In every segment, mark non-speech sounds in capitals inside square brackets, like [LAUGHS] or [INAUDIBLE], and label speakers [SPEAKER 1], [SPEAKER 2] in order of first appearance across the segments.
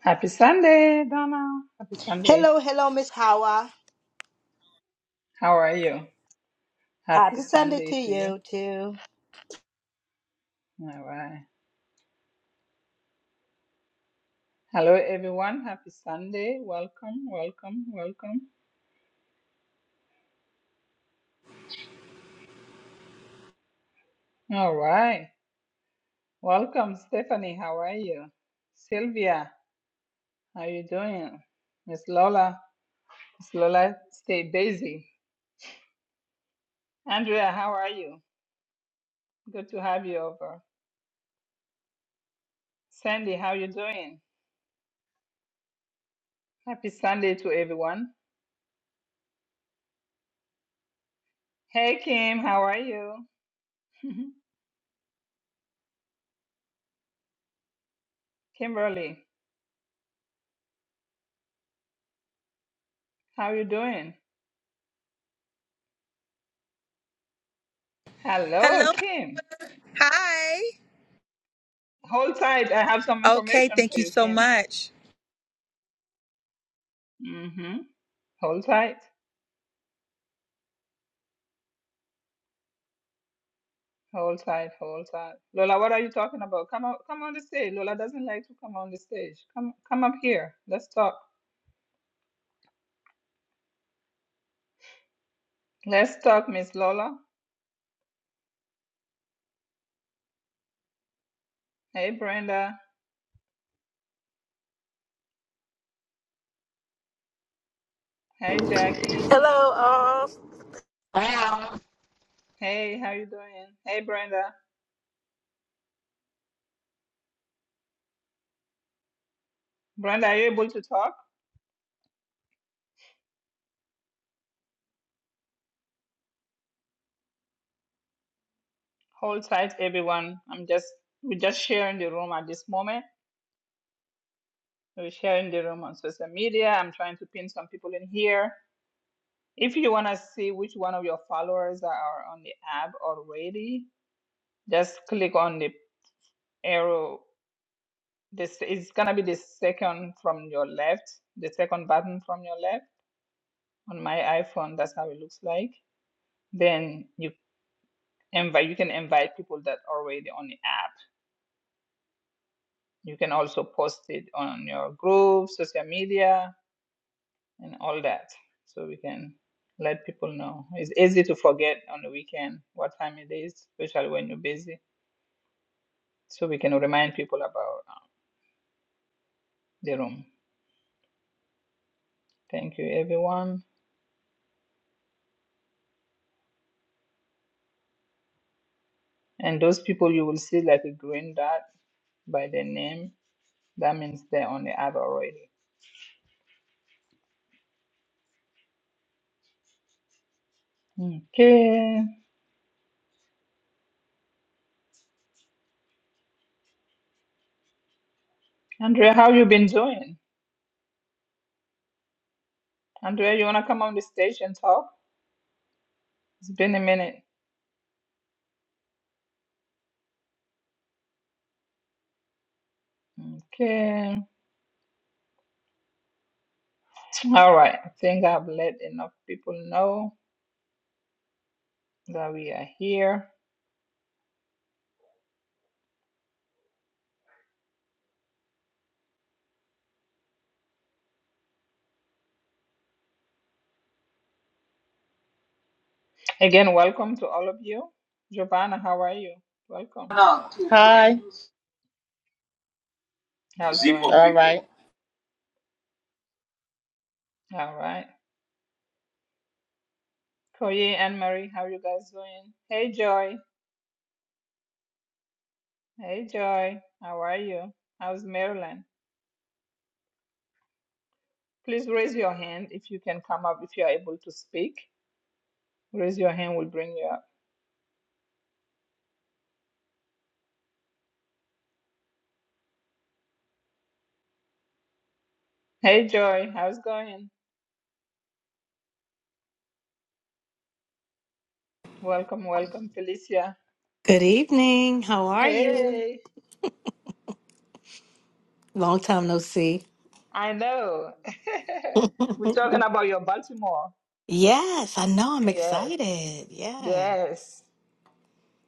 [SPEAKER 1] Happy Sunday, Donna. Happy Sunday.
[SPEAKER 2] Hello, hello, Miss Hawa.
[SPEAKER 1] How are you? Happy
[SPEAKER 2] Happy Sunday to
[SPEAKER 1] Sunday to you.
[SPEAKER 2] you too.
[SPEAKER 1] All right. Hello, everyone. Happy Sunday. Welcome, welcome, welcome. All right. Welcome, Stephanie. How are you? Sylvia, how you doing? Miss Lola. Miss Lola, stay busy. Andrea, how are you? Good to have you over. Sandy, how you doing? Happy Sunday to everyone. Hey, Kim, how are you? [LAUGHS] Kimberly, how you doing? Hello,
[SPEAKER 3] Hello.
[SPEAKER 1] Kim.
[SPEAKER 3] Hi.
[SPEAKER 1] Hold tight. I have some
[SPEAKER 3] Okay,
[SPEAKER 1] information
[SPEAKER 3] thank
[SPEAKER 1] for
[SPEAKER 3] you
[SPEAKER 1] you,
[SPEAKER 3] so
[SPEAKER 1] Kim.
[SPEAKER 3] much.
[SPEAKER 1] Mm-hmm. Hold tight. Hold tight. Hold tight. Lola, what are you talking about? Come on, come on the stage. Lola doesn't like to come on the stage. Come, come up here. Let's talk. Let's talk, Miss Lola. Hey, Brenda. Hey, Jackie.
[SPEAKER 4] Hello, all.
[SPEAKER 5] Wow.
[SPEAKER 1] Hey, how you doing? Hey, Brenda. Brenda, are you able to talk? Hold tight, everyone. I'm just, we're just sharing the room at this moment. We're sharing the room on social media. I'm trying to pin some people in here If you want to see which one of your followers that are on the app already, just click on the arrow. This is gonna be the second from your left, the second button from your left. On my iPhone, that's how it looks like. Then you invite you can invite people that are already on the app. You can also post it on your group, social media, and all that. So we can let people know. It's easy to forget on the weekend what time it is, especially when you're busy. so we can remind people about uh, the room. Thank you, everyone. And those people you will see like a green dot by their name. That means they're on the app already. Okay, Andrea, how you been doing? Andrea, you wanna come on the stage and talk? It's been a minute. Okay. All right. I think I've let enough people know that we are here. Again, welcome to all of you. Giovanna, how are you? Welcome.
[SPEAKER 6] Hi.
[SPEAKER 1] How's it going?
[SPEAKER 6] All right.
[SPEAKER 1] All right. Koye and Marie, how are you guys doing? Hey Joy. Hey Joy. How are you? How's Maryland? Please raise your hand if you can come up if you're able to speak. Raise your hand, we'll bring you up. Hey Joy, how's it going? Welcome, welcome, Felicia.
[SPEAKER 7] Good evening. How are you?
[SPEAKER 1] Hey,
[SPEAKER 7] Long time no see.
[SPEAKER 1] I know. [LAUGHS] We're talking about your Baltimore.
[SPEAKER 7] Yes, I know. I'm
[SPEAKER 1] Yes,
[SPEAKER 7] excited. Yeah.
[SPEAKER 1] yes.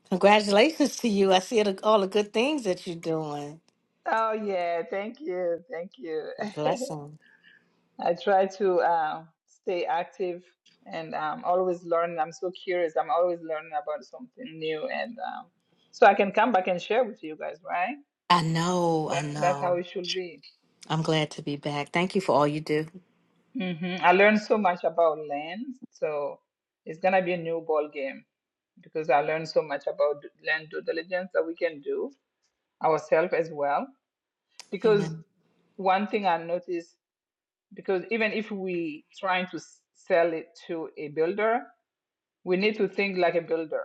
[SPEAKER 7] Congratulations to you. I see the, all the good things that you're doing.
[SPEAKER 1] Oh yeah, thank you, thank you.
[SPEAKER 7] It's a
[SPEAKER 1] [LAUGHS]
[SPEAKER 7] blessing.
[SPEAKER 1] I try to uh, stay active and um, always learn. I'm so curious. I'm always learning about something new, and um, so I can come back and share with you guys. Right?
[SPEAKER 7] I know. I
[SPEAKER 1] That that's how
[SPEAKER 7] know.
[SPEAKER 1] it should be.
[SPEAKER 7] I'm glad to be back. Thank you for all you do.
[SPEAKER 1] hmm I learned so much about land, so it's gonna be a new ball game because I learned so much about d- land due diligence that we can do ourselves as well. Because
[SPEAKER 7] Amen.
[SPEAKER 1] one thing I noticed because even if we trying to s- sell it to a builder, We need to think like a builder.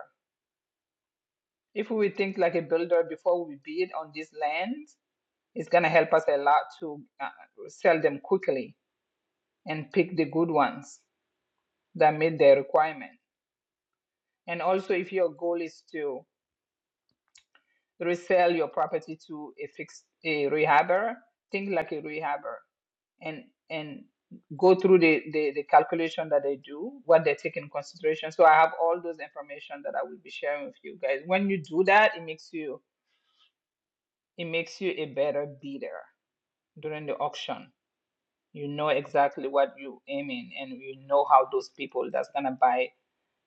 [SPEAKER 1] If we think like a builder before we bid on this land, it's going to help us a lot to uh, sell them quickly and pick the good ones that meet their requirement. And also, if your goal is to resell your property to a fixed a rehabber, think like a rehabber and and go through the, the the calculation that they do, what they take in consideration. So I have all those information that I will be sharing with you guys. When you do that, it makes you It makes you a better bidder during the auction. You know exactly what you aiming and you know how those people that's gonna buy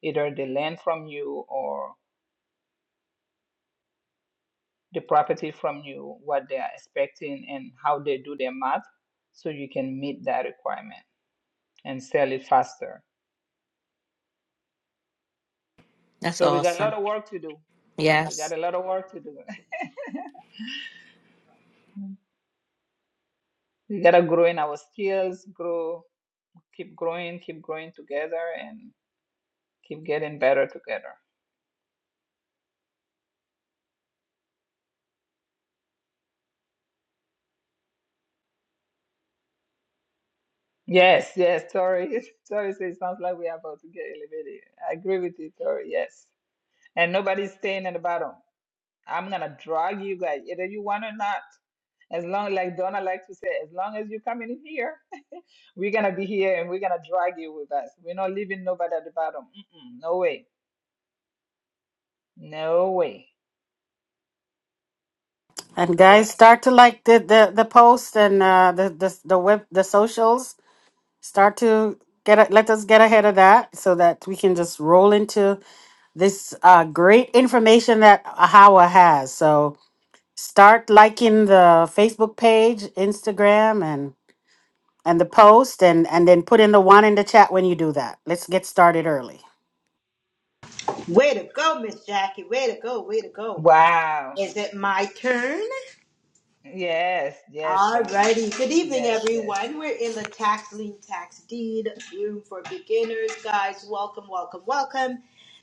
[SPEAKER 1] either the land from you or the property from you, what they are expecting and how they do their math so you can meet that requirement and sell it faster.
[SPEAKER 7] That's
[SPEAKER 1] So we got a lot
[SPEAKER 7] awesome.
[SPEAKER 1] of work to do. We got
[SPEAKER 7] Yes.
[SPEAKER 1] a lot of work to do. [LAUGHS] we gotta grow in our skills, grow, keep growing, keep growing together, and keep getting better together. Yes, yes, Tori. [LAUGHS] Tori says it sounds like we're about to get elevated. I agree with you, Tori. Yes. And nobody's staying at the bottom. I'm gonna drag you guys, either you want or not. As long like Donna likes to say, as long as you're coming in here, [LAUGHS] we're gonna be here and we're gonna drag you with us. We're not leaving nobody at the bottom. Mm-mm, no way. No way.
[SPEAKER 5] And
[SPEAKER 1] Wha-
[SPEAKER 5] guys, start to like the the, the post and uh, the the the web the socials. Start to get a, let us get ahead of that so that we can just roll into this uh, great information that Ahawa has. So start liking the Facebook page, Instagram, and and the post, and and then put in the one in the chat when you do that. Let's get started early.
[SPEAKER 2] Way to go, Miss Jackie. Way to go. Way to go.
[SPEAKER 1] Wow.
[SPEAKER 2] Is it my turn?
[SPEAKER 1] Yes, yes, Donna.
[SPEAKER 2] Alrighty. Good evening,
[SPEAKER 1] Yes, yes.
[SPEAKER 2] everyone. We're in the tax lien tax deed room for beginners, guys. Welcome, welcome, welcome.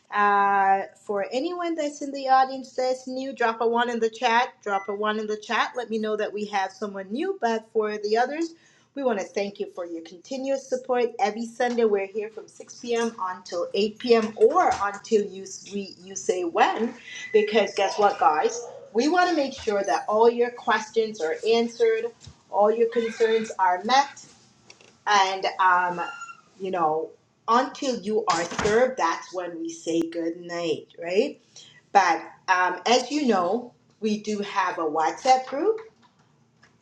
[SPEAKER 2] Uh, for anyone that's in the audience that's new, drop a one in the chat. Drop a one in the chat. Let me know that we have someone new. But for the others, we want to thank you for your continuous support. Every Sunday, we're here from 6 p.m. until 8 p.m. or until you we, you say when. Because guess what, guys? We want to make sure that all your questions are answered, all your concerns are met, and um, you know, until you are served, that's when we say good night, right? But um, as you know, we do have a WhatsApp group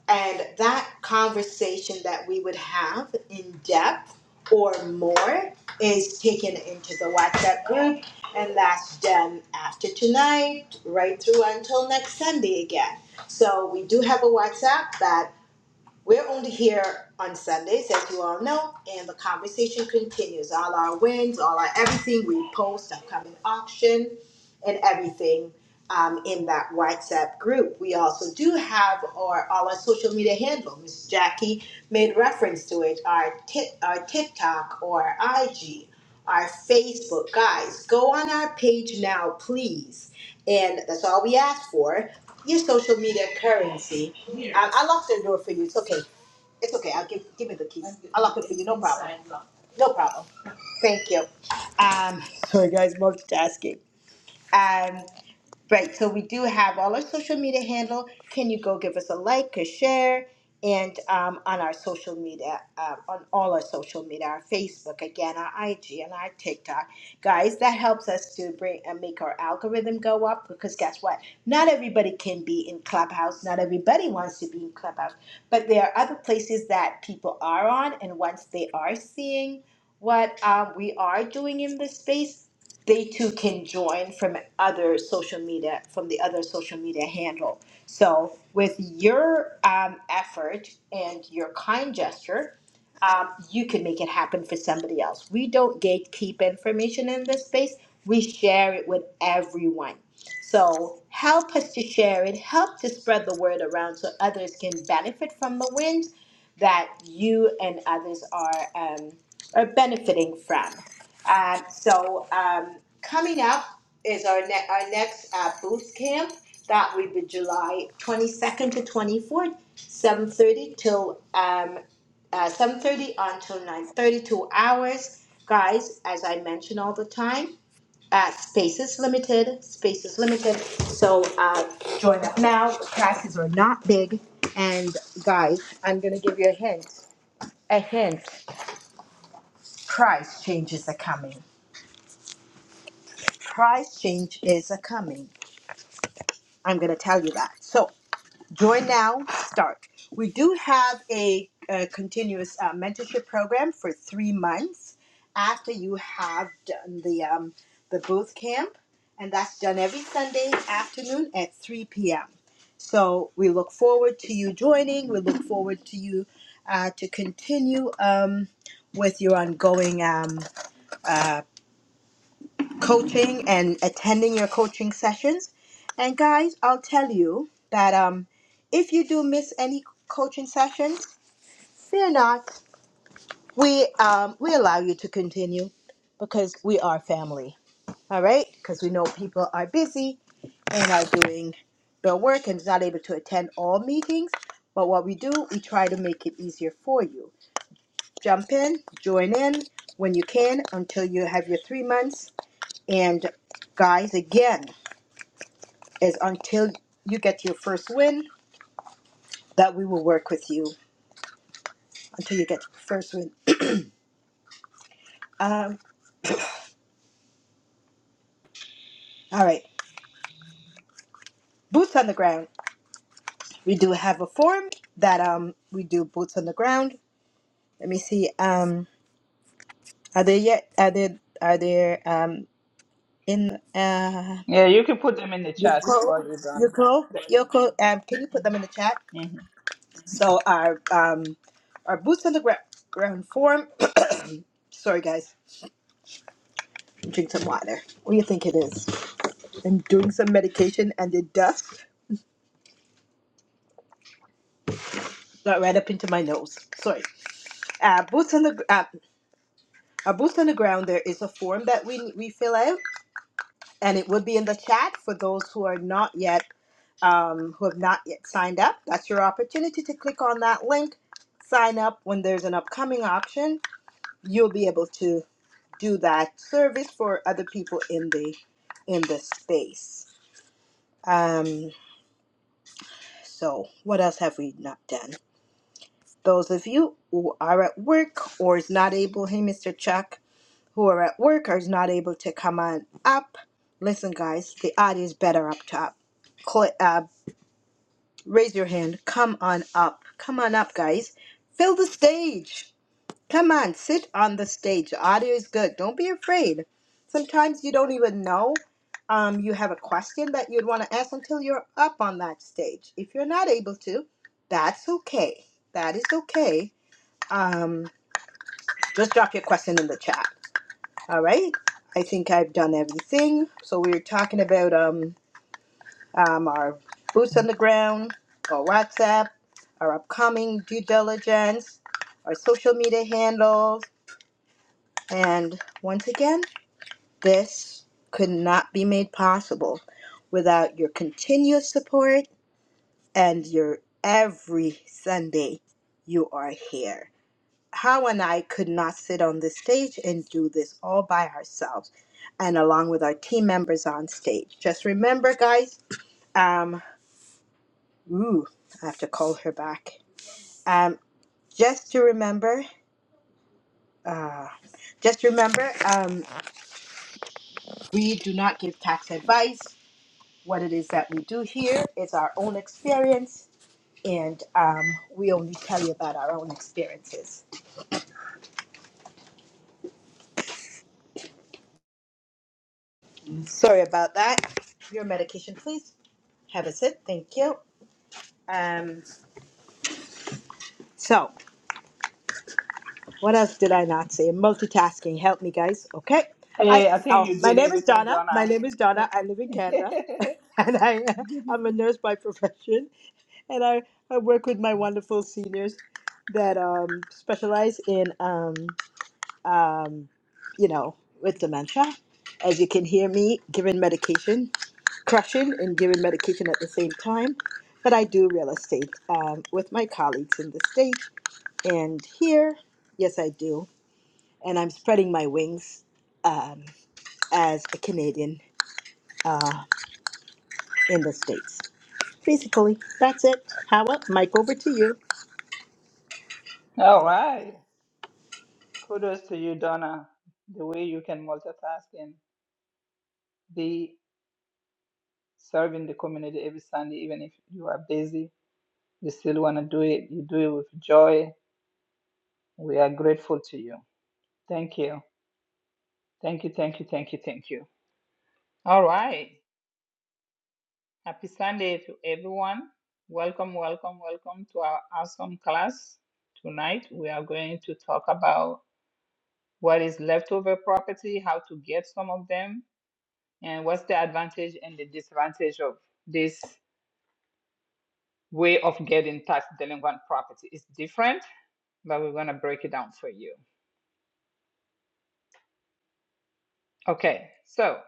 [SPEAKER 2] and that conversation that we would have in depth or more is taken into the WhatsApp group, and that's done after tonight, right through until next Sunday again. So we do have a WhatsApp that we're only here on Sundays, as you all know, and the conversation continues. All our wins, all our everything, we post upcoming auction and everything um, in that WhatsApp group. We also do have our all our social media handle. Miss Jackie made reference to it. Our tit, our TikTok or IG, our Facebook. Guys, go on our page now, please. And that's all we ask for. Your social media currency I, I locked the door for you. It's okay. It's okay. I'll give give me the keys. I lock it for you. No problem. No problem. Thank you. Um, [LAUGHS] sorry guys, multitasking. Um. Right, so we do have all our social media handle. Can you go give us a like, a share, and um, on our social media, uh, on all our social media, our Facebook, again, our IG, and our TikTok, guys. That helps us to bring and make our algorithm go up because guess what? Not everybody can be in Clubhouse. Not everybody wants to be in Clubhouse, but there are other places that people are on, and once they are seeing what um, we are doing in this space, they too can join from other social media from the other social media handle so with your um, effort and your kind gesture um, you can make it happen for somebody else we don't gatekeep information in this space we share it with everyone so help us to share it help to spread the word around so others can benefit from the wind that you and others are um, are benefiting from um, so um, coming up is our, ne- our next uh, booth camp. That will be July 22nd to 24th, 7.30 till um, uh, 7.30 until nine thirty two hours. Guys, as I mention all the time, uh, space is limited, space is limited. So uh, join up now. Classes are not big. And guys, I'm going to give you a hint. A hint. Price changes are coming. Price change is a coming. I'm going to tell you that. So join now, start. We do have a, uh continuous uh, mentorship program for three months after you have done the um, the booth camp, and that's done every Sunday afternoon at 3 p.m. So we look forward to you joining. We look forward to you uh, to continue um, with your ongoing um, uh, coaching and attending your coaching sessions. And guys, I'll tell you that um, if you do miss any coaching sessions, fear not. We um, we allow you to continue because we are family. All right, because we know people are busy and are doing their work and is not able to attend all meetings. But what we do, we try to make it easier for you. Jump in, join in when you can until you have your three months. And guys, again, is until you get your first win that we will work with you until you get your first win. Um, all right, boots on the ground. We do have a form that um we do boots on the ground. Let me see. Um, are they yet? Are they are there um in uh
[SPEAKER 1] Yeah, you can put them in the chat for
[SPEAKER 2] Yoko
[SPEAKER 1] you,
[SPEAKER 2] Yoko Yoko? Um, can you put them in the chat?
[SPEAKER 1] Donna.
[SPEAKER 2] So our um our boots on the ground ground form. Sorry guys, drink some water. What do you think it is? I'm doing some medication and it does. got right up into my nose. Sorry. Uh, boots on the gr- uh, uh, boots on the ground. There is a form that we we fill out, and it would be in the chat for those who are not yet um, who have not yet signed up. That's your opportunity to click on that link, sign up. When there's an upcoming auction, you'll be able to do that service for other people in the in the space. Um, so what else have we not done? Those of you who are at work or is not able, hey, Mr. Chuck, who are at work are not able to come on up. Listen, guys, the audience better up top. Cl- uh, raise your hand. Come on up. Come on up, guys. Fill the stage. Come on, sit on the stage. The audio is good. Don't be afraid. Sometimes you don't even know um, you have a question that you'd want to ask until you're up on that stage. If you're not able to, that's okay. That is okay. Um, just drop your question in the chat. All right. I think I've done everything. So we were talking about um, um, our boots on the ground, our WhatsApp, our upcoming due diligence, our social media handles, and once again, this could not be made possible without your continuous support and your every Sunday you are here. how and I could not sit on the stage and do this all by ourselves and along with our team members on stage. Just remember, guys, um, ooh, I have to call her back. Um, just to remember, uh, just remember, um, we do not give tax advice. What it is that we do here is our own experience, and um, we only tell you about our own experiences. Sorry about that. Your medication, please. Have a sip. Thank you. Um. So, what else did I not say? Multitasking. Help me, guys. Okay. I
[SPEAKER 1] Hey, I think
[SPEAKER 2] oh,
[SPEAKER 1] you
[SPEAKER 2] my
[SPEAKER 1] did
[SPEAKER 2] name is
[SPEAKER 1] everything,
[SPEAKER 2] Donna. My
[SPEAKER 1] Donna.
[SPEAKER 2] name is Donna.
[SPEAKER 1] W-
[SPEAKER 2] I live in Canada,
[SPEAKER 1] [LAUGHS]
[SPEAKER 2] [LAUGHS] and I I'm a nurse by profession, and I I work with my wonderful seniors that um specialize in um um you know with dementia. As you can hear me giving medication, crushing and giving medication at the same time. But I do real estate um, with my colleagues in the state and here. Yes, I do. and I'm spreading my wings um, as a Canadian uh, in the States. Basically, that's it. Howard, Mike, over to you.
[SPEAKER 1] All right. Kudos to you, Donna. The way you can multitask and be serving the community every Sunday, even if you are busy, you still want to do it. You do it with joy. We are grateful to you. Thank you. Thank you. Thank you. Thank you. Thank you. All right. Happy Sunday to everyone. Welcome, welcome, welcome to our awesome class. Tonight, we are going to talk about what is leftover property, how to get some of them, and what's the advantage and the disadvantage of this way of getting tax delinquent property. It's different, but we're going to break it down for you. Okay, so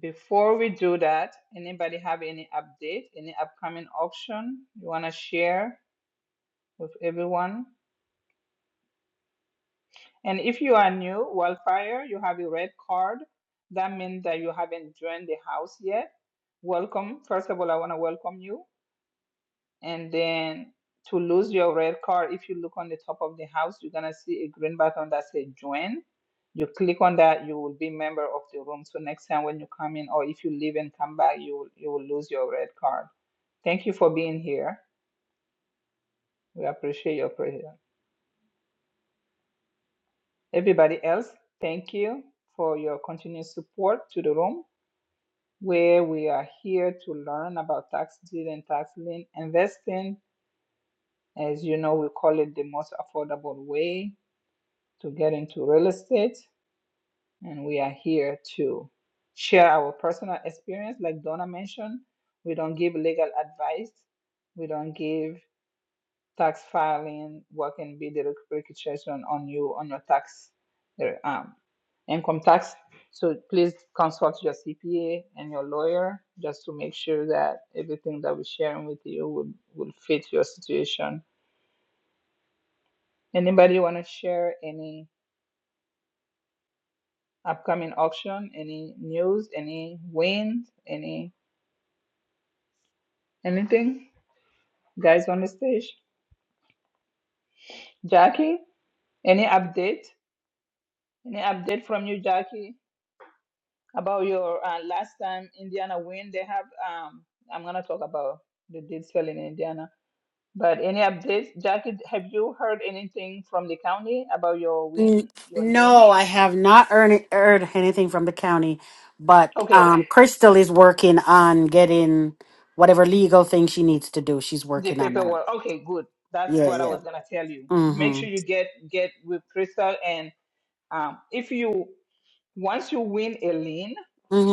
[SPEAKER 1] before we do that, anybody have any update, any upcoming auction you want to share with everyone? And if you are new, wildfire, you have a red card. That means that you haven't joined the house yet. Welcome. First of all, I want to welcome you and then to lose your red card if you look on the top of the house you're going to see a green button that says join you click on that you will be member of the room so next time when you come in or if you leave and come back you will, you will lose your red card thank you for being here we appreciate your presence everybody else thank you for your continued support to the room where we are here to learn about tax deed and tax lien investing as you know we call it the most affordable way to get into real estate. And we are here to share our personal experience. Like Donna mentioned, we don't give legal advice, we don't give tax filing, what can be the repercussion on you, on your tax, uh, um, income tax. So please consult your CPA and your lawyer just to make sure that everything that we're sharing with you will, will fit your situation. Anybody want to share any? upcoming auction, any news, any wins, any anything, guys on the stage. Jackie, any update? Any update from you, Jackie, about your uh, last time Indiana win? They have. Um, I'm gonna talk about the deed sale in Indiana. But any updates, Jackie? Have you heard anything from the county about your
[SPEAKER 5] N-
[SPEAKER 1] win, your lien?
[SPEAKER 5] No, I have not earned, earned anything from the county, but
[SPEAKER 1] Okay,
[SPEAKER 5] um, Crystal is working on getting whatever legal thing she needs to do. She's
[SPEAKER 1] the
[SPEAKER 5] working on that.
[SPEAKER 1] paperwork. Okay, good. That's
[SPEAKER 5] Yeah,
[SPEAKER 1] what I
[SPEAKER 5] yeah.
[SPEAKER 1] was gonna tell you. Make
[SPEAKER 5] Mm-hmm.
[SPEAKER 1] sure you get get with Crystal and Um, if you once you win a lien,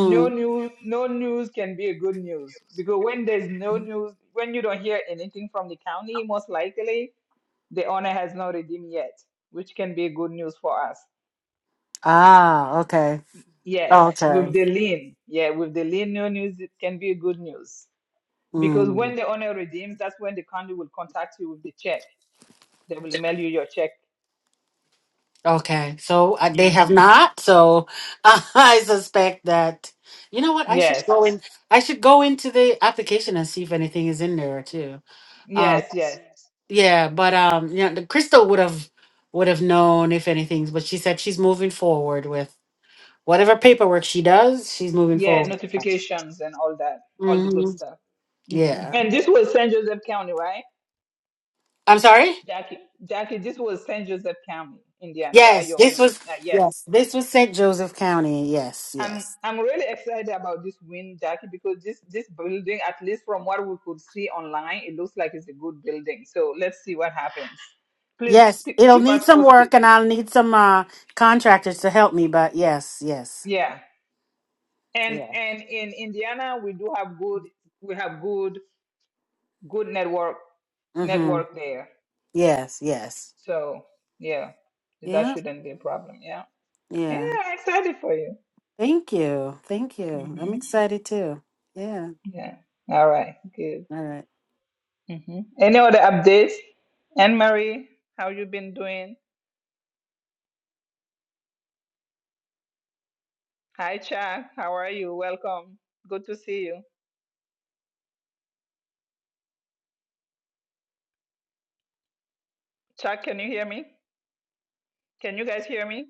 [SPEAKER 1] no news, no news can be a good news because when there's no news, when you don't hear anything from the county, most likely the owner has not redeemed yet, which can be good news for us.
[SPEAKER 5] Ah, okay.
[SPEAKER 1] Yes, with
[SPEAKER 5] Okay.
[SPEAKER 1] the lien, yeah, with the lien, no news it can be good news because
[SPEAKER 5] Mm.
[SPEAKER 1] when the owner redeems, that's when the county will contact you with the check. They will mail you your check.
[SPEAKER 5] Okay. So uh, they have
[SPEAKER 1] hmm
[SPEAKER 5] not. So [LAUGHS] I suspect that. You know what? I should
[SPEAKER 1] Yes,
[SPEAKER 5] go in. I should go into the application and see if anything is in there too. Um,
[SPEAKER 1] yes, yes.
[SPEAKER 5] Yeah, but um, you know, the Crystal would have would have known if anything, but she said she's moving forward with whatever paperwork she does, she's moving
[SPEAKER 1] yeah,
[SPEAKER 5] forward.
[SPEAKER 1] notifications and all that, all the good
[SPEAKER 5] hmm
[SPEAKER 1] stuff. hmm
[SPEAKER 5] Yeah.
[SPEAKER 1] And this was Saint Joseph County, right?
[SPEAKER 5] I'm sorry?
[SPEAKER 1] Jackie, Jackie, this was Saint Joseph County, Indiana, right?
[SPEAKER 5] Yes,
[SPEAKER 1] Your
[SPEAKER 5] this
[SPEAKER 1] win,
[SPEAKER 5] was
[SPEAKER 1] uh, yes.
[SPEAKER 5] yes, this was St. Joseph County. Yes,
[SPEAKER 1] I'm
[SPEAKER 5] yes.
[SPEAKER 1] I'm really excited about this win, Jackie, because this this building, at least from what we could see online, it looks like it's a good building. So let's see what happens. Please
[SPEAKER 5] Yes,
[SPEAKER 1] p-
[SPEAKER 5] it'll
[SPEAKER 1] keep
[SPEAKER 5] need
[SPEAKER 1] us
[SPEAKER 5] some
[SPEAKER 1] posted.
[SPEAKER 5] work and I'll need some uh contractors to help me, but yes, yes.
[SPEAKER 1] Yeah, and
[SPEAKER 5] Yeah.
[SPEAKER 1] and in Indiana, we do have good we have good good network
[SPEAKER 5] Mhm.
[SPEAKER 1] network there.
[SPEAKER 5] Yes, yes.
[SPEAKER 1] So yeah, that
[SPEAKER 5] Yeah.
[SPEAKER 1] shouldn't be a problem. Yeah. Yeah,
[SPEAKER 5] Yeah.
[SPEAKER 1] I'm excited for you.
[SPEAKER 5] Thank you. Thank you. I'm
[SPEAKER 1] hmm
[SPEAKER 5] excited too. Yeah.
[SPEAKER 1] Yeah. All right. Good.
[SPEAKER 5] All right.
[SPEAKER 1] hmm Any other updates? Anne Marie, how you been doing? Hi, Chuck. How are you? Welcome. Good to see you. Chuck, can you hear me? Can you guys hear me?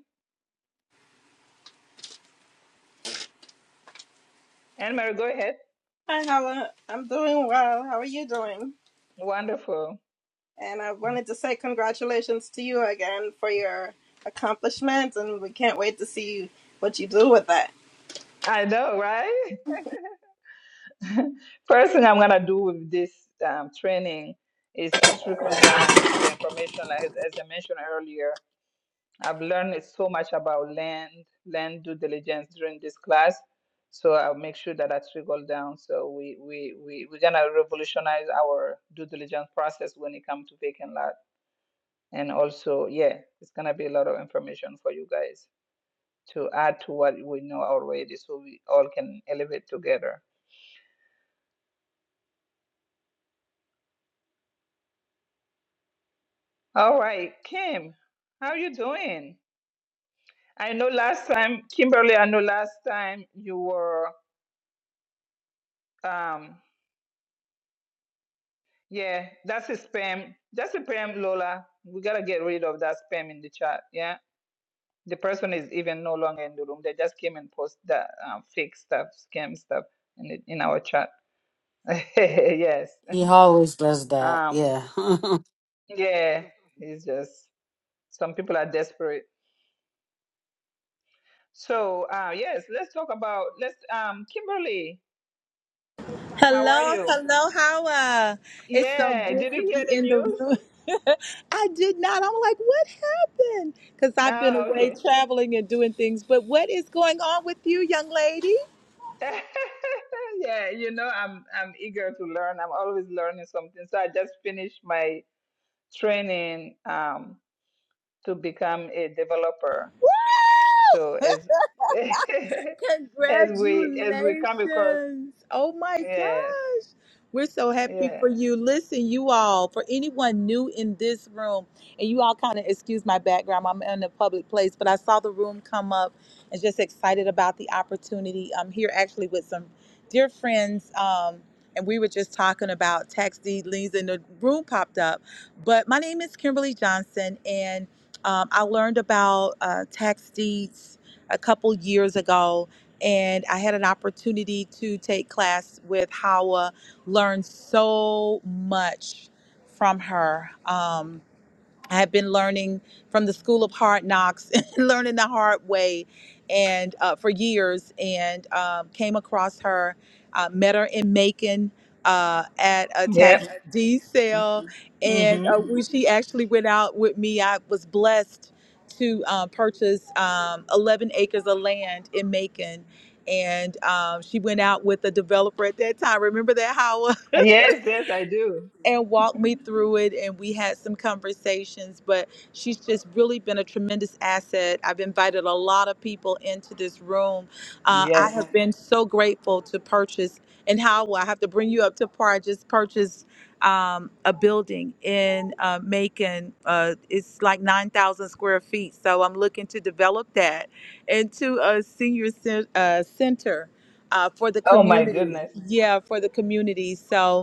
[SPEAKER 1] Anne Marie, go ahead.
[SPEAKER 8] Hi, Hala. I'm doing well. How are you doing?
[SPEAKER 1] Wonderful.
[SPEAKER 8] And I wanted to say congratulations to you again for your accomplishments, and we can't wait to see what you do with that.
[SPEAKER 1] I know, right? [LAUGHS] First thing I'm gonna do with this um, training is to trickle down the information, like as I mentioned earlier I've learned so much about land, land due diligence during this class. So I'll make sure that I trickle down. So we we we we're gonna revolutionize our due diligence process when it comes to vacant lot. And also, yeah, it's gonna be a lot of information for you guys to add to what we know already, so we all can elevate together. All right, Kim, how you doing? I know last time, Kimberly. I know last time you were. um Yeah, that's a spam. That's a spam, Lola. We gotta get rid of that spam in the chat. Yeah, the person is even no longer in the room. They just came and post that um, fake stuff, scam stuff in the, in our chat. [LAUGHS] yes.
[SPEAKER 5] He always does that.
[SPEAKER 1] Um.
[SPEAKER 5] Yeah. [LAUGHS]
[SPEAKER 1] Yeah. It's just some people are desperate. So, uh, yes, let's talk about let's. Um, Kimberly, how are
[SPEAKER 3] Hello,
[SPEAKER 1] you?
[SPEAKER 3] hello, Hawa. It's so
[SPEAKER 1] Yeah.
[SPEAKER 3] good
[SPEAKER 1] Did
[SPEAKER 3] to
[SPEAKER 1] you hear
[SPEAKER 3] be
[SPEAKER 1] the
[SPEAKER 3] in the
[SPEAKER 1] news?
[SPEAKER 3] room. [LAUGHS] I did not. I'm like, what happened? Because I've been
[SPEAKER 1] Oh,
[SPEAKER 3] away
[SPEAKER 1] okay.
[SPEAKER 3] traveling and doing things. But what is going on with you, young lady?
[SPEAKER 1] [LAUGHS] yeah, you know, I'm I'm eager to learn. I'm always learning something. So I just finished my training um, to become a developer. So as [LAUGHS] as we as we come across,
[SPEAKER 3] Congratulations. Oh my
[SPEAKER 1] yeah,
[SPEAKER 3] gosh. We're so happy
[SPEAKER 1] yeah,
[SPEAKER 3] for you. Listen, you all, for anyone new in this room, and you all kind of excuse my background, I'm in a public place, but I saw the room come up and just excited about the opportunity. I'm here actually with some dear friends, um, and we were just talking about tax deed liens, and the room popped up. But my name is Kimberly Johnson, and um, I learned about uh, tax deeds a couple years ago and I had an opportunity to take class with Hawa, learned so much from her. Um, I have been learning from the School of Hard Knocks, [LAUGHS] learning the hard way, and uh, for years, and um, came across her, uh, met her in Macon uh, at a
[SPEAKER 1] yeah.
[SPEAKER 3] tax D sale, and
[SPEAKER 1] Mm-hmm.
[SPEAKER 3] uh, when she actually went out with me, I was blessed to um, purchase um, 11 acres of land in Macon. And um, she went out with a developer at that time. Remember that, Howard?
[SPEAKER 1] Yes, yes, I do.
[SPEAKER 3] and walked me through it and we had some conversations but she's just really been a tremendous asset i've invited a lot of people into this room uh, i
[SPEAKER 1] Yes.
[SPEAKER 3] have Mhm. been so grateful to purchase and how will i have to bring you up to par i just purchased um, a building in uh, macon uh, it's like 9000 square feet so i'm looking to develop that into a senior cen- uh, center uh, for the Oh,
[SPEAKER 1] Oh my
[SPEAKER 3] community wow.
[SPEAKER 1] goodness.
[SPEAKER 3] yeah for the community so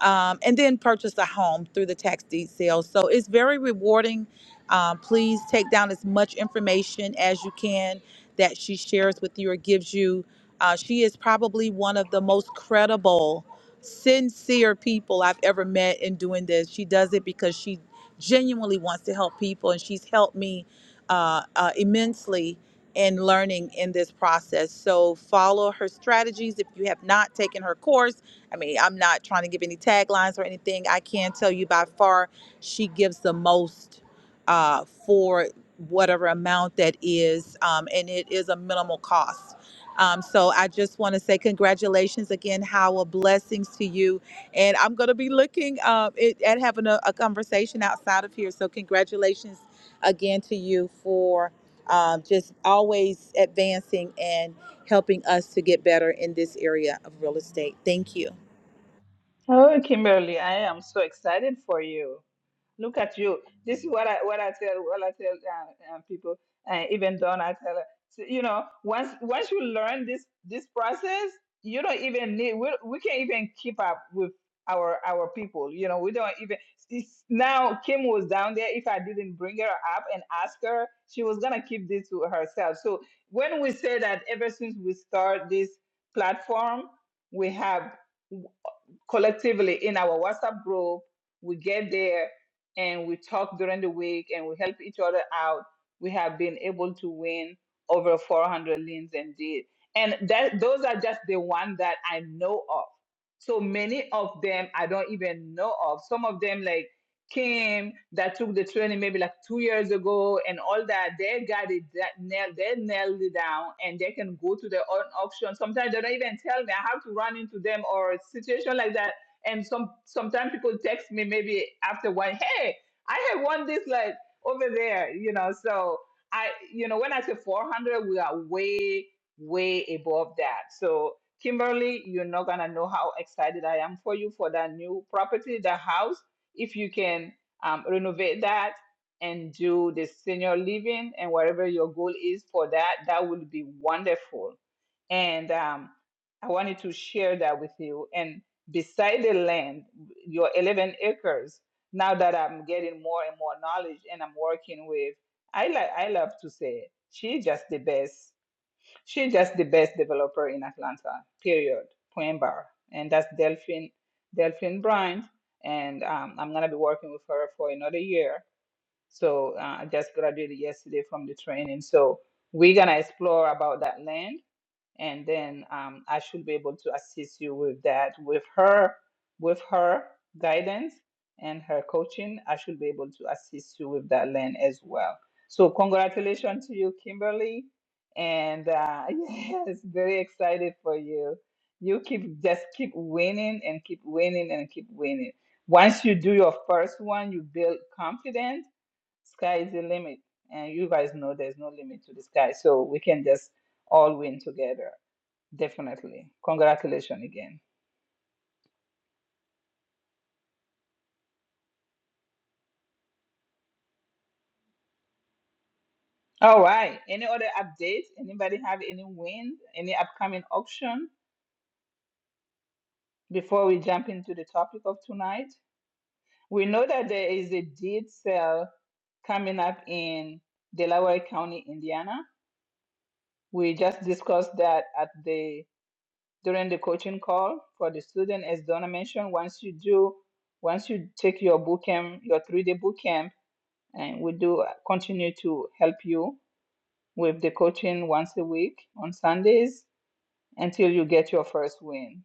[SPEAKER 3] um, and then purchase a home through the tax deed sale. So it's very rewarding. Um, please take down as much information as you can that she shares with you or gives you. Uh, she is probably one of the most credible, sincere people I've ever met in doing this. She does it because she genuinely wants to help people, and she's helped me uh, uh, immensely in learning in this process. So follow her strategies if you have not taken her course I mean, I'm not trying to give any taglines or anything. I can tell you by far, she gives the most uh, for whatever amount that is, um, and it is a minimal cost. Um, so I just want to say congratulations again, Howell. Blessings to you. And I'm going to be looking uh, it, at having a, a conversation outside of here. So congratulations again to you for um, just always advancing and helping us to get better in this area of real estate. Thank you.
[SPEAKER 1] Oh, Kimberly, I am so excited for you. Look at you. This is what I what I tell what I tell uh, uh, people. Uh, even Don, I tell her. So, you know, once once you learn this this process, you don't even need. We we can't even keep up with our our people. You know, we don't even. It's, now Kim was down there. If I didn't bring her up and ask her, she was gonna keep this to herself. So when we say that, ever since we start this platform, we have collectively in our WhatsApp group. We get there and we talk during the week and we help each other out. We have been able to win over 400 liens and deed. And that those are just the one that I know of. So many of them I don't even know of. Some of them like Kim that took the training maybe like two years ago and all that, they got it that nailed they nailed it down and they can go to their own auction. Sometimes they don't even tell me I have to run into them or a situation like that. And some sometimes people text me maybe after one, hey, I had won this like over there, you know. So I you know, when I say four hundred, we are way, way above that. So Kimberly, you're not gonna know how excited I am for you for that new property, the house if you can um, renovate that and do the senior living and whatever your goal is for that, that would be wonderful. And um, I wanted to share that with you. And beside the land, your 11 acres, now that I'm getting more and more knowledge and I'm working with, I like I love to say, she just the best. She's just the best developer in Atlanta, period, point bar. And that's Delphine, Delphine Bryant. And um, I'm going to be working with her for another year. So uh, I just graduated yesterday from the training. So we're going to explore about that land and then um, I should be able to assist you with that. With her, with her guidance and her coaching, I should be able to assist you with that land as well. So congratulations to you, Kimberly, and uh, [LAUGHS] yes, very excited for you. You keep just keep winning and keep winning and keep winning. Once you do your first one, you build confidence. Sky is the limit, and you guys know there's no limit to the sky, so we can just all win together. Definitely. Congratulations again. All right. Any other updates? Anybody have any wins? Any upcoming auction before we jump into the topic of tonight? We know that there is a deed sale coming up in Delaware County, Indiana. We just discussed that at the during the coaching call for the student, as Donna mentioned. Once you do, once you take your boot camp, your three day boot camp, and we do continue to help you with the coaching once a week on Sundays until you get your first win.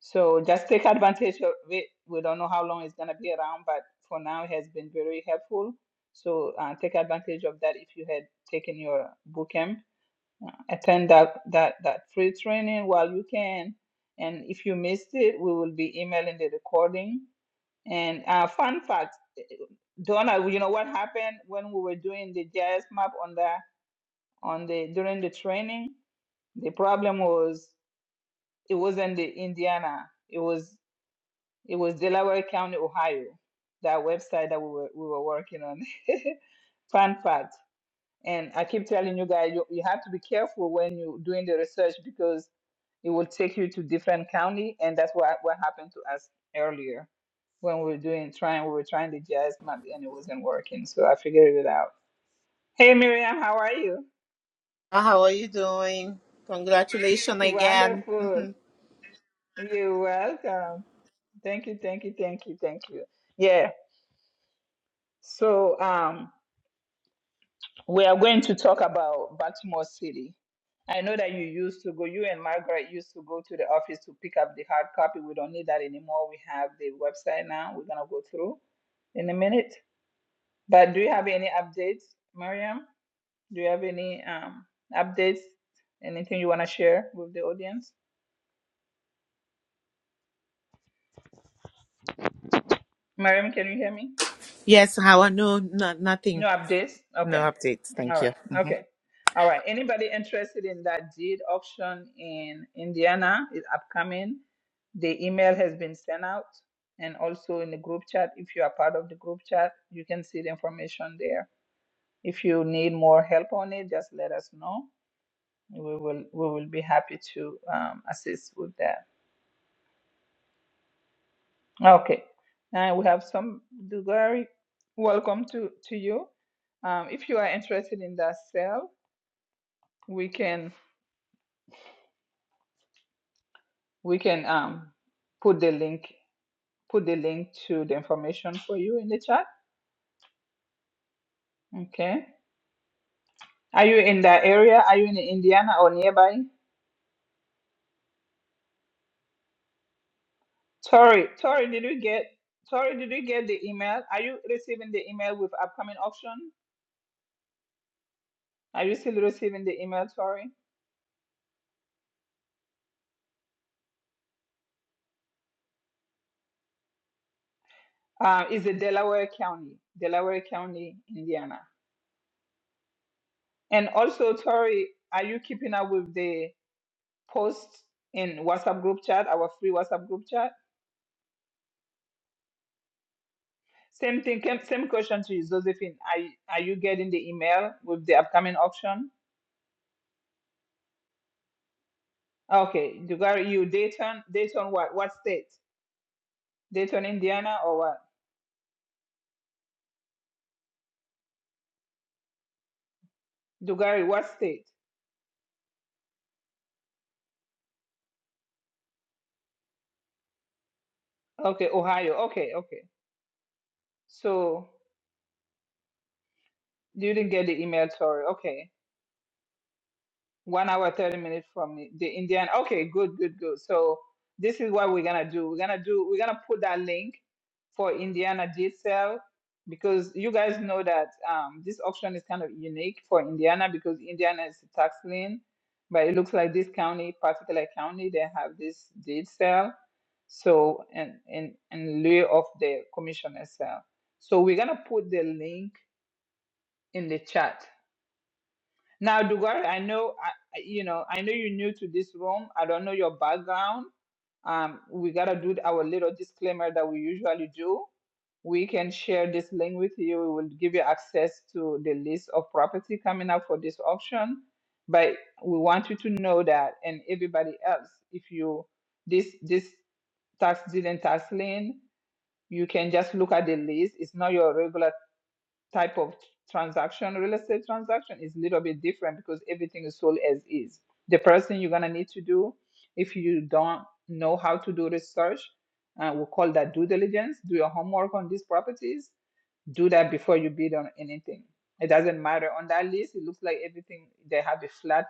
[SPEAKER 1] So just take advantage of it. We don't know how long it's going to be around, but for now it has been very helpful. So uh, take advantage of that if you had taken your boot camp. Uh, attend that, that, that free training while you can. And if you missed it, we will be emailing the recording. And uh, fun fact, eh, Donna, you know what happened when we were doing the jazz map on the on the during the training? The problem was it wasn't the Indiana. It was it was Delaware County, Ohio. That website that we were we were working on. [LAUGHS] Fun fact. And I keep telling you guys, you, you have to be careful when you're doing the research because it will take you to different county, and that's what what happened to us earlier when we were doing trying we were trying the jazz map and it wasn't working. So I figured it out. Hey Miriam, how are you?
[SPEAKER 9] Uh, How are you doing? Congratulations again.
[SPEAKER 1] Wonderful.
[SPEAKER 9] Mhm.
[SPEAKER 1] You're welcome. Thank you, thank you, thank you, thank you. Yeah. So um, we are going to talk about Baltimore City. I know that you used to go, you and Margaret used to go to the office to pick up the hard copy. We don't need that anymore. We have the website now. We're going to go through in a minute. But do you have any updates, Mariam? Do you have any um, updates? Anything you want to share with the audience? Mariam, can you hear me?
[SPEAKER 9] yes, how are no, no
[SPEAKER 1] You
[SPEAKER 9] nothing.
[SPEAKER 1] have this?
[SPEAKER 9] No
[SPEAKER 1] Okay.
[SPEAKER 9] updates, thank
[SPEAKER 1] All
[SPEAKER 9] you.
[SPEAKER 1] right. Okay. All right. Anybody interested in that deed auction in Indiana is upcoming. The email has been sent out and also in the group chat. If you are part of the group chat, you can see the information there. If you need more help on it, just let us know. We will we will be happy to um, assist with that. Okay. Now we have some Dugari. Welcome to to you. Um, if you are interested in that sale, We can we can um put the link put the link to the information for you in the chat. Okay. Are you in that area? Are you in Indiana or nearby? Tori, Tori, did you get Tori, did you get the email? Are you receiving the email with upcoming auction? Are you still receiving the email, Tori? Uh, is it Delaware County, Delaware County, Indiana? And also, Tori, are you keeping up with the posts in WhatsApp group chat, our free WhatsApp group chat? Same thing, came- same question to you, Josephine. Are, you- are you getting the email with the upcoming auction? Okay, Dugari, you Dayton, Dayton what? What state? Dayton, Indiana or what? Dugari, what state? Okay, Ohio. Okay, okay. So you didn't get the email, sorry. Okay. one hour 30 minutes from the the indian okay good good good so this is what we're gonna do we're gonna do we're gonna put that link for indiana diesel because you guys know that um, this auction is kind of unique for indiana because indiana is a tax lien but it looks like this county particular county they have this deed sale so and in in lieu of the commissioner sale so we're gonna put the link in the chat now, Dugar, I know, I, I- you know, I know you're new to this room. I don't know your background. Um, we gotta do our little disclaimer that we usually do. We can share this link with you. We will give you access to the list of property coming up for this auction. But we want you to know that, and everybody else, if you this this tax deed and tax lien, you can just look at the list. It's not your regular type of transaction, real estate transaction, is a little bit different because everything is sold as is. The person you're gonna need to do, if you don't know how to do research, uh, we call that due diligence. Do your homework on these properties. Do that before you bid on anything. It doesn't matter. On that list, it looks like everything they have a flat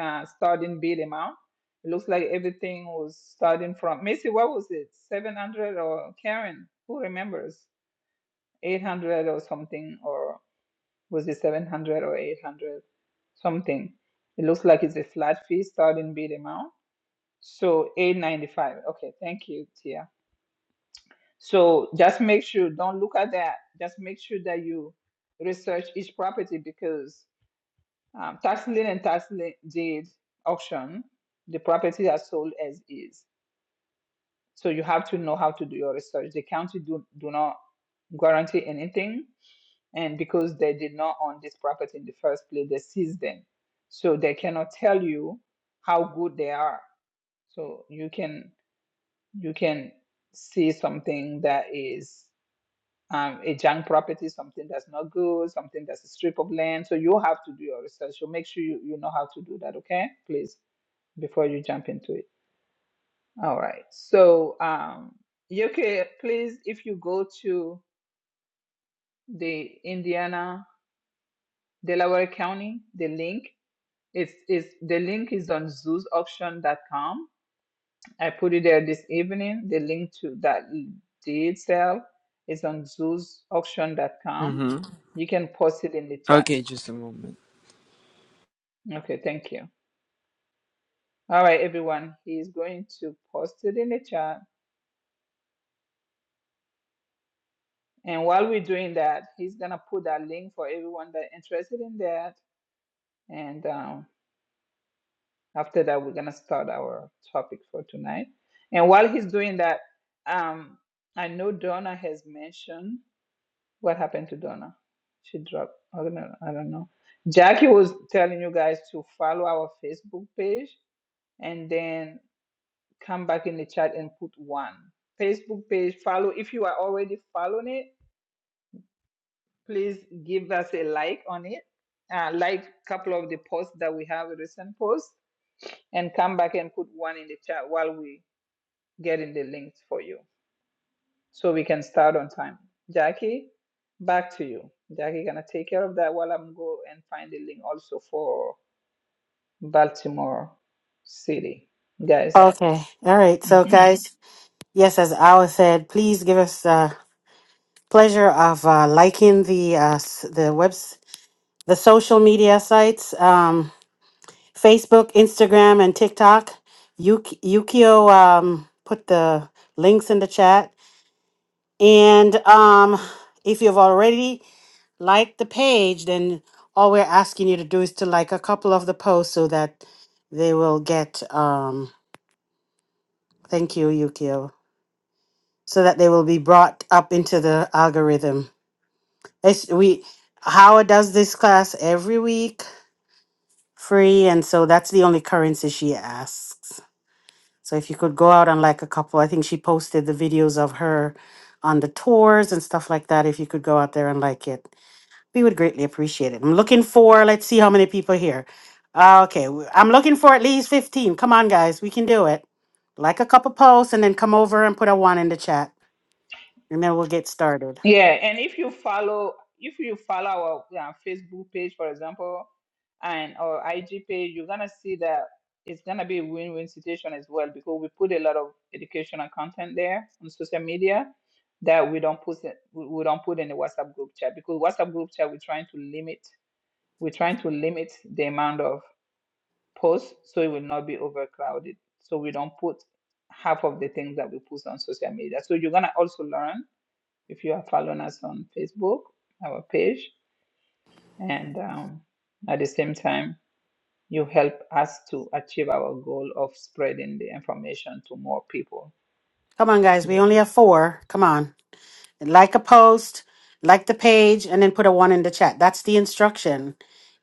[SPEAKER 1] uh, starting bid amount. It looks like everything was starting from Macy. What was it? Seven hundred or Karen? Who remembers? Eight hundred or something or was it 700 or 800? Something. It looks like it's a flat fee starting bid amount. So 895. Okay, thank you, Tia. So just make sure, don't look at that. Just make sure that you research each property because um, tax lien and tax lien deed auction, the property are sold as is. So you have to know how to do your research. The county do, do not guarantee anything. And because they did not own this property in the first place, they seized them. So they cannot tell you how good they are. So you can you can see something that is um, a junk property, something that's not good, something that's a strip of land. So you have to do your research. So make sure you, you know how to do that, okay? Please, before you jump into it. All right. So, um, Yoke, please, if you go to the Indiana Delaware County, the link is is the link is on zoosauction.com. I put it there this evening. The link to that deed sale is on zoosauction.com.
[SPEAKER 10] Mm-hmm.
[SPEAKER 1] You can post it in the chat.
[SPEAKER 10] Okay, just a moment.
[SPEAKER 1] Okay, thank you. All right, everyone. He's going to post it in the chat. And while we're doing that, he's gonna put that link for everyone that interested in that And um, after that, we're going to start our topic for tonight. And while he's doing that, um, I know Donna has mentioned what happened to Donna. She dropped, I don't know. I don't know. Jackie was telling you guys to follow our Facebook page and then come back in the chat and put one. Facebook page, follow. If you are already following it, please give us a like on it. Uh, like a couple of the posts that we have, recent posts and come back and put one in the chat while we get in the links for you so we can start on time. Jackie, back to you. Jackie gonna take care of that while I'm go and find the link also for Baltimore City. Guys.
[SPEAKER 5] okay. All right. So, guys, yes, as Awa said, please give us the pleasure of uh, liking the uh, s- the webs the social media sites, um, Facebook, Instagram, and TikTok. Yuki, Yukio um, put the links in the chat, and um, if you've already liked the page, then all we're asking you to do is to like a couple of the posts so that they will get. Um, Thank you, Yukio. So that they will be brought up into the algorithm. It's, we Howard does this class every week, free, and so that's the only currency she asks. So if you could go out on like a couple, I think she posted the videos of her on the tours and stuff like that. If you could go out there and like it, we would greatly appreciate it. I'm looking for. Let's see how many people here. Uh, okay, w- I'm looking for at least fifteen. Come on, guys, we can do it. Like a couple posts, and then come over and put a one in the chat. and then we'll get started.
[SPEAKER 1] Yeah, and if you follow if you follow our yeah, Facebook page, for example, and our IG page, you're gonna see that it's gonna be a win-win situation as well because we put a lot of educational content there on social media that we don't put it- we we don't put in the WhatsApp group chat because WhatsApp group chat we're trying to limit we're trying to limit the amount of posts so it will not be overcrowded. So we don't put half of the things that we put on social media. So you're gonna also learn if you are following us on Facebook, our page, and um, at the same time, you help us to achieve our goal of spreading the information to more people.
[SPEAKER 5] Come on, guys. We
[SPEAKER 1] Yeah.
[SPEAKER 5] only have four. Come on. Like a post, like the page, and then put a one in the chat. That's the instruction.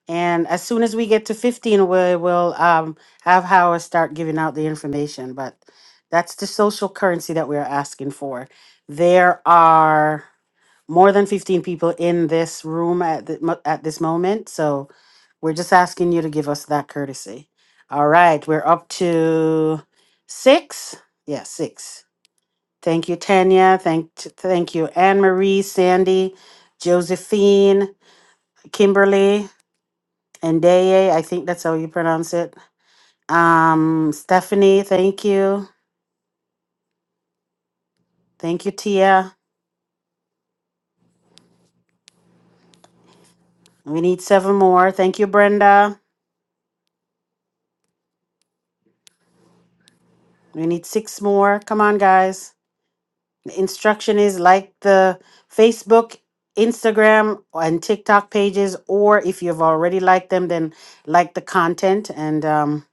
[SPEAKER 5] And as soon as we get to 15, we will um, have Howard start giving out the information. But that's the social currency that we're asking for. There are. more than 15 people in this room at the, mo- at this moment so we're just asking you to give us that courtesy all right we're up to six yeah six thank you tanya thank thank you anne marie sandy josephine kimberly and Daye, i think that's how you pronounce it um stephanie thank you thank you tia we need seven more thank you brenda we need six more come on guys The instruction is like the Facebook, Instagram, and TikTok pages, or if you've already liked them, then like the content and um,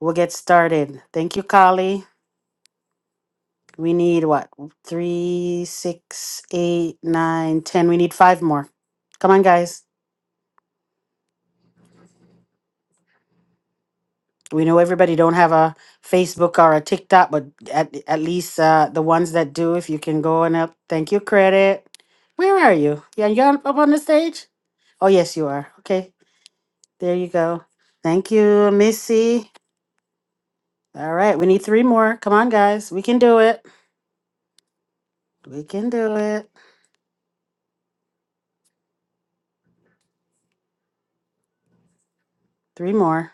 [SPEAKER 5] we'll get started. Thank you, Kali. We need what? Three, six, eight, nine, ten. We need five more. Come on, guys. We know everybody don't have a Facebook or a TikTok, but at, at least uh, the ones that do, if you can go and up. Thank you, credit. Where are you? Yeah, you're up on the stage? Oh, yes, you are. Okay. There you go. Thank you, Missy. All right, we need three more. Come on, guys. We can do it. We can do it. Three more.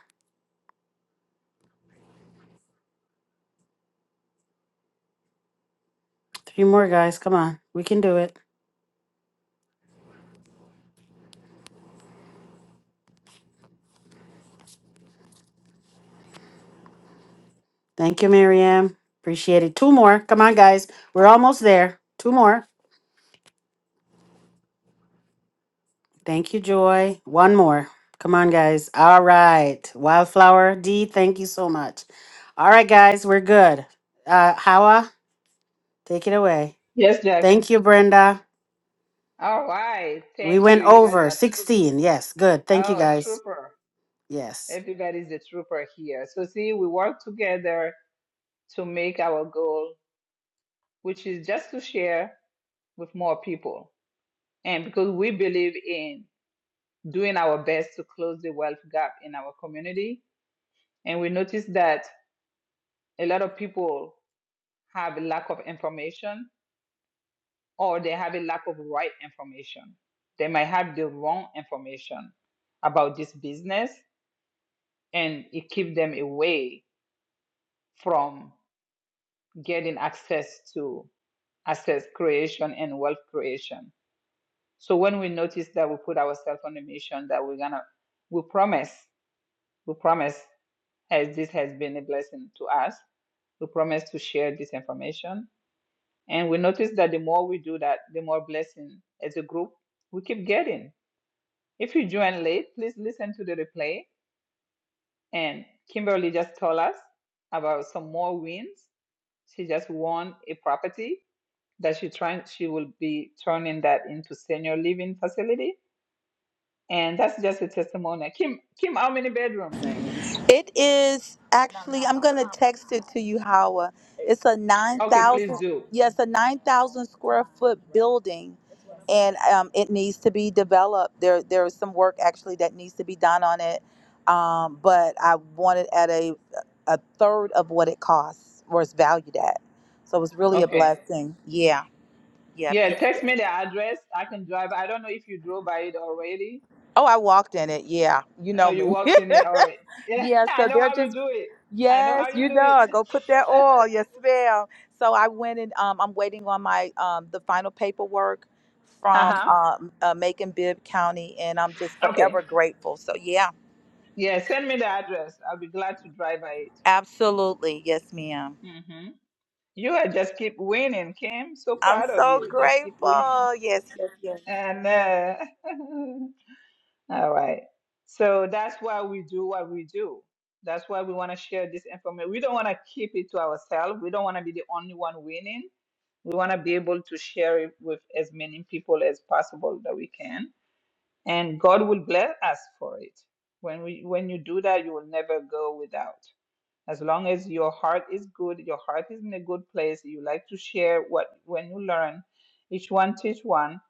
[SPEAKER 5] Three more, guys. Come on. We can do it. Thank you, Miriam. Appreciate it. Two more. Come on, guys. We're almost there. Two more. Thank you, Joy. One more. Come on, guys. All right. Wildflower D, thank you so much. All right, guys. We're good. Uh, Hawa, take it away.
[SPEAKER 1] Yes, Jackie.
[SPEAKER 5] Thank you, Brenda.
[SPEAKER 1] All right.
[SPEAKER 5] We
[SPEAKER 1] Thank you.
[SPEAKER 5] went
[SPEAKER 1] You guys
[SPEAKER 5] over
[SPEAKER 1] are trooper.
[SPEAKER 5] 16. Yes, good. Thank you,
[SPEAKER 1] Oh,
[SPEAKER 5] guys.
[SPEAKER 1] trooper.
[SPEAKER 5] Yes.
[SPEAKER 1] Everybody's a trooper here. So, see, we work together to make our goal, which is just to share with more people. And because we believe in doing our best to close the wealth gap in our community, And we noticed that a lot of people have a lack of information or they have a lack of right information. They might have the wrong information about this business and it keeps them away from getting access to access creation and wealth creation. So when we notice that we put ourselves on a mission that we're gonna we promise, we promise as this has been a blessing to us, we promise to share this information And we notice that the more we do that, the more blessing as a group we keep getting. If you join late, please listen to the replay. And Kimberly just told us about some more wins. She just won a property that she trying she will be turning that into senior living facility. And that's just a testimony. Kim, Kim, how many bedrooms?
[SPEAKER 3] It is actually, I'm going to text it to you, Hawa. It's a
[SPEAKER 1] Okay, please
[SPEAKER 3] 9,000,
[SPEAKER 1] do.
[SPEAKER 3] yes, a 9,000 square foot building. And um, it needs to be developed. There, there is some work actually that needs to be done on it. Um, but I want it at a, a third of what it costs or it's valued at. So it was really a
[SPEAKER 1] Okay.
[SPEAKER 3] blessing. Yeah. Yep.
[SPEAKER 1] Yeah,
[SPEAKER 3] Yeah.
[SPEAKER 1] text me the address. I can drive. I don't know if you drove by it already
[SPEAKER 3] Oh, I walked in it. Yeah. You
[SPEAKER 1] Oh,
[SPEAKER 3] know
[SPEAKER 1] you
[SPEAKER 3] me.
[SPEAKER 1] walked
[SPEAKER 3] [LAUGHS]
[SPEAKER 1] in it. All right. Yeah,
[SPEAKER 3] Yeah,
[SPEAKER 1] [LAUGHS] I
[SPEAKER 3] so
[SPEAKER 1] know
[SPEAKER 3] they're
[SPEAKER 1] how you
[SPEAKER 3] just
[SPEAKER 1] do it. I know
[SPEAKER 3] yes,
[SPEAKER 1] how you
[SPEAKER 3] you
[SPEAKER 1] do it.
[SPEAKER 3] know, go put that
[SPEAKER 1] [LAUGHS]
[SPEAKER 3] oil, yes ma'am. So I went and um, I'm waiting on my um, the final paperwork
[SPEAKER 1] Uh
[SPEAKER 3] from
[SPEAKER 1] huh.
[SPEAKER 3] um, uh, Macon Bibb County, and I'm just
[SPEAKER 1] Okay.
[SPEAKER 3] forever grateful. So yeah,
[SPEAKER 1] Yeah, send me the address. I'll be glad to drive by it.
[SPEAKER 3] absolutely, yes ma'am.
[SPEAKER 1] hmm You are just keep winning, Kim. So
[SPEAKER 3] I'm
[SPEAKER 1] proud of
[SPEAKER 3] so
[SPEAKER 1] you. Just keep winning.
[SPEAKER 3] grateful. Yes, yes, yes.
[SPEAKER 1] And uh, [LAUGHS] all right. So that's why we do what we do. That's why we want to share this information. We don't want to keep it to ourselves. We don't want to be the only one winning. We want to be able to share it with as many people as possible that we can. and God will bless us for it. When we when you do that, you will never go without. As long as your heart is good, your heart is in a good place, you like to share what when you learn, each one teach one,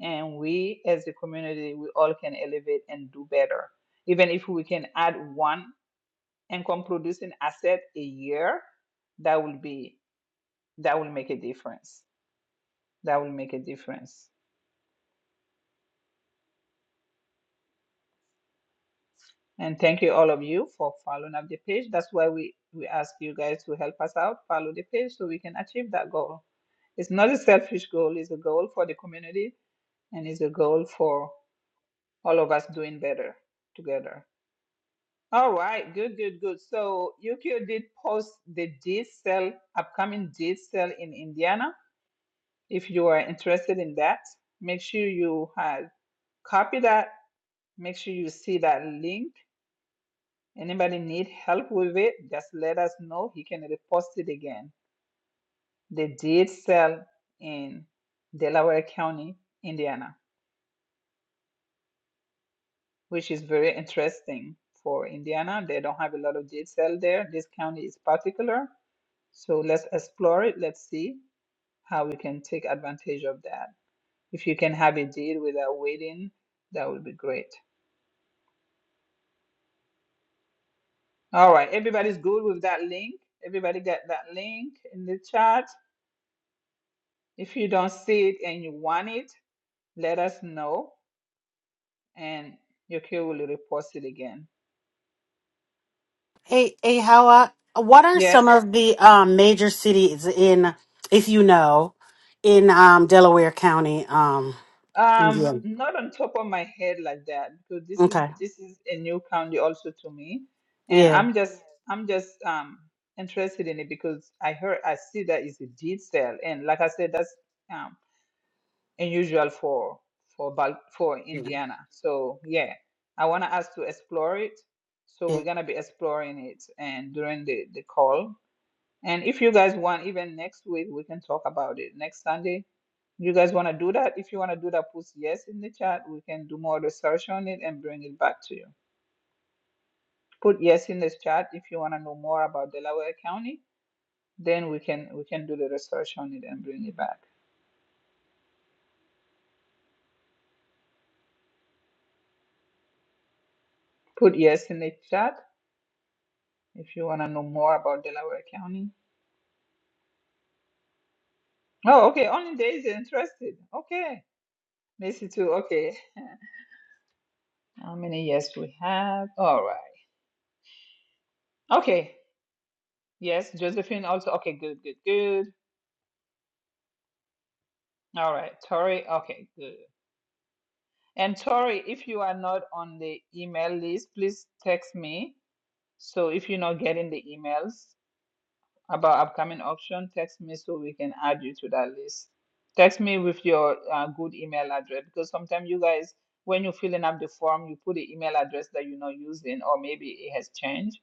[SPEAKER 1] and we as a community we all can elevate and do better. Even if we can add one income producing asset a year, that will be that will make a difference. That will make a difference. And thank you all of you for following up the page. That's why we, we ask you guys to help us out, follow the page so we can achieve that goal. It's not a selfish goal, it's a goal for the community and it's a goal for all of us doing better together. All right, good, good, good. So Yukio did post the deed sale, upcoming deed sale in Indiana. If you are interested in that, make sure you have copy that. Make sure you see that link Anybody need help with it? Just let us know. He can repost it again. They did sell in Delaware County, Indiana, which is very interesting for Indiana. They don't have a lot of deed sale there. This county is particular. So let's explore it. Let's see how we can take advantage of that. If you can have a deed without waiting, that would be great. All right. Everybody's good with that link. Everybody got that link in the chat. If you don't see it and you want it, let us know and Yuki will repost it again.
[SPEAKER 5] Hey, hey, how, uh, what are some
[SPEAKER 1] Yes.
[SPEAKER 5] of the um, major cities in, if you know, in um, Delaware County? Um,
[SPEAKER 1] Um,
[SPEAKER 5] yeah.
[SPEAKER 1] not on top of my head like that because this is
[SPEAKER 5] Okay.
[SPEAKER 1] this is a new county also to me, and
[SPEAKER 5] Yeah.
[SPEAKER 1] I'm just I'm just um interested in it because I heard I see that it's a deed sale, and like I said, that's um unusual for for Bal- for
[SPEAKER 5] Yeah.
[SPEAKER 1] Indiana. So yeah, I want us to explore it. So
[SPEAKER 5] Yeah.
[SPEAKER 1] we're gonna be exploring it and during the the call And if you guys want, even next week, we can talk about it. Next Sunday, you guys want to do that? If you want to do that, put yes in the chat. We can do more research on it and bring it back to you. Put yes in this chat if you want to know more about Delaware County. Then we can we can do the research on it and bring it back. Put yes in the chat if you want to know more about Delaware County. Oh, okay. Only Daisy interested. Okay, Missy too. Okay. [LAUGHS] How many yes we have? All right. Okay. Yes, Josephine also. Okay, good, good, good. All right, Tori. Okay, good. And Tori, if you are not on the email list, please text me. So if you're not getting the emails about upcoming auction, text me so we can add you to that list. Text me with your uh, good email address because sometimes you guys, when you're filling up the form, you put the email address that you're not using, or maybe it has changed.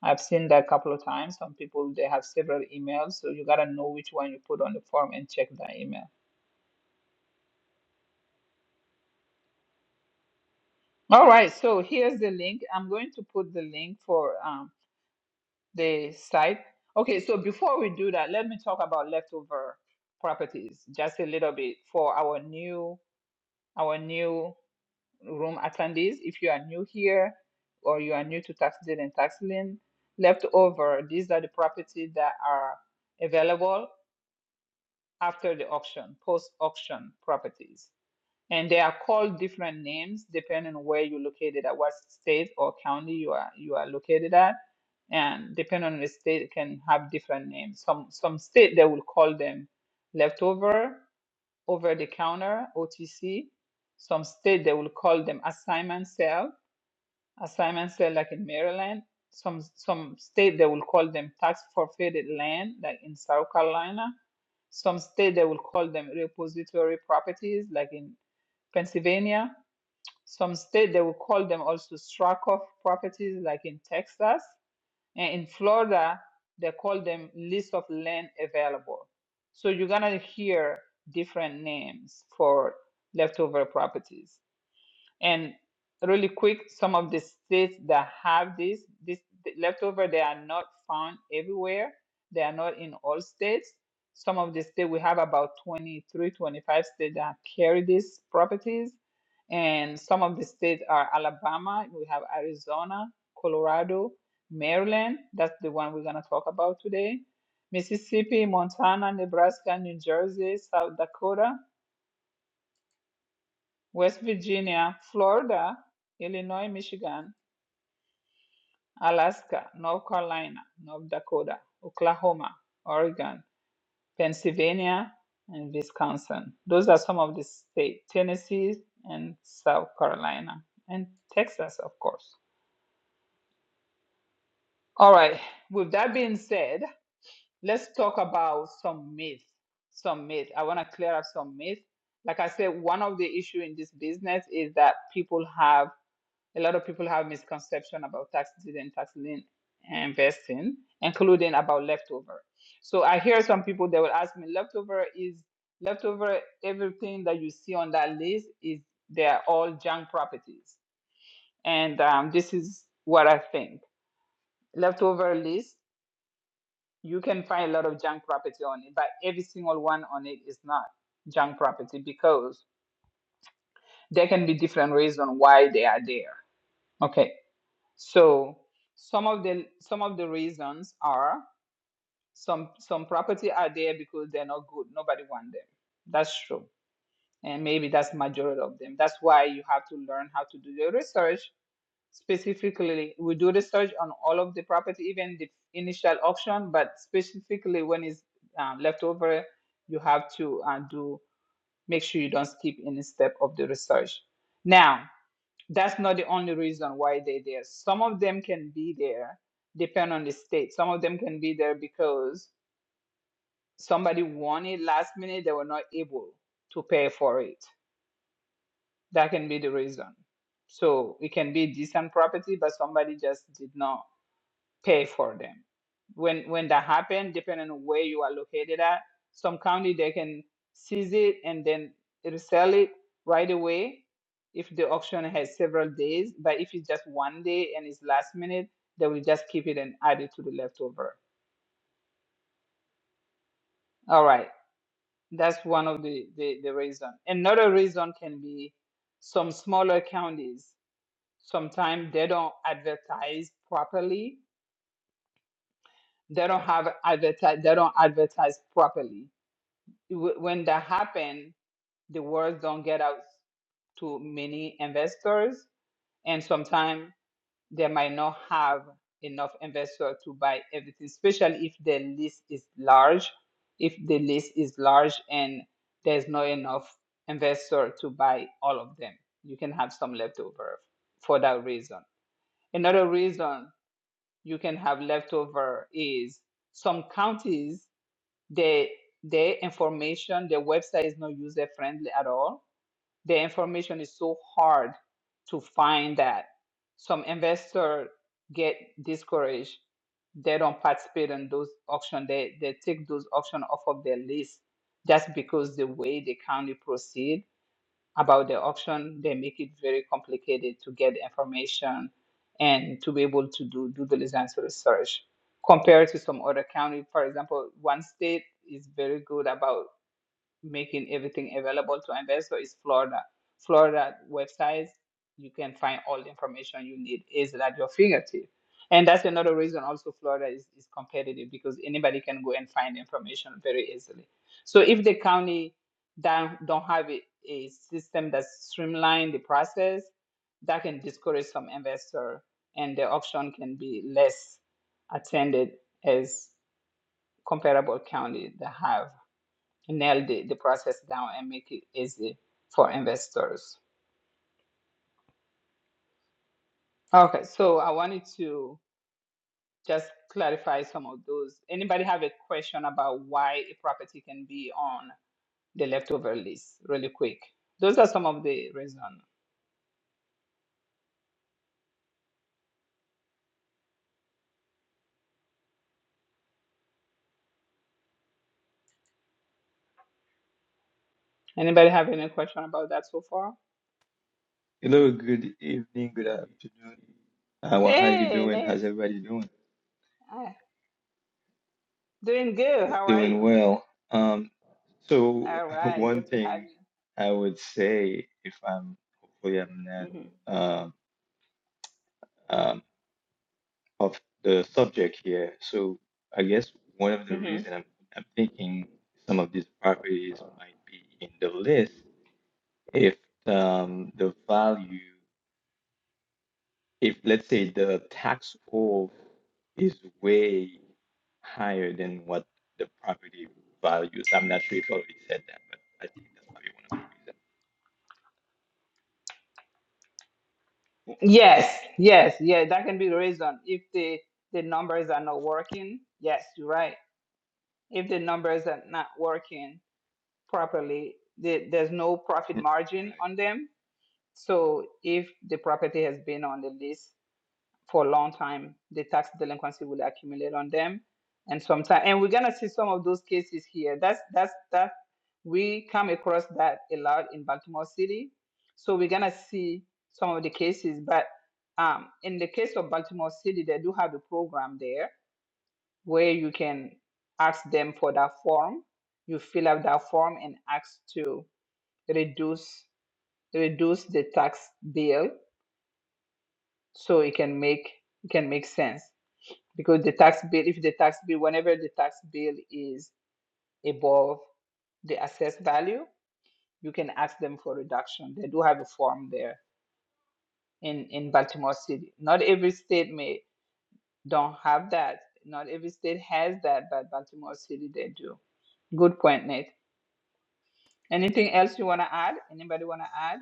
[SPEAKER 1] I've seen that a couple of times. Some people they have several emails, so you gotta know which one you put on the form and check that email. All right, so here's the link. I'm going to put the link for um, the site. Okay, so before we do that, let me talk about leftover properties just a little bit for our new our new room attendees. If you are new here or you are new to tax deed and tax lien, leftover, these are the properties that are available after the auction, post auction properties and they are called different names depending on where you're located at what state or county you are you are located at and depending on the state it can have different names some some state they will call them leftover over the counter otc some state they will call them assignment sale assignment sale like in maryland some some state they will call them tax forfeited land like in south carolina some state they will call them repository properties, like in Pennsylvania. Some state they will call them also struck off properties, like in Texas. And in Florida, they call them list of land available. So you're gonna hear different names for leftover properties. And really quick, some of the states that have this, this the leftover, they are not found everywhere. They are not in all states. Some of the states, we have about 23, 25 states that carry these properties. And some of the states are Alabama, we have Arizona, Colorado, Maryland. That's the one we're going to talk about today. Mississippi, Montana, Nebraska, New Jersey, South Dakota. West Virginia, Florida, Illinois, Michigan, Alaska, North Carolina, North Dakota, Oklahoma, Oregon, Pennsylvania, and Wisconsin. Those are some of the states, Tennessee and South Carolina, and Texas, of course. All right, with that being said, let's talk about some myth. Some myth. I want to clear up some myth. Like I said, one of the issue in this business is that people have A lot of people have misconception about tax deed and tax lien investing, including about leftover. So I hear some people that will ask me, leftover is leftover. Everything that you see on that list is they are all junk properties, and um, this is what I think. Leftover list, you can find a lot of junk property on it, but every single one on it is not junk property because there can be different reasons why they are there. Okay. So some of the some of the reasons are some some property are there because they're not good. Nobody want them. That's true. And maybe that's majority of them. That's why you have to learn how to do the research. Specifically, we do research on all of the property, even the initial auction, but specifically when it's um, left over, you have to uh, do make sure you don't skip any step of the research. Now, that's not the only reason why they're there. Some of them can be there, depend on the state. Some of them can be there because somebody wanted last minute, they were not able to pay for it. That can be the reason. So it can be decent property, but somebody just did not pay for them. When when that happens, depending on where you are located at, some county they can seize it and then resell it right away if the auction has several days. But if it's just one day and it's last minute, they will just keep it and add it to the leftover. All right. That's one of the, the, the reason. Another reason can be some smaller counties. Sometimes they don't advertise properly. They don't have advertise they don't advertise properly wh- when that happen, the words don't get out to many investors, and sometimes they might not have enough investor to buy everything, especially if the list is large. If the list is large and there's not enough investor to buy all of them, you can have some leftover for that reason. Another reason you can have leftover is some counties the the information the website is not user friendly at all the information is so hard to find that some investors get discouraged they don't participate in those auction they they take those auction off of their list just because the way the county proceed about the auction. They make it very complicated to get information and to be able to do due diligence research compared to some other county. For example, one state is very good about making everything available to investor is Florida. Florida websites, you can find all the information you need is at your fingertips. And that's another reason also Florida is, is competitive because anybody can go and find information very easily. So if the county don't, don't have a, a system that streamline the process, that can discourage some investor and the auction can be less attended as comparable county that have nail the, the process down and make it easy for investors. Okay, so I wanted to just clarify some of those. Anybody have a question about why a property can be on the leftover list? Really quick. Those are some of the reasons. Anybody have any question about that so far?
[SPEAKER 11] Hello, good evening, good afternoon. Uh, well, how you
[SPEAKER 1] Hey,
[SPEAKER 11] doing? How's
[SPEAKER 1] Nate.
[SPEAKER 11] everybody doing?
[SPEAKER 1] Ah, Doing good. How are
[SPEAKER 11] Doing
[SPEAKER 1] you?
[SPEAKER 11] well. Um, so
[SPEAKER 1] All
[SPEAKER 11] [LAUGHS]
[SPEAKER 1] right,
[SPEAKER 11] one
[SPEAKER 1] good to have
[SPEAKER 11] thing I would say, if I'm hopefully I'm
[SPEAKER 1] you.
[SPEAKER 11] not um, um, off the subject here. So I guess one of
[SPEAKER 1] hmm
[SPEAKER 11] the
[SPEAKER 1] hmm
[SPEAKER 11] reason I'm I'm thinking some of these properties might be in the list if um, the value. if let's say the tax off is way higher than what the property values. I'm not sure if I already said that, but I think that's probably one of the reasons.
[SPEAKER 1] Yes, yes, yeah, that can be the reason. If the the numbers are not working, yes, you're right. if the numbers are not working properly, the, there's no profit
[SPEAKER 11] Mm,
[SPEAKER 1] margin on
[SPEAKER 11] Right.
[SPEAKER 1] them. So if the property has been on the list for a long time, the tax delinquency will accumulate on them. And sometimes, and we're gonna see some of those cases here. That's that's that we come across that a lot in Baltimore City. So we're gonna see some of the cases, but um, in the case of Baltimore City, they do have a program there where you can ask them for that form. You fill out that form and ask to reduce reduce the tax bill so it can make it can make sense because the tax bill if the tax bill whenever the tax bill is above the assessed value you can ask them for reduction they do have a form there in in baltimore city not every state may don't have that not every state has that but baltimore city they do good point nate Anything else you want to add? Anybody want to add?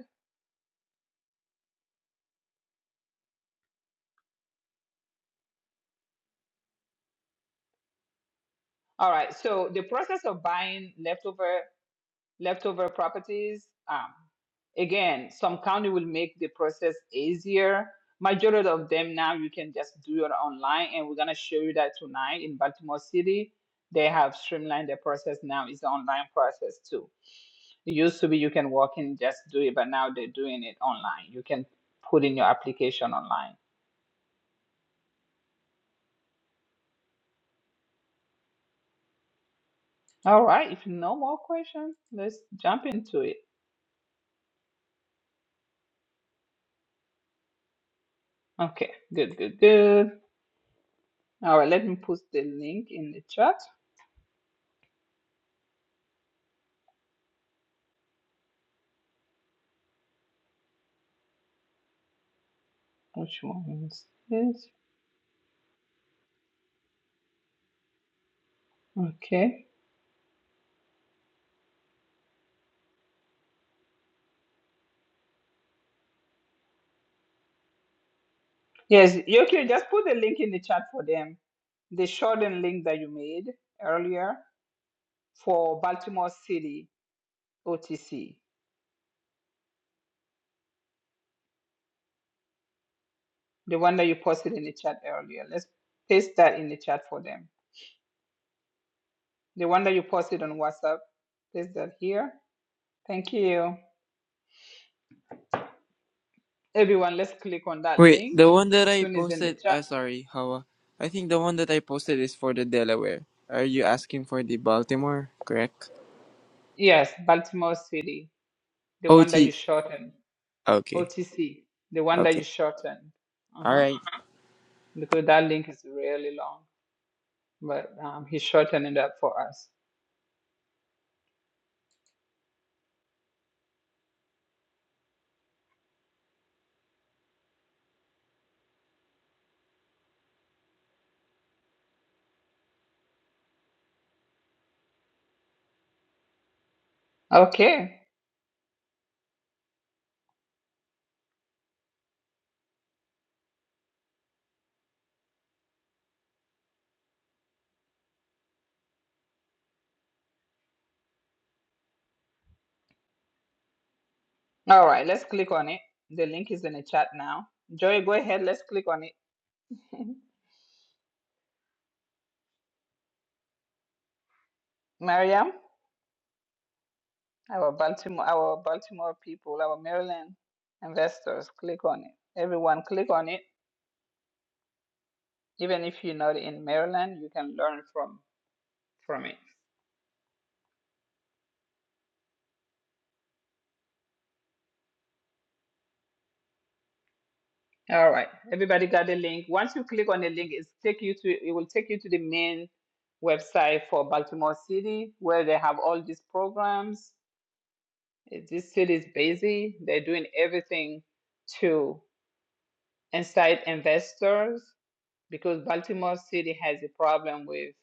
[SPEAKER 1] All right. So the process of buying leftover leftover properties, um, again, some county will make the process easier. Majority of them now you can just do it online, and we're gonna show you that tonight in Baltimore City. They have streamlined the process now. It's an online process too. It used to be you can walk in and just do it, but now they're doing it online. You can put in your application online. All right, if no more questions, let's jump into it. Okay, good, good, good. All right, let me put the link in the chat. Which one is this? Okay. Yes, Yoki, just put the link in the chat for them. The shortened link that you made earlier for Baltimore City OTC, the one that you posted in the chat earlier. Let's paste that in the chat for them. The one that you posted on WhatsApp, paste that here. Thank you. Everyone, let's click on that
[SPEAKER 10] Wait,
[SPEAKER 1] link
[SPEAKER 10] the one that
[SPEAKER 1] as
[SPEAKER 10] I
[SPEAKER 1] soon as in the
[SPEAKER 10] posted.
[SPEAKER 1] chat.
[SPEAKER 10] Uh, sorry, Hawa. I think the one that I posted is for the Delaware. Are you asking for the Baltimore? Correct.
[SPEAKER 1] Yes, Baltimore City, the one that you
[SPEAKER 10] OT.
[SPEAKER 1] shortened.
[SPEAKER 10] Okay.
[SPEAKER 1] OTC, the one that
[SPEAKER 10] Okay.
[SPEAKER 1] you shortened.
[SPEAKER 10] All
[SPEAKER 1] Uh-huh.
[SPEAKER 10] right.
[SPEAKER 1] Because that link is really long, but um, he shortened it up for us. Okay. All right, let's click on it. The link is in the chat now. Joy, go ahead. Let's click on it. [LAUGHS] Mariam, our Baltimore, our Baltimore people, our Maryland investors, click on it. Everyone, click on it. Even if you're not in Maryland, you can learn from from it. All right. Everybody got the link. Once you click on the link, it's take you to it will take you to the main website for Baltimore City where they have all these programs. Eh, This city is busy. They're doing everything to incite investors because Baltimore City has a problem with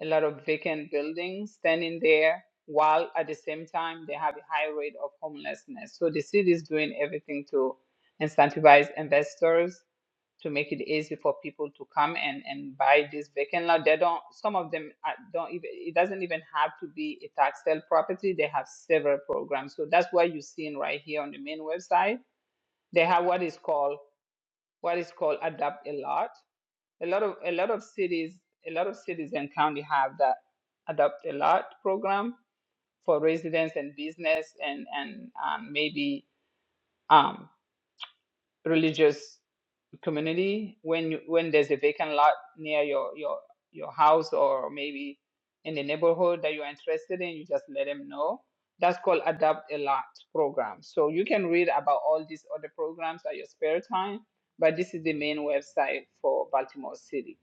[SPEAKER 1] a lot of vacant buildings standing there while at the same time they have a high rate of homelessness. So the city is doing everything to incentivize investors to make it easy for people to come and, and buy this vacant lot. They don't some of them are- don't even it doesn't even have to be a tax sale property. They have several programs. So that's what you're seeing right here on the main website. They have what is called what is called adapt a lot a lot of a lot of cities a lot of cities and county have that adopt a lot program for residents and business and and um, maybe um, religious community when you, when there's a vacant lot near your your your house or maybe in the neighborhood that you're interested in you just let them know that's called adopt a lot program so you can read about all these other programs at your spare time but this is the main website for baltimore city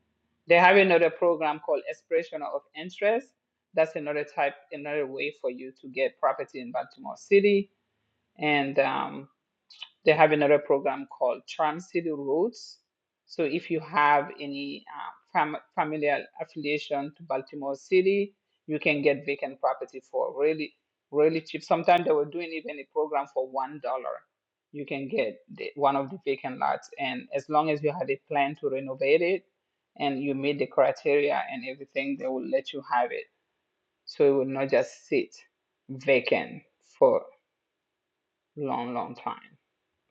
[SPEAKER 1] they have another program called expression of interest that's another type another way for you to get property in baltimore city and um, they have another program called Charm City Roots. So if you have any uh, fam- familial affiliation to Baltimore City, you can get vacant property for really, really cheap. Sometimes they were doing even a program for one dollar. You can get the, one of the vacant lots, and as long as you had a plan to renovate it, and you meet the criteria and everything, they will let you have it. So it will not just sit vacant for long, long time.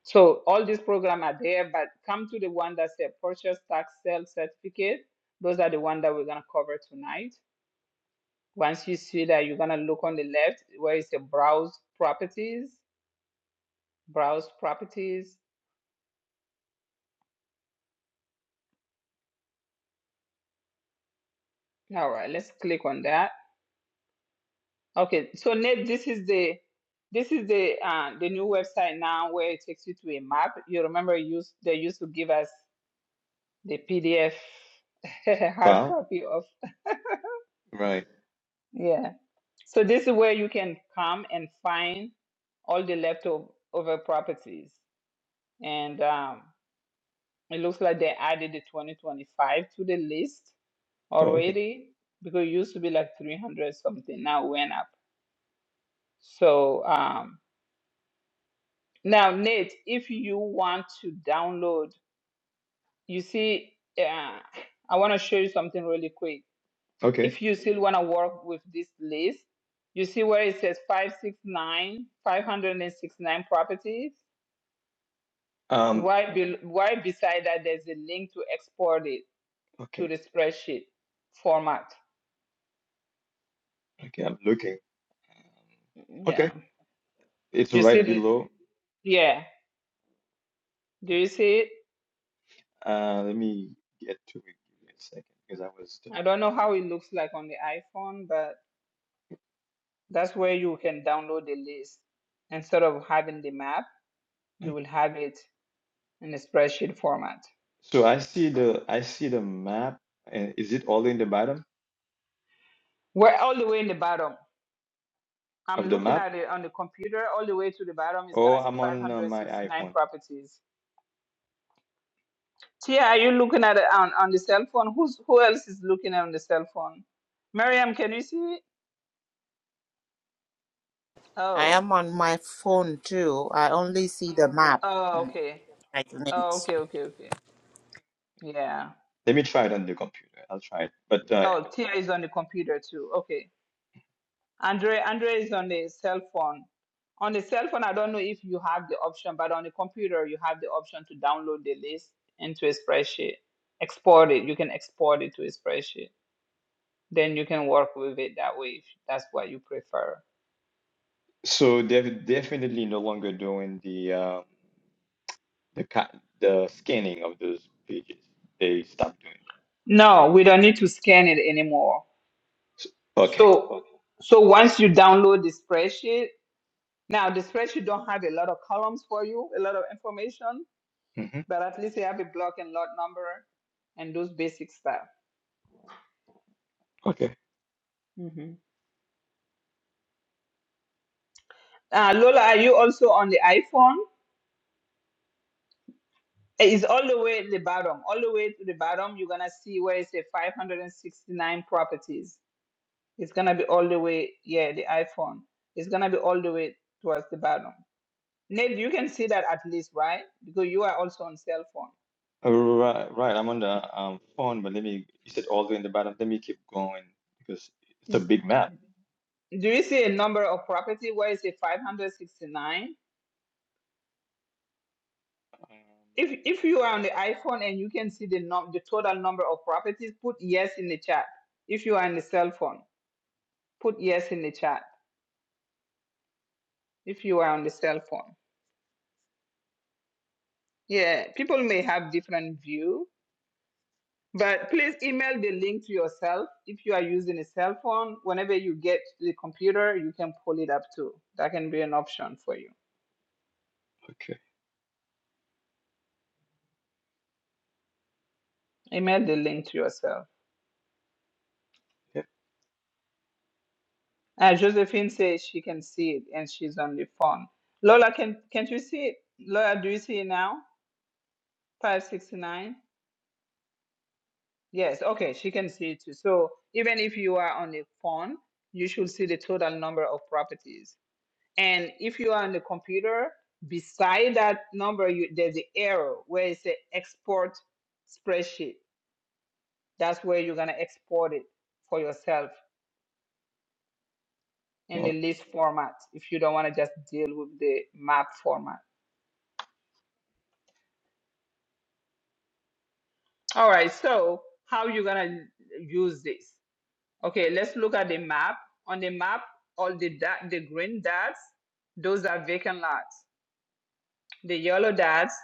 [SPEAKER 1] So all these programs are there, but come to the one that said purchase tax sale certificate. Those are the one that we're gonna cover tonight. Once you see that, you're gonna look on the left where it says browse properties, browse properties. All right, let's click on that. Okay, so Nate, this is the this is the uh, the new website now where it takes you to a map. You remember used they used to give us the PDF [LAUGHS] hard
[SPEAKER 11] Wow.
[SPEAKER 1] copy of
[SPEAKER 11] Right.
[SPEAKER 1] yeah So this is where you can come and find all the leftover properties. And um, it looks like they added the 2025 to the list
[SPEAKER 11] Oh, okay.
[SPEAKER 1] already because it used to be like 300 something, now it went up. So um, now, Nate, if you want to download, you see, uh, I want to show you something really quick.
[SPEAKER 11] Okay.
[SPEAKER 1] If you still want to work with this list, you see where it says 569, 569 properties
[SPEAKER 11] Um,
[SPEAKER 1] Right, be, right beside that, there's a link to export it to
[SPEAKER 11] okay.
[SPEAKER 1] the spreadsheet format.
[SPEAKER 11] Okay. I'm looking. Um,
[SPEAKER 1] Mm-mm. Yeah.
[SPEAKER 11] okay. It's
[SPEAKER 1] You see
[SPEAKER 11] right
[SPEAKER 1] the,
[SPEAKER 11] below.
[SPEAKER 1] yeah. Do you see it?
[SPEAKER 11] Uh, let me get to it. Give me a second because I was.
[SPEAKER 1] I don't know
[SPEAKER 11] Uh,
[SPEAKER 1] how it looks like on the iPhone, but that's where you can download the list. Instead of having the map, you will have it in the spreadsheet format.
[SPEAKER 11] so I see the I see the map. And is it all in the bottom
[SPEAKER 1] We're all the way in the bottom.
[SPEAKER 11] of
[SPEAKER 1] I'm
[SPEAKER 11] the
[SPEAKER 1] looking
[SPEAKER 11] map?
[SPEAKER 1] at it on the computer. All the way to the bottom is
[SPEAKER 11] Oh,
[SPEAKER 1] gonna say
[SPEAKER 11] I'm on uh, my
[SPEAKER 1] 569
[SPEAKER 11] iPhone.
[SPEAKER 1] properties. Tia, are you looking at it on, on the cell phone? Who's who else is looking on the cell phone? Miriam, can you see it?
[SPEAKER 9] I
[SPEAKER 1] Oh.
[SPEAKER 9] am on my phone too. I only see the map.
[SPEAKER 1] Oh, okay.
[SPEAKER 9] I think.
[SPEAKER 1] Oh, okay, okay, okay. Yeah.
[SPEAKER 11] Let me try it on the computer. I'll try it. But uh,
[SPEAKER 1] Oh, Tia is on the computer too. Okay. Andre Andre is on the cell phone. On the cell phone, I don't know if you have the option, but on the computer you have the option to download the list into a spreadsheet. Export it. You can export it to a spreadsheet. Then you can work with it that way if that's what you prefer.
[SPEAKER 11] so they're definitely no longer doing the um, the ca the scanning of those pages. They stopped doing that.
[SPEAKER 1] No, we don't need to scan it anymore.
[SPEAKER 11] So, okay.
[SPEAKER 1] So, so once you download the spreadsheet, now the spreadsheet don't have a lot of columns for you, a lot of information,
[SPEAKER 11] hmm
[SPEAKER 1] but at least you have a block and lot number and those basic stuff.
[SPEAKER 11] Okay.
[SPEAKER 1] Mhm. Uh, Lola, are you also on the iPhone? It's all the way at the bottom. All the way to the bottom, you're gonna see where it says 569 properties. It's gonna be all the way, yeah, the iPhone. It's gonna be all the way towards the bottom. Nate, you can see that at least, right? Because you are also on cell phone
[SPEAKER 11] Right, right, right. I'm on the um, phone, but let me. You said all the way in the bottom. Let me keep going because it's a
[SPEAKER 1] Mm.
[SPEAKER 11] big map.
[SPEAKER 1] Do you see a number of property where it's a 569?
[SPEAKER 11] Um,
[SPEAKER 1] If if you are on the iPhone and you can see the num the total number of properties, put yes in the chat. If you are on the cell phone, put yes in the chat. If you are on the cell phone. Yeah, people may have different view, but please email the link to yourself. If you are using a cell phone, whenever you get to the computer, you can pull it up too. That can be an option for you.
[SPEAKER 11] okay.
[SPEAKER 1] Email the link to yourself.
[SPEAKER 11] Yep.
[SPEAKER 1] Uh, Josephine says she can see it and she's on the phone. Lola, can can't you see it? Lola, do you see it now? 569? Yes, okay, she can see it too. So even if you are on the phone, you should see the total number of properties. And if you are on the computer, beside that number, you, there's the arrow where it says export spreadsheet. That's where you're gonna export it for yourself in the
[SPEAKER 11] No.
[SPEAKER 1] list format if you don't want to just deal with the map format. All right, so how you gonna use this? Okay, let's look at the map. On the map, all the dot, the green dots, those are vacant lots. The yellow dots,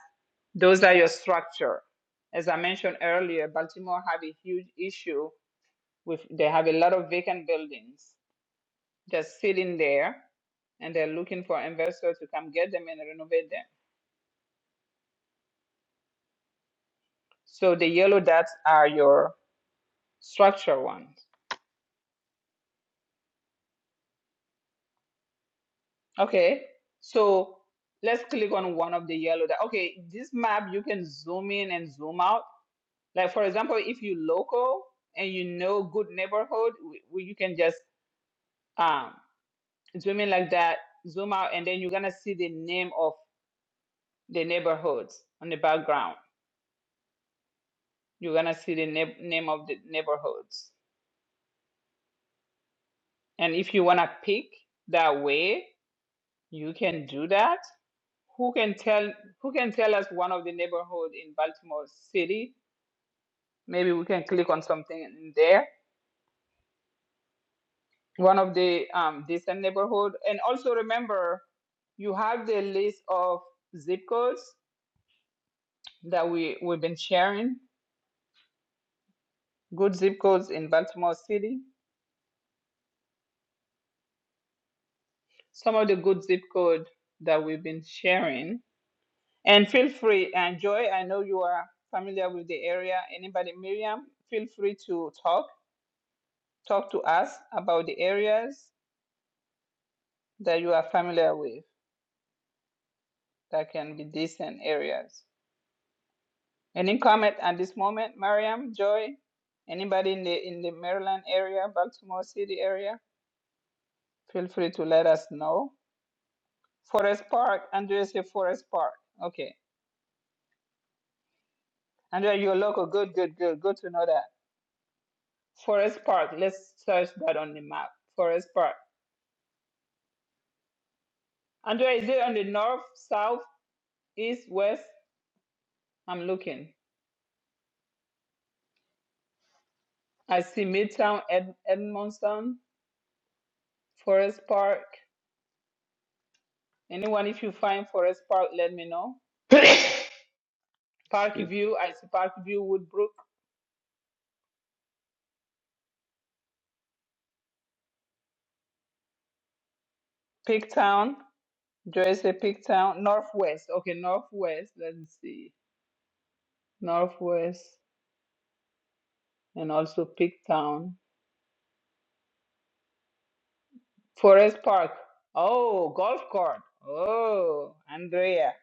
[SPEAKER 1] those are your structure. As I mentioned earlier, Baltimore have a huge issue with they have a lot of vacant buildings just sitting there, and they're looking for investors to come get them and renovate them. So the yellow dots are your structure ones. Okay, so let's click on one of the yellow that okay, this map you can zoom in and zoom out. Like for example, if you local and you know good neighborhood, w- w- you can just um zoom in like that, zoom out, and then you're gonna see the name of the neighborhoods on the background. You're gonna see the na- name of the neighborhoods. And if you wanna pick that way, you can do that. Who can tell who can tell us one of the neighborhood in Baltimore City? maybe we can click on something in there one of the um, decent neighborhood and also remember you have the list of zip codes that we we've been sharing good zip codes in baltimore city some of the good zip code that we've been sharing and feel free and joy i know you are familiar with the area anybody miriam feel free to talk talk to us about the areas that you are familiar with that can be decent areas Any comment at this moment, Mariam, Joy? Anybody in the in the Maryland area, Baltimore City area? Feel free to let us know. Forest Park, Andrea say Forest Park. Okay. Andrea, you're local. Good, good, good. Good to know that. Forest Park. Let's search that on the map. Forest Park. Andrea, is it on the north, south, east, west? I'm looking. I see Midtown, Ed- Edmondson, Forest Park. Anyone, if you find Forest Park, let me know.
[SPEAKER 11] [COUGHS]
[SPEAKER 1] Park
[SPEAKER 11] Excuse me.
[SPEAKER 1] View, I see Park View, Woodbrook. Pigtown, Jersey, Pigtown, Northwest. Okay, Northwest. Let's see. Northwest and also Pigtown. Forest Park. Oh, golf court. Oh, Andrea,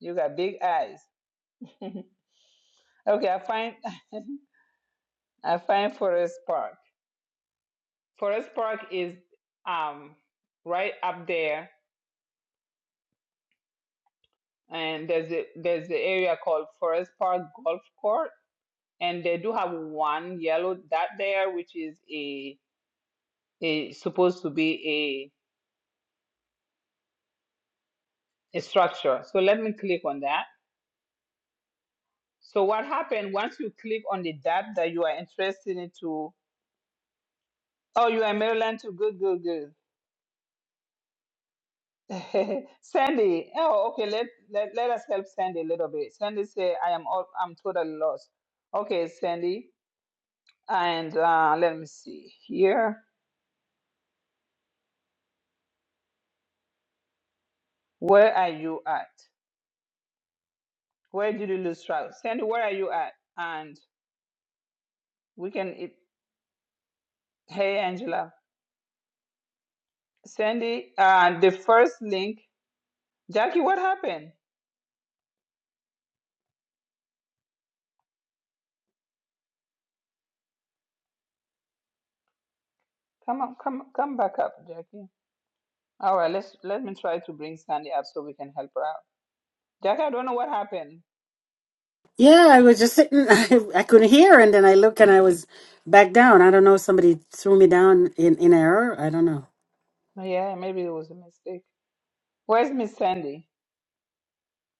[SPEAKER 1] you got big eyes. [LAUGHS] okay, I find [LAUGHS] I find Forest Park. Forest Park is um right up there, and there's a there's the area called Forest Park Golf Court, and they do have one yellow dot there, which is a is supposed to be a, a structure. So let me click on that. So what happened once you click on the dot that you are interested in to, oh, you are Maryland too. Good, good, good. [LAUGHS] Sandy, oh, okay. Let, let let us help Sandy a little bit. Sandy say, I am all, I'm totally lost. Okay, Sandy, and uh, let me see here. Where are you at? Where did you lose track? Sandy, where are you at? And we can. It, hey, Angela. Sandy, uh, the first link Jackie, what happened? Come up, come, come back up, Jackie. All right, let's let me try to bring Sandy up so we can help her out. Jackie, I don't know what happened.
[SPEAKER 5] Yeah, I was just sitting. [LAUGHS] I, I couldn't hear, and then I look, and I was back down. I don't know. Somebody threw me down in in error. I don't know.
[SPEAKER 1] Oh, Yeah, maybe it was a mistake. Where's Miss Sandy?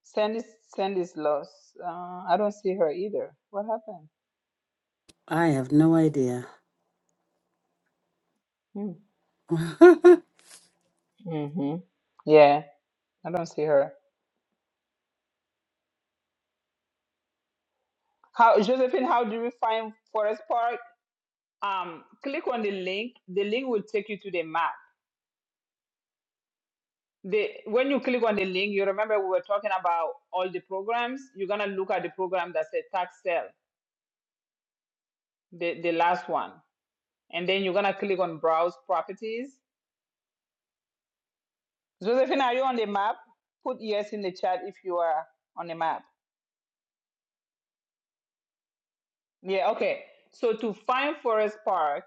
[SPEAKER 1] Sandy, Sandy's lost. Uh, I don't see her either. What happened?
[SPEAKER 5] I have no idea.
[SPEAKER 1] Hmm.
[SPEAKER 5] [LAUGHS]
[SPEAKER 1] Mm-hmm. Yeah, I don't see her. How, Josephine? How do we find Forest Park? Um, click on the link. The link will take you to the map. the when you click on the link, you remember we were talking about all the programs. You're gonna look at the program that says tax sale, the, the last one, and then you're gonna click on browse properties. Josephine, are you on the map? Put yes in the chat if you are on the map. Yeah, okay. So to find Forest Park,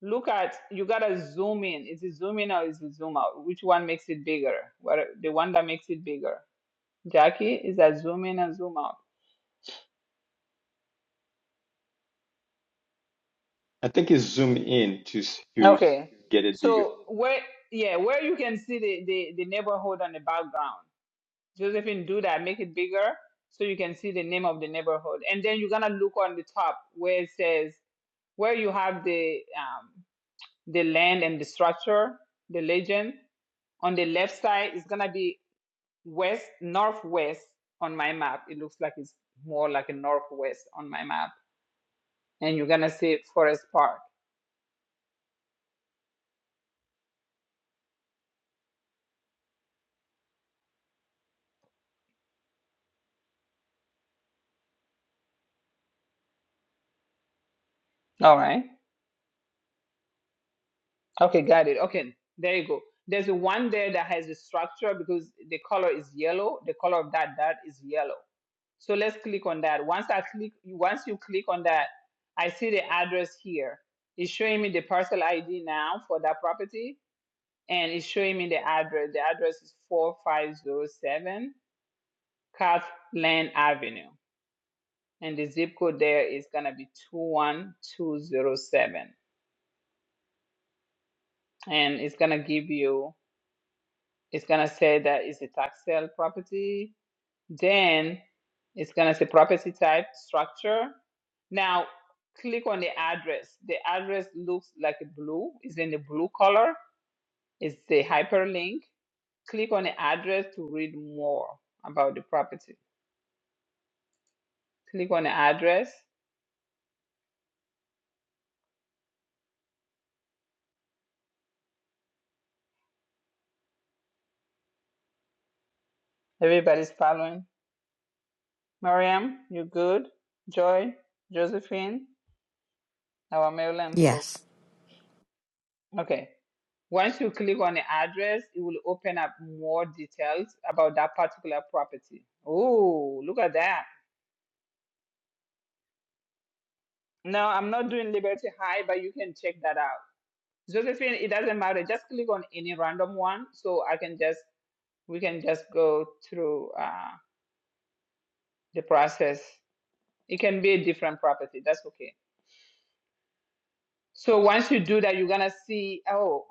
[SPEAKER 1] look at you gotta zoom in. Is it zoom in or is it zoom out? Which one makes it bigger? What the one that makes it bigger? Jackie, is that zoom in and zoom out?
[SPEAKER 11] I think it's zoom in to s- to s-
[SPEAKER 1] Okay.
[SPEAKER 11] get it bigger.
[SPEAKER 1] So where yeah, where you can see the, the, the neighborhood on the background. Josephine, do that, make it bigger so you can see the name of the neighborhood. And then you're gonna look on the top where it says where you have the um the land and the structure, the legend. On the left side it's gonna be west northwest on my map. It looks like it's more like a northwest on my map. And you're gonna see Forest Park. All right. Okay, got it. Okay, there you go. There's a one there that has a structure because the color is yellow. The color of that dot is yellow. So let's click on that. Once I click, once you click on that, I see the address here. It's showing me the parcel ID now for that property, and it's showing me the address. The address is 4507 Kathleen Avenue, and the zip code there is gonna be 21207, and it's gonna give you It's gonna say that is a tax sale property. Then it's gonna say property type, structure. Now click on the address. The address looks like a blue. It's in the blue color. It's the hyperlink. Click on the address to read more about the property. Click on the address. Everybody's following. Mariam, you good? Joy, Josephine, our Maryland
[SPEAKER 7] Yes.
[SPEAKER 1] folks. Okay. Once you click on the address, it will open up more details about that particular property. Oh, look at that. No, I'm not doing Liberty High, but you can check that out. Josephine, it doesn't matter. Just click on any random one so I can just, we can just go through uh, the process. It can be a different property. That's okay. So once you do that, you're going to see, oh,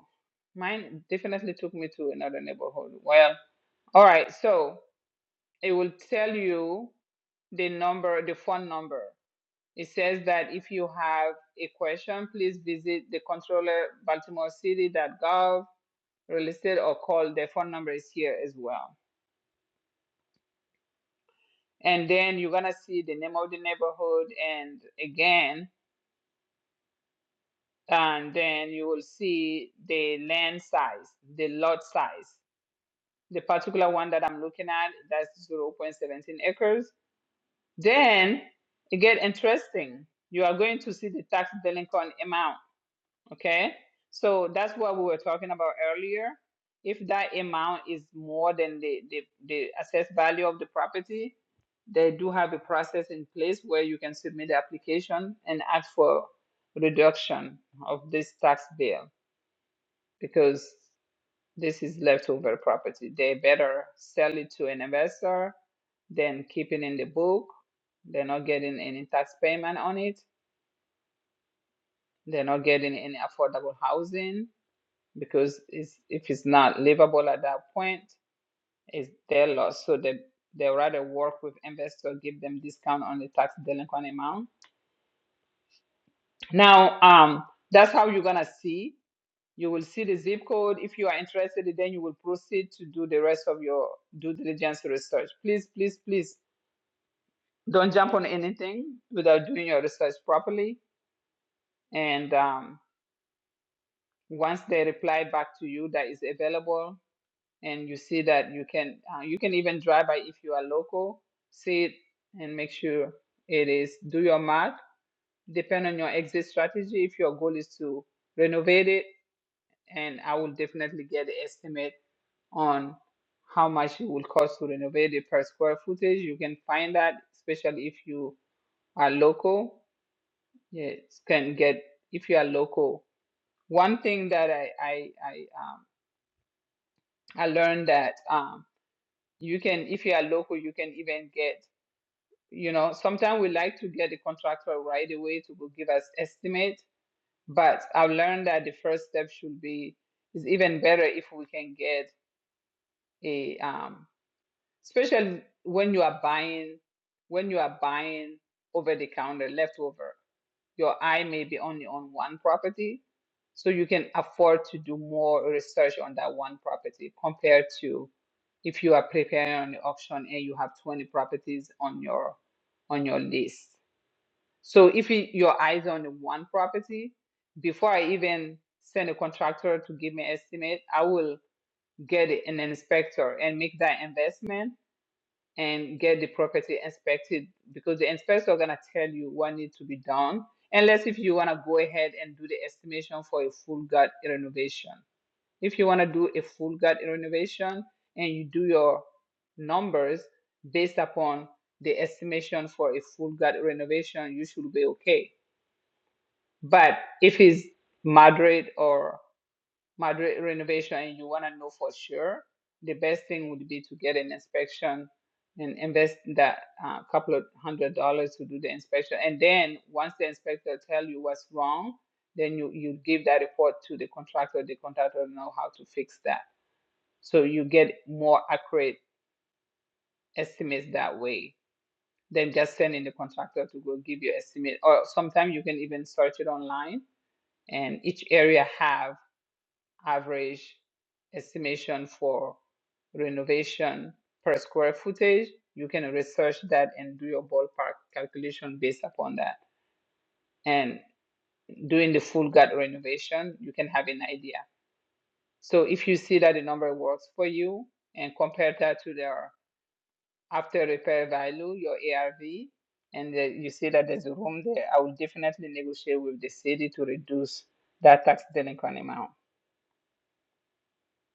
[SPEAKER 1] mine definitely took me to another neighborhood. Well, all right. So it will tell you. the number, the phone number. It says that if you have a question, please visit the controller baltimorecity.gov real estate or call. The phone number is here as well. And then you're gonna see the name of the neighborhood and again, and then you will see the land size, the lot size. The particular one that I'm looking at, that's 0.17 acres. Then it get interesting. You are going to see the tax delinquent amount Okay, so that's what we were talking about earlier. If that amount is more than the, the, the assessed value of the property, they do have a process in place where you can submit the application and ask for reduction of this tax bill because this is leftover property. They better sell it to an investor than keep it in the book. They're not getting any tax payment on it. They're not getting any affordable housing because it's, if it's not livable at that point, it's their loss. So they they rather work with investors, give them discount on the tax delinquent amount. Now, um, that's how you're gonna see. You will see the zip code. If you are interested, then you will proceed to do the rest of your due diligence research. Please, please, please don't jump on anything without doing your research properly. And um, once they reply back to you that is available, and you see that you can uh, you can even drive by if you are local see it and make sure it is do your math depend on your exit strategy if your goal is to renovate it and i will definitely get the estimate on how much it will cost to renovate it per square footage you can find that especially if you are local yes can get if you are local one thing that i i i um, i learned that um you can if you are local you can even get You know, sometimes we like to get the contractor right away to go give us estimate, but I've learned that the first step should be is even better if we can get a um, especially when you are buying when you are buying over the counter leftover, your eye may be only on one property, so you can afford to do more research on that one property compared to if you are preparing on the auction and you have 20 properties on your on your list so if you, your eyes on one property, before I even send a contractor to give me an estimate, I will get an inspector and make that investment and get the property inspected because the inspector gonna tell you what needs to be done. Unless if you wanna go ahead and do the estimation for a full gut renovation. If you wanna do a full gut renovation and you do your numbers based upon the estimation for a full gut renovation, you should be okay but if it's Madrid or Madrid renovation and you want to know for sure, the best thing would be to get an inspection and invest that uh, couple of hundred dollars to do the inspection. And then once the inspector tell you what's wrong, then you, you give that report to the contractor. The contractor know how to fix that. So you get more accurate estimates that way than just sending the contractor to go give you estimate. Or sometimes you can even search it online and each area have average estimation for renovation per square footage, you can research that and do your ballpark calculation based upon that. And doing the full gut renovation, you can have an idea. So if you see that the number works for you and compare that to their after repair value, your ARV, and then you see that there's a room there, I will definitely negotiate with the city to reduce that tax delinquent amount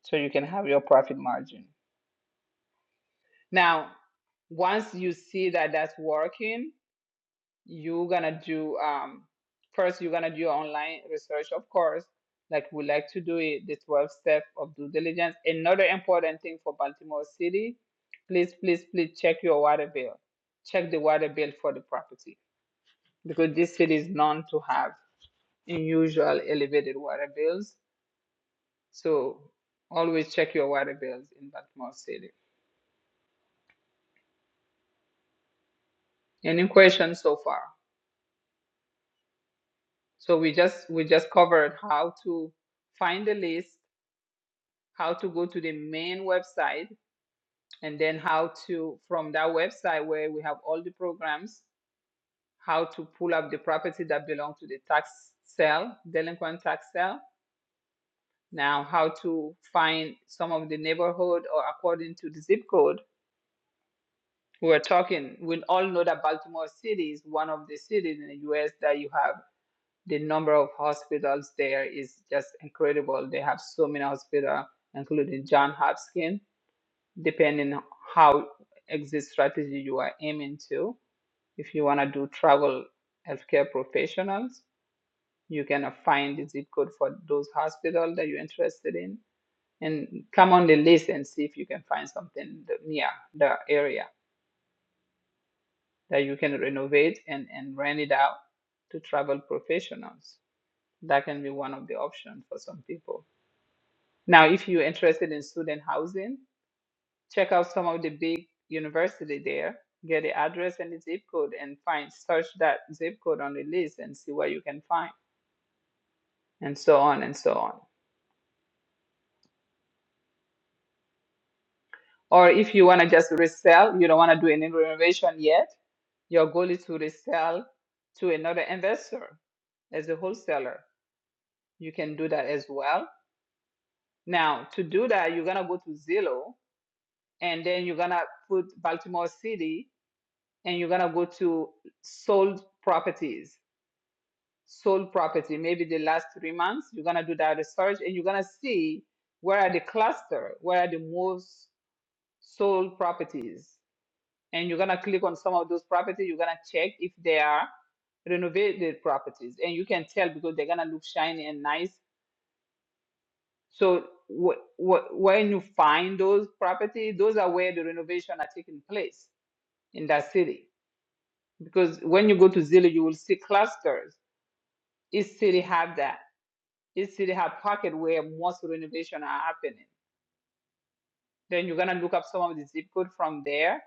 [SPEAKER 1] so you can have your profit margin. Now, once you see that that's working, you're gonna do um, first you're gonna do your online research, of course, like we like to do it, the 12 step of due diligence. Another important thing for Baltimore City, please, please, please check your water bill. Check the water bill for the property because this city is known to have unusual elevated water bills. So always check your water bills in Baltimore City. Any questions so far? So we just we just covered how to find the list, how to go to the main website, and then how to from that website where we have all the programs, how to pull up the property that belong to the tax sale, delinquent tax sale. Now how to find some of the neighborhood or according to the zip code. We're talking, we all know that Baltimore City is one of the cities in the US that you have the number of hospitals there is just incredible. They have so many hospitals, including John Hopkins, depending on how exit strategy you are aiming to. If you want to do travel healthcare professionals, you can uh, find the zip code for those hospitals that you're interested in. And come on the list and see if you can find something th- near the area that you can renovate and, and rent it out to travel professionals. That can be one of the options for some people. Now, if you're interested in student housing, check out some of the big university there. Get the address and the zip code and find search that zip code on the list and see what you can find and so on and so on. Or if you want to just resell, you don't want to do any renovation yet, your goal is to resell to another investor as a wholesaler. You can do that as well. Now, to do that, you're going to go to Zillow and then you're going to put Baltimore City and you're gonna go to sold properties, sold property, maybe the last three months, you're gonna do that research and you're gonna see where are the cluster, where are the most sold properties. And you're gonna click on some of those properties, you're gonna check if they are renovated properties. And you can tell because they're gonna look shiny and nice. So what what when you find those properties, those are where the renovation are taking place in that city. Because when you go to Zillow, you will see clusters Each city have that. Each city have pocket where most renovation are happening. Then you're gonna look up some of the zip code from there,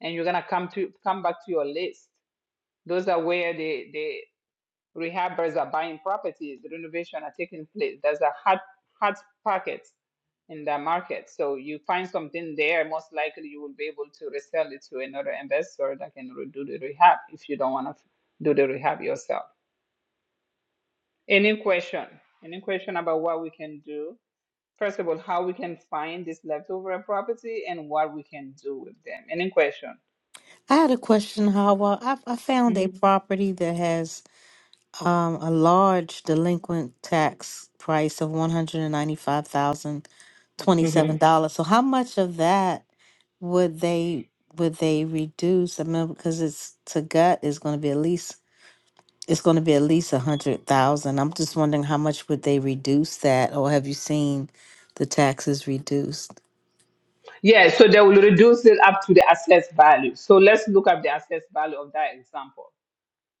[SPEAKER 1] and you're gonna come to come back to your list. Those are where the the rehabbers are buying properties. The renovation are taking place. There's a hot hot pockets in that market. So you find something there, most likely you will be able to resell it to another investor that can do the rehab if you don't want to do the rehab yourself. Any question? Any question about what we can do? first of all, how we can find this leftover property and what we can do with them. Any question?
[SPEAKER 7] I had a question, Howard. I, I found
[SPEAKER 1] hmm
[SPEAKER 7] a property that has Um, a large delinquent tax price of one hundred and ninety-five thousand
[SPEAKER 1] hmm
[SPEAKER 7] twenty-seven dollars. So how much of that would they would they reduce? I mean, because it's to gut is going to be at least it's going to be at least a hundred thousand. I'm just wondering how much would they reduce that, or have you seen the taxes reduced?
[SPEAKER 1] Yeah, so they will reduce it up to the assessed value. So let's look up the assessed value of that example.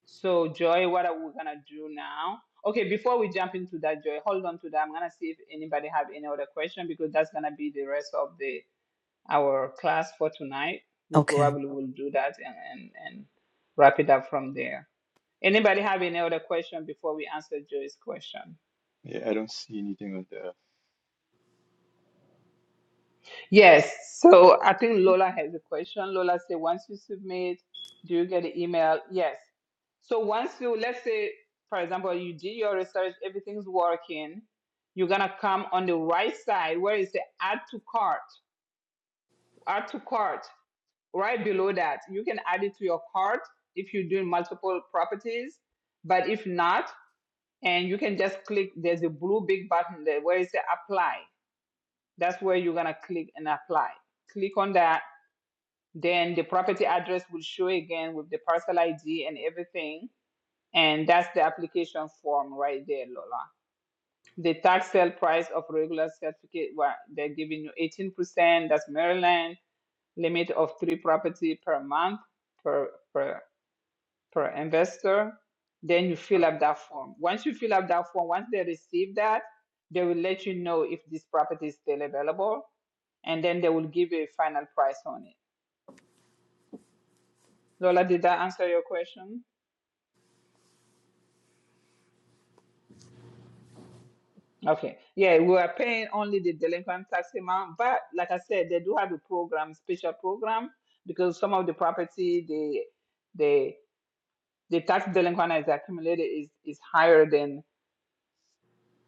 [SPEAKER 1] So, Joy, what are we gonna do now? Okay, before we jump into that, Joy, hold on to that. I'm gonna see if anybody have any other question because that's gonna be the rest of the our class for tonight. We
[SPEAKER 7] Okay,
[SPEAKER 1] probably will do that and and, and wrap it up from there. Anybody have any other question before we answer Joy's question?
[SPEAKER 11] Yeah, I don't see anything on the.
[SPEAKER 1] Yes. So I think Lola has a question. Lola said, once you submit, do you get an email? Yes. So once you, let's say, for example, you did your research, everything's working, you're gonna come on the right side where it says add to cart, add to cart. Right below that, you can add it to your cart if you're doing multiple properties. But if not, and you can just click, there's a blue big button there where it says apply That's where you're gonna click and apply. Click on that. Then the property address will show again with the parcel ID and everything. And that's the application form right there, Lola. The tax sale price of regular certificate, well, they're giving you 18%. That's Maryland. Limit of three property per month per per per investor. Then you fill up that form. Once you fill up that form, once they receive that, they will let you know if this property is still available and then they will give you a final price on it. Lola, did that answer your question? Okay. Yeah, we are paying only the delinquent tax amount, but like I said, they do have a program, special program, because some of the property the the the tax delinquent is accumulated is is higher than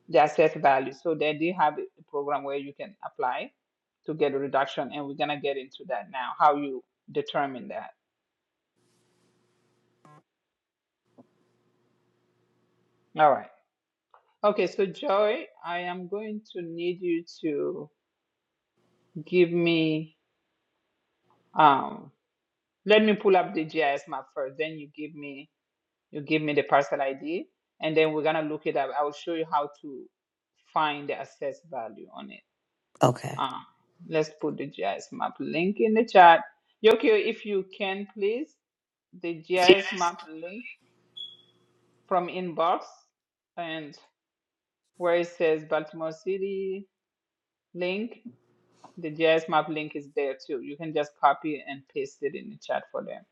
[SPEAKER 1] the assessed value. So they do have a program where you can apply to get a reduction, and we're gonna get into that now. How you determine that? All right. Okay, so Joy, I am going to need you to give me um let me pull up the GIS map first, then you give me you give me the parcel ID and then we're gonna look it up. I will show you how to find the assessed value on it.
[SPEAKER 7] okay,
[SPEAKER 1] Um let's put the GIS map link in the chat. Yokio, if you can please, the GIS map link from inbox and where it says Baltimore City link, the GIS map link is there too. You can just copy and paste it in the chat for them.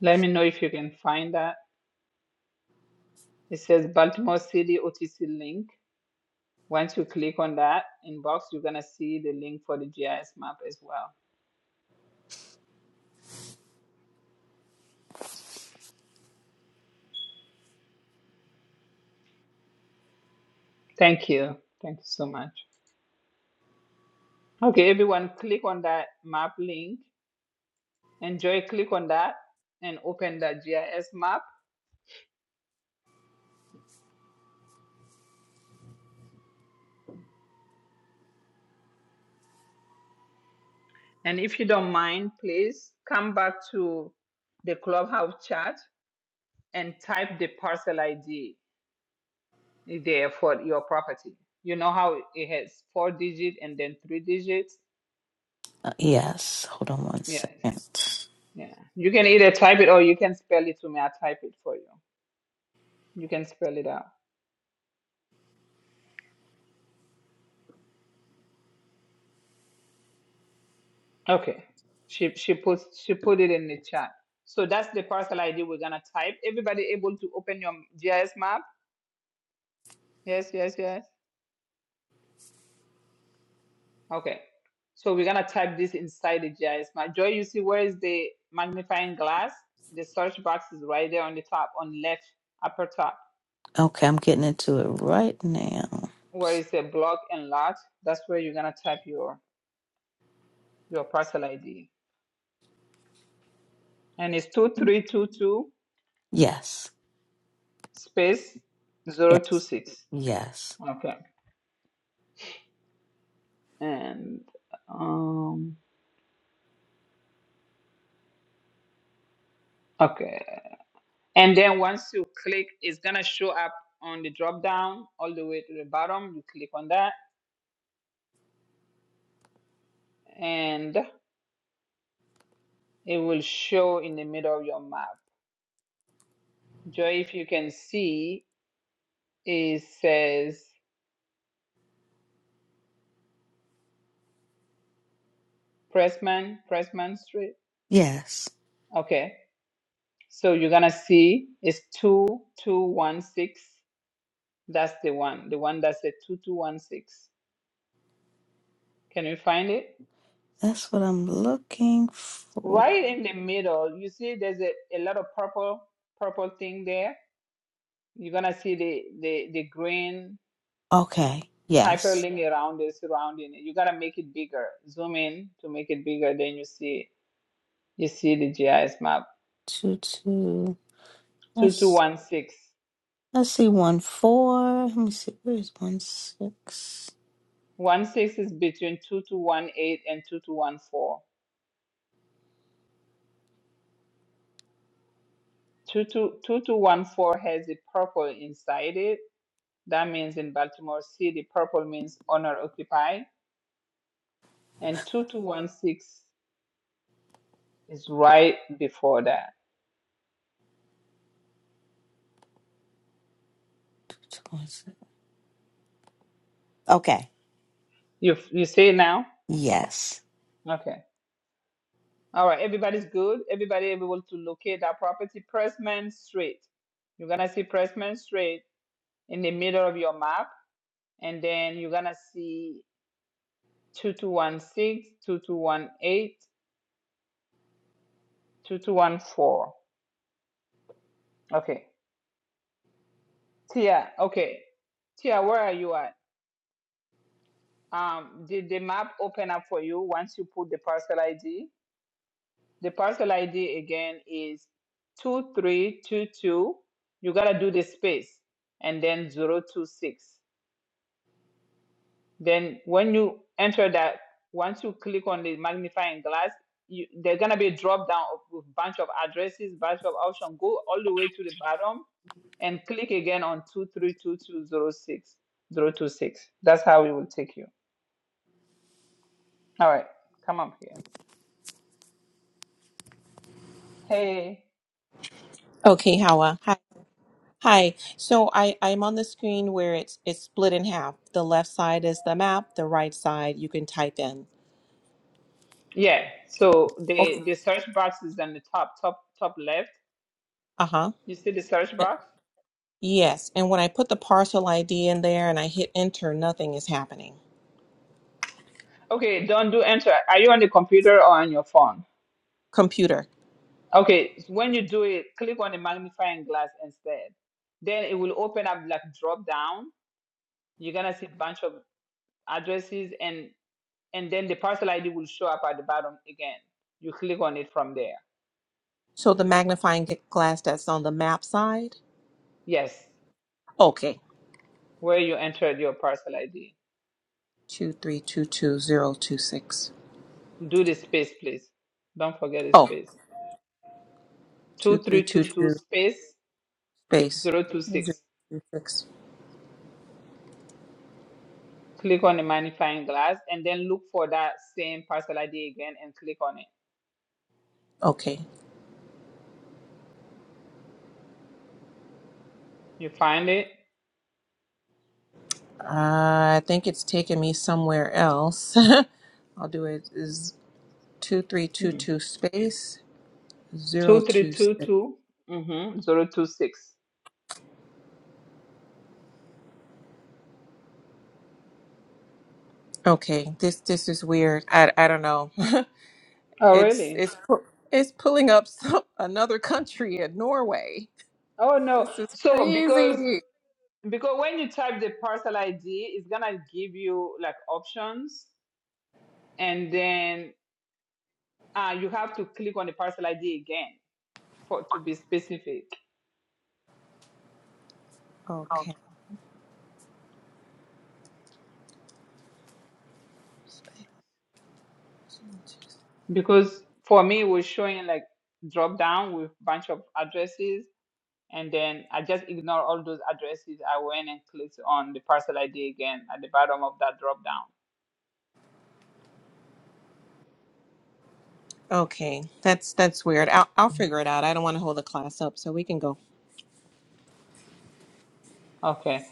[SPEAKER 1] Let me know if you can find that. It says Baltimore City OTC link. Once you click on that inbox, you're going to see the link for the GIS map as well. Thank you. Thank you so much. Okay, everyone, click on that map link. Enjoy, click on that and open that GIS map. And if you don't mind, please come back to the clubhouse chat and type the parcel ID there for your property. You know how it has four digits and then three digits?
[SPEAKER 7] Uh, yes. Hold on one
[SPEAKER 1] Yeah,
[SPEAKER 7] second.
[SPEAKER 1] yeah. You can either type it or you can spell it to me. I'll type it for you. You can spell it out. Okay. She she puts she put it in the chat. So that's the parcel ID we're gonna type. Everybody able to open your GIS map? Yes, yes, yes. Okay. So we're gonna type this inside the GIS map. Joy, you see where is the magnifying glass? The search box is right there on the top, on left upper top,
[SPEAKER 7] Okay, I'm getting into it right now.
[SPEAKER 1] where is the block and lot. That's where you're gonna type your your parcel ID. and it's 2322
[SPEAKER 7] Yes.
[SPEAKER 1] space zero two
[SPEAKER 7] Yes.
[SPEAKER 1] six.
[SPEAKER 7] Yes.
[SPEAKER 1] Okay. And um okay. And then once you click, it's gonna show up on the drop down all the way to the bottom. You click on that and it will show in the middle of your map. Joy, if you can see, it says Pressman, Pressman Street.
[SPEAKER 7] Yes.
[SPEAKER 1] Okay. So you're gonna see it's two two one six. That's the one, the one that said two two one six. Can you find it?
[SPEAKER 7] That's what I'm looking for.
[SPEAKER 1] Right in the middle, you see there's a, a lot of purple purple thing there. You're gonna see the the, the green
[SPEAKER 7] Okay. Yes.
[SPEAKER 1] hyperlink around it, surrounding it. You gotta make it bigger. Zoom in to make it bigger, then you see you see the GIS map.
[SPEAKER 7] Two two.
[SPEAKER 1] Two two
[SPEAKER 7] Let's
[SPEAKER 1] one six.
[SPEAKER 7] let's see one four. Let me see. Where is one six?
[SPEAKER 1] One six is between two two one eight and two two one four. Two two two two one four has the purple inside it. That means in Baltimore City, purple means owner occupied and 2216 It's right before that.
[SPEAKER 7] Two two one six. Okay.
[SPEAKER 1] You you see it now?
[SPEAKER 7] Yes.
[SPEAKER 1] Okay. All right. Everybody's good. Everybody able to locate that property. Pressman Street. You're gonna see Pressman Street in the middle of your map, and then you're gonna see 2216, 2218, 2214. Okay. Tia, okay. Tia, where are you at? Um, did the map open up for you once you put the parcel ID? The parcel ID again is 2322. You got to do the space and then zero two six. Then when you enter that, once you click on the magnifying glass, you, there's going to be a drop down of with bunch of addresses, bunch of options. Go all the way to the bottom and click again on two three two two zero six zero two six. That's how it will take you. All right, come up here. Hey.
[SPEAKER 12] Okay, Hawa. Hi. Hi. So I, I'm on the screen where it's it's split in half. The left side is the map, the right side you can type in.
[SPEAKER 1] Yeah, so
[SPEAKER 12] Okay.
[SPEAKER 1] the the search box is on the top, top, top left.
[SPEAKER 12] Uh-huh.
[SPEAKER 1] You see the search
[SPEAKER 12] Uh,
[SPEAKER 1] box?
[SPEAKER 12] Yes. And when I put the parcel ID in there and I hit enter, nothing is happening.
[SPEAKER 1] Okay, don't do enter. Are you on the computer or on your phone?
[SPEAKER 12] Computer.
[SPEAKER 1] Okay, so when you do it, click on the magnifying glass instead. Then it will open up like drop down. You're gonna see a bunch of addresses and and then the parcel ID will show up at the bottom again. You click on it from there.
[SPEAKER 12] So the magnifying g- glass that's on the map side.
[SPEAKER 1] Yes,
[SPEAKER 12] Okay.
[SPEAKER 1] where you entered your parcel ID.
[SPEAKER 12] Two three two two zero two six.
[SPEAKER 1] Do the space, please. Don't forget the
[SPEAKER 12] Oh,
[SPEAKER 1] space.
[SPEAKER 12] two
[SPEAKER 1] Two
[SPEAKER 12] three
[SPEAKER 1] three
[SPEAKER 12] two
[SPEAKER 1] two two
[SPEAKER 12] two
[SPEAKER 1] space
[SPEAKER 12] space
[SPEAKER 1] zero two
[SPEAKER 12] zero
[SPEAKER 1] six.
[SPEAKER 12] two six.
[SPEAKER 1] click on the magnifying glass and then look for that same parcel ID again and click on it.
[SPEAKER 12] Okay.
[SPEAKER 1] You find it?
[SPEAKER 12] I think it's taking me somewhere else. [LAUGHS] I'll do it is
[SPEAKER 1] Mm.
[SPEAKER 12] 2322 space
[SPEAKER 1] Two three
[SPEAKER 12] 026.
[SPEAKER 1] two two mm-hmm. zero two six.
[SPEAKER 12] Okay, this this is weird. I I don't know. [LAUGHS]
[SPEAKER 1] Oh
[SPEAKER 12] It's
[SPEAKER 1] really?
[SPEAKER 12] it's pu- it's pulling up [LAUGHS] some, another country in Norway.
[SPEAKER 1] Oh no.
[SPEAKER 12] This is
[SPEAKER 1] So because
[SPEAKER 12] crazy.
[SPEAKER 1] because when you type the parcel ID, it's gonna give you like options and then uh, you have to click on the parcel ID again for to be specific.
[SPEAKER 12] Okay. space 026.
[SPEAKER 1] Because for me it was showing like drop down with bunch of addresses and then I just ignore all those addresses. I went and clicked on the parcel ID again at the bottom of that drop down.
[SPEAKER 12] Okay, that's that's weird. I'll I'll figure it out. I don't want to hold the class up, so we can go.
[SPEAKER 1] Okay.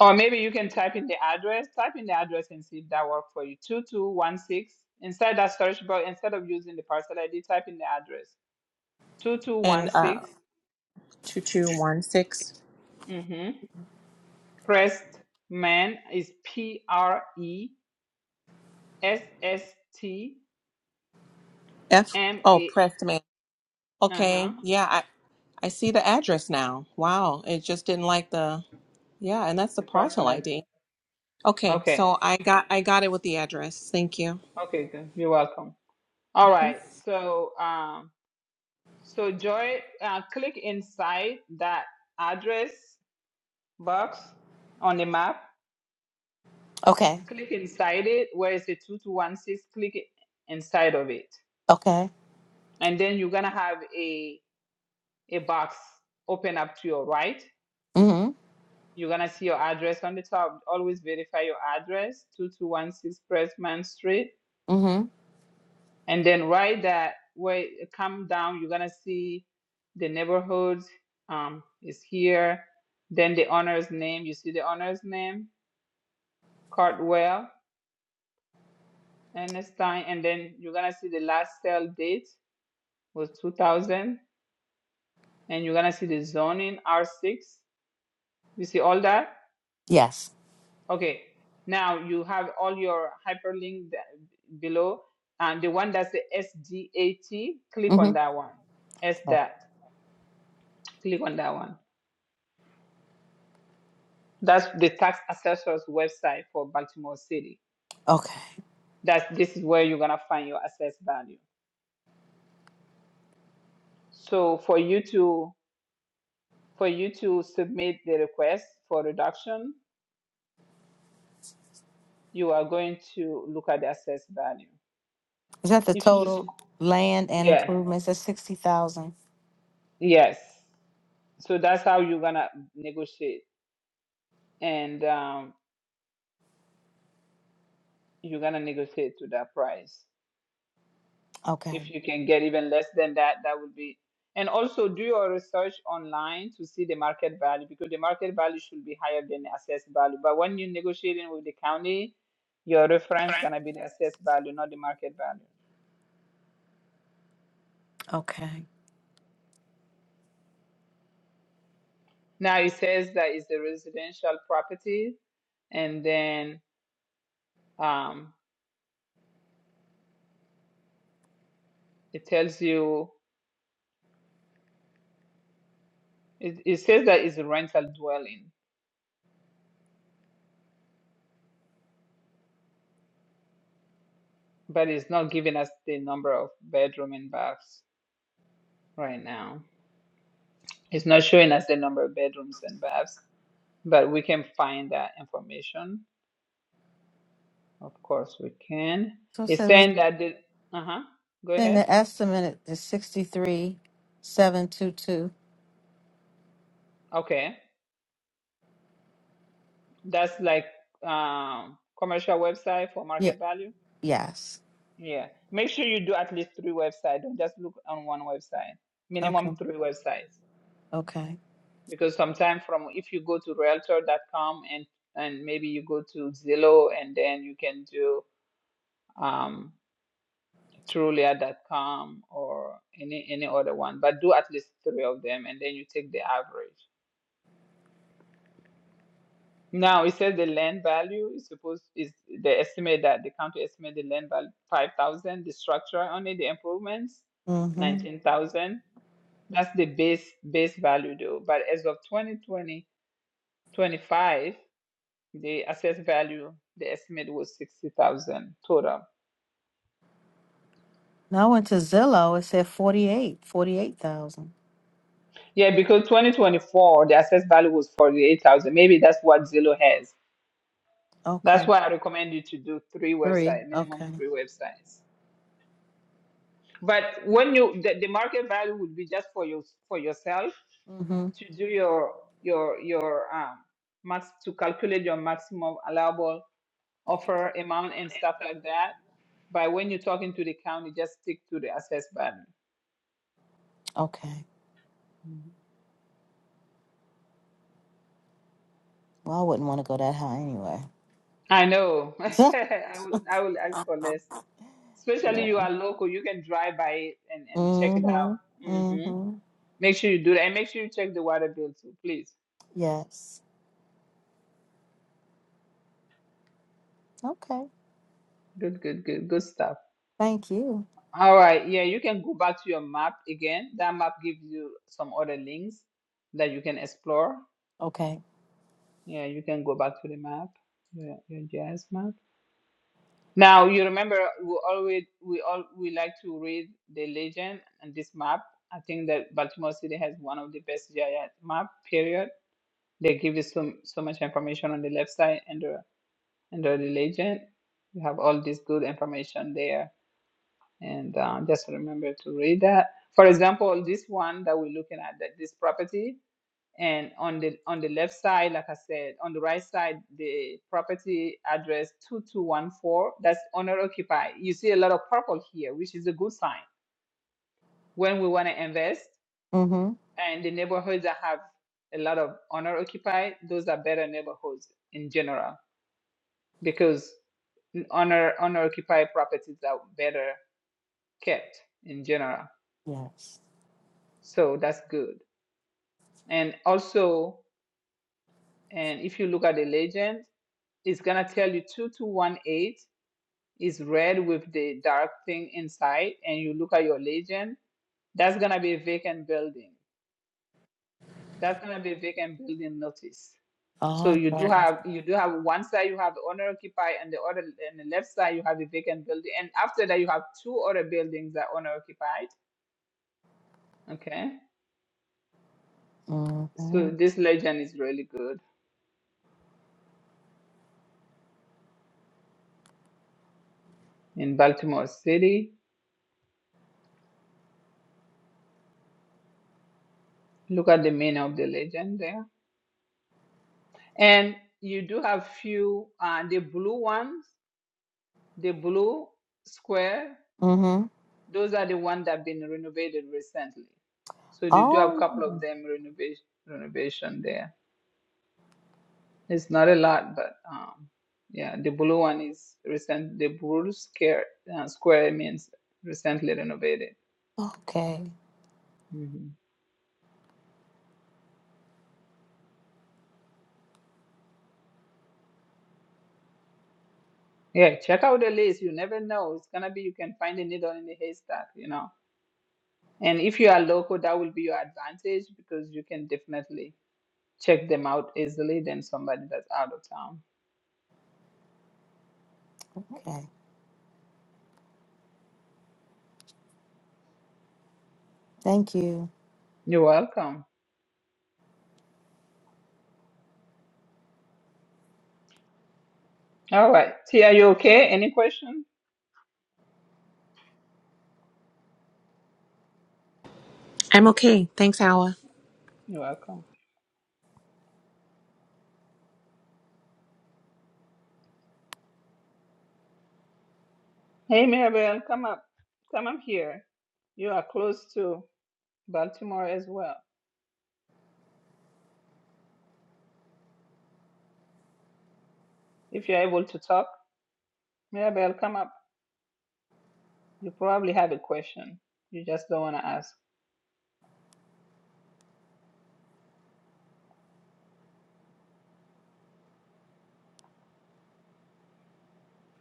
[SPEAKER 1] Or maybe you can type in the address. Type in the address and see if that works for you. 2216. Inside that search bar, instead of using the parcel ID, type in the address.
[SPEAKER 12] And uh
[SPEAKER 1] 2216.
[SPEAKER 12] 2216
[SPEAKER 1] Mm-hmm. Prestman is P R E S S T
[SPEAKER 12] F.
[SPEAKER 1] M
[SPEAKER 12] Oh,
[SPEAKER 1] A.
[SPEAKER 12] pressed
[SPEAKER 1] Uh huh.
[SPEAKER 12] Okay, yeah, I, I see the address now. Wow, it just didn't like the yeah, and that's the
[SPEAKER 1] The
[SPEAKER 12] parcel
[SPEAKER 1] parcel ID.
[SPEAKER 12] ID. Okay,
[SPEAKER 1] Okay.
[SPEAKER 12] so I got I got it with the address. Thank you.
[SPEAKER 1] Okay, good. You're welcome. All
[SPEAKER 12] hmm
[SPEAKER 1] right. So, um, So Joy, uh, click inside that address box on the map.
[SPEAKER 7] Okay.
[SPEAKER 1] Click inside it where is the 2216. Click it inside of it.
[SPEAKER 7] Okay.
[SPEAKER 1] And then you're going to have a, a box open up to your right.
[SPEAKER 7] Mm-hmm.
[SPEAKER 1] You're going to see your address on the top. Always verify your address, 2216 Pressman Street.
[SPEAKER 7] Mm-hmm.
[SPEAKER 1] and then right that way come down you're gonna see the neighborhood um, is here then the owner's name you see the owner's name cartwell Ernestine, and then you're gonna see the last sale date was 2000 and you're gonna see the zoning r6 you see all that
[SPEAKER 7] Yes.
[SPEAKER 1] okay now you have all your hyperlink that- below and the one that's the sdat click
[SPEAKER 7] Mm-hmm.
[SPEAKER 1] on that one SDAT, click on that one That's the tax assessor's website for Baltimore City.
[SPEAKER 7] Okay.
[SPEAKER 1] That's this is where you're gonna find your assessed value. So for you to for you to submit the request for reduction, you are going to look at the assessed value.
[SPEAKER 7] Is that the
[SPEAKER 1] If you s-
[SPEAKER 7] total land and
[SPEAKER 1] yeah
[SPEAKER 7] improvements? That's sixty thousand.
[SPEAKER 1] yes, so that's how you're gonna negotiate, and um, you're gonna negotiate to that price.
[SPEAKER 7] Okay.
[SPEAKER 1] if you can get even less than that that would be and also do your research online to see the market value because the market value should be higher than the assessed value but when you're negotiating with the county your reference gonna be the assessed value not the market value
[SPEAKER 7] Okay.
[SPEAKER 1] now it says that it's a residential property and then um, it tells you it, it says that it's a rental dwelling but it's not giving us the number of bedroom and baths right now It's not showing us the number of bedrooms and baths, but we can find that information. Of course, we can.
[SPEAKER 7] So it
[SPEAKER 1] It's
[SPEAKER 7] says
[SPEAKER 1] saying that the uh-huh. Go
[SPEAKER 7] Saying
[SPEAKER 1] ahead.
[SPEAKER 7] the estimate is sixty-three, seven two two.
[SPEAKER 1] Okay. That's like um commercial website for
[SPEAKER 7] Yeah,
[SPEAKER 1] market value.
[SPEAKER 7] yes.
[SPEAKER 1] Yeah. Make sure you do at least three websites. Don't just look on one website.
[SPEAKER 7] Okay,
[SPEAKER 1] Minimum three websites.
[SPEAKER 7] okay.
[SPEAKER 1] Because sometimes from if you go to realtor.com and and maybe you go to Zillow and then you can do um. Trulia dot com or any any other one, but do at least three of them, and then you take the average. Now it says the land value is supposed is the estimate that the county estimate the land value five thousand, the structure on it, the improvements
[SPEAKER 7] Mm-hmm.
[SPEAKER 1] nineteen thousand. That's the base base value though. But as of 2020 25, the assessed value the estimate was sixty thousand total.
[SPEAKER 7] Now I went to Zillow, it said forty-eight, forty-eight thousand.
[SPEAKER 1] Yeah, because 2024 the assessed value was forty eight thousand. Maybe that's what Zillow has That's
[SPEAKER 7] Okay,
[SPEAKER 1] why I recommend you to do three
[SPEAKER 7] three,
[SPEAKER 1] websites, minimum
[SPEAKER 7] okay.
[SPEAKER 1] three websites. But when you the, the market value would be just for you for yourself
[SPEAKER 7] Mm-hmm,
[SPEAKER 1] to do your your your um max to calculate your maximum allowable offer amount and stuff like that. But when you're talking to the county, just stick to the assess button.
[SPEAKER 7] okay.
[SPEAKER 1] Mhm.
[SPEAKER 7] Well, I wouldn't want to go that high anyway.
[SPEAKER 1] I know. [LAUGHS] I will I will ask for less.
[SPEAKER 7] [LAUGHS]
[SPEAKER 1] Especially
[SPEAKER 7] Yeah.
[SPEAKER 1] you are local, you can drive by it and, and check it out.
[SPEAKER 7] Mm-hmm,
[SPEAKER 1] hmm
[SPEAKER 7] mm-hmm,
[SPEAKER 1] Make sure you do that and make sure you check the water bill too, please.
[SPEAKER 7] yes. Okay,
[SPEAKER 1] Good, good, good, good stuff.
[SPEAKER 7] thank you.
[SPEAKER 1] All right, yeah, you can go back to your map again. That map gives you some other links that you can explore.
[SPEAKER 7] Okay.
[SPEAKER 1] Yeah, you can go back to the map, your, your jazz map. Now you remember we always we all we like to read the legend and this map. I think that Baltimore City has one of the best GIS map. Period. They give you so so much information on the left side under under the legend. You have all this good information there and uh, just remember to read that. For example, this one that we're looking at, that this property, and on the on the left side, like I said, on the right side, the property address two two one four. That's owner occupied. You see a lot of purple here, which is a good sign when we want to invest.
[SPEAKER 7] Mm-hmm,
[SPEAKER 1] And the neighborhoods that have a lot of owner occupied, those are better neighborhoods in general because owner owner occupied properties are better kept in general.
[SPEAKER 7] yes.
[SPEAKER 1] So that's good. And also, and if you look at the legend, it's gonna tell you 2218 is red with the dark thing inside, and you look at your legend, that's gonna be a vacant building. That's gonna be a vacant building notice. So you
[SPEAKER 7] Okay.
[SPEAKER 1] do have you do have one side you have owner occupied and the other and the left side you have a vacant building and after that you have two other buildings that owner occupied. Okay.
[SPEAKER 7] Mm-hmm,
[SPEAKER 1] So this legend is really good in Baltimore City. Look at the meaning of the legend there. And you do have few, uh, the blue ones, the blue square,
[SPEAKER 7] mm-hmm.
[SPEAKER 1] those are the ones that have been renovated recently. So you do have a couple
[SPEAKER 7] Oh.
[SPEAKER 1] of them renovation renovation there. It's not a lot, but um, yeah, the blue one is recent. The blue square uh, square means recently renovated.
[SPEAKER 7] Okay.
[SPEAKER 1] hmm Yeah, check out the list. You never know. It's gonna be you can find a needle in the haystack, you know. And if you are local, that will be your advantage because you can definitely check them out easily than somebody that's out of town.
[SPEAKER 7] Okay. Thank you.
[SPEAKER 1] You're welcome. All right. T, are you okay? Any question?
[SPEAKER 12] I'm okay. Thanks, Howard.
[SPEAKER 1] You're welcome. Hey, Mirabel, come up. Come up here. You are close to Baltimore as well. If you're able to talk, Mirabel, come up. You probably have a question. You just don't want to ask.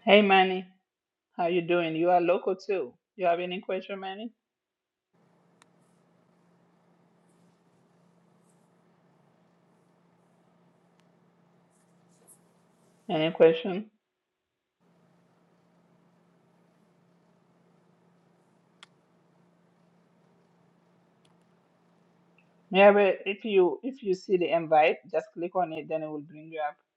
[SPEAKER 1] Hey, Manny, how you doing? You are local too. You have any question, Manny? Any question? Mirabel, if you if you see the invite, just click on it. Then it will bring you up.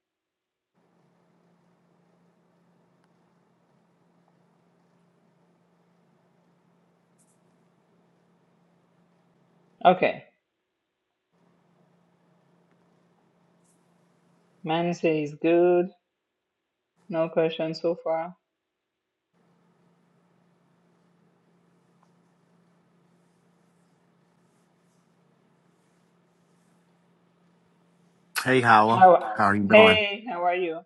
[SPEAKER 1] Okay. Mine says good. No question so far.
[SPEAKER 13] Hey, Howell. How
[SPEAKER 1] How?
[SPEAKER 13] are you doing?
[SPEAKER 1] Hey, how are you?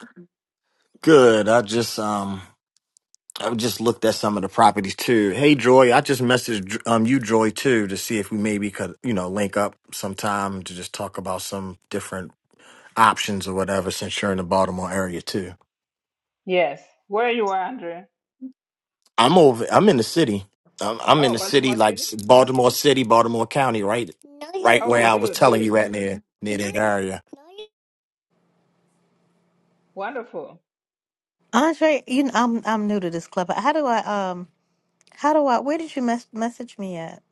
[SPEAKER 13] Good. I just um I just looked at some of the properties too. Hey Joy, I just messaged um you Joy too to see if we maybe could, you know, link up sometime to just talk about some different options or whatever since you're in the Baltimore area too.
[SPEAKER 1] Yes. Where you are, Andre?
[SPEAKER 13] I'm over I'm in the city. I'm, I'm in
[SPEAKER 1] Oh,
[SPEAKER 13] the city
[SPEAKER 1] Baltimore
[SPEAKER 13] like
[SPEAKER 1] City.
[SPEAKER 13] s- Baltimore City, Baltimore County, right? right where
[SPEAKER 1] Okay,
[SPEAKER 13] I was
[SPEAKER 1] good,
[SPEAKER 13] telling
[SPEAKER 1] good,
[SPEAKER 13] you at near near that area.
[SPEAKER 1] wonderful.
[SPEAKER 7] Andre, you know, I'm I'm new to this club. How do I um how do I where did you mes- message me at?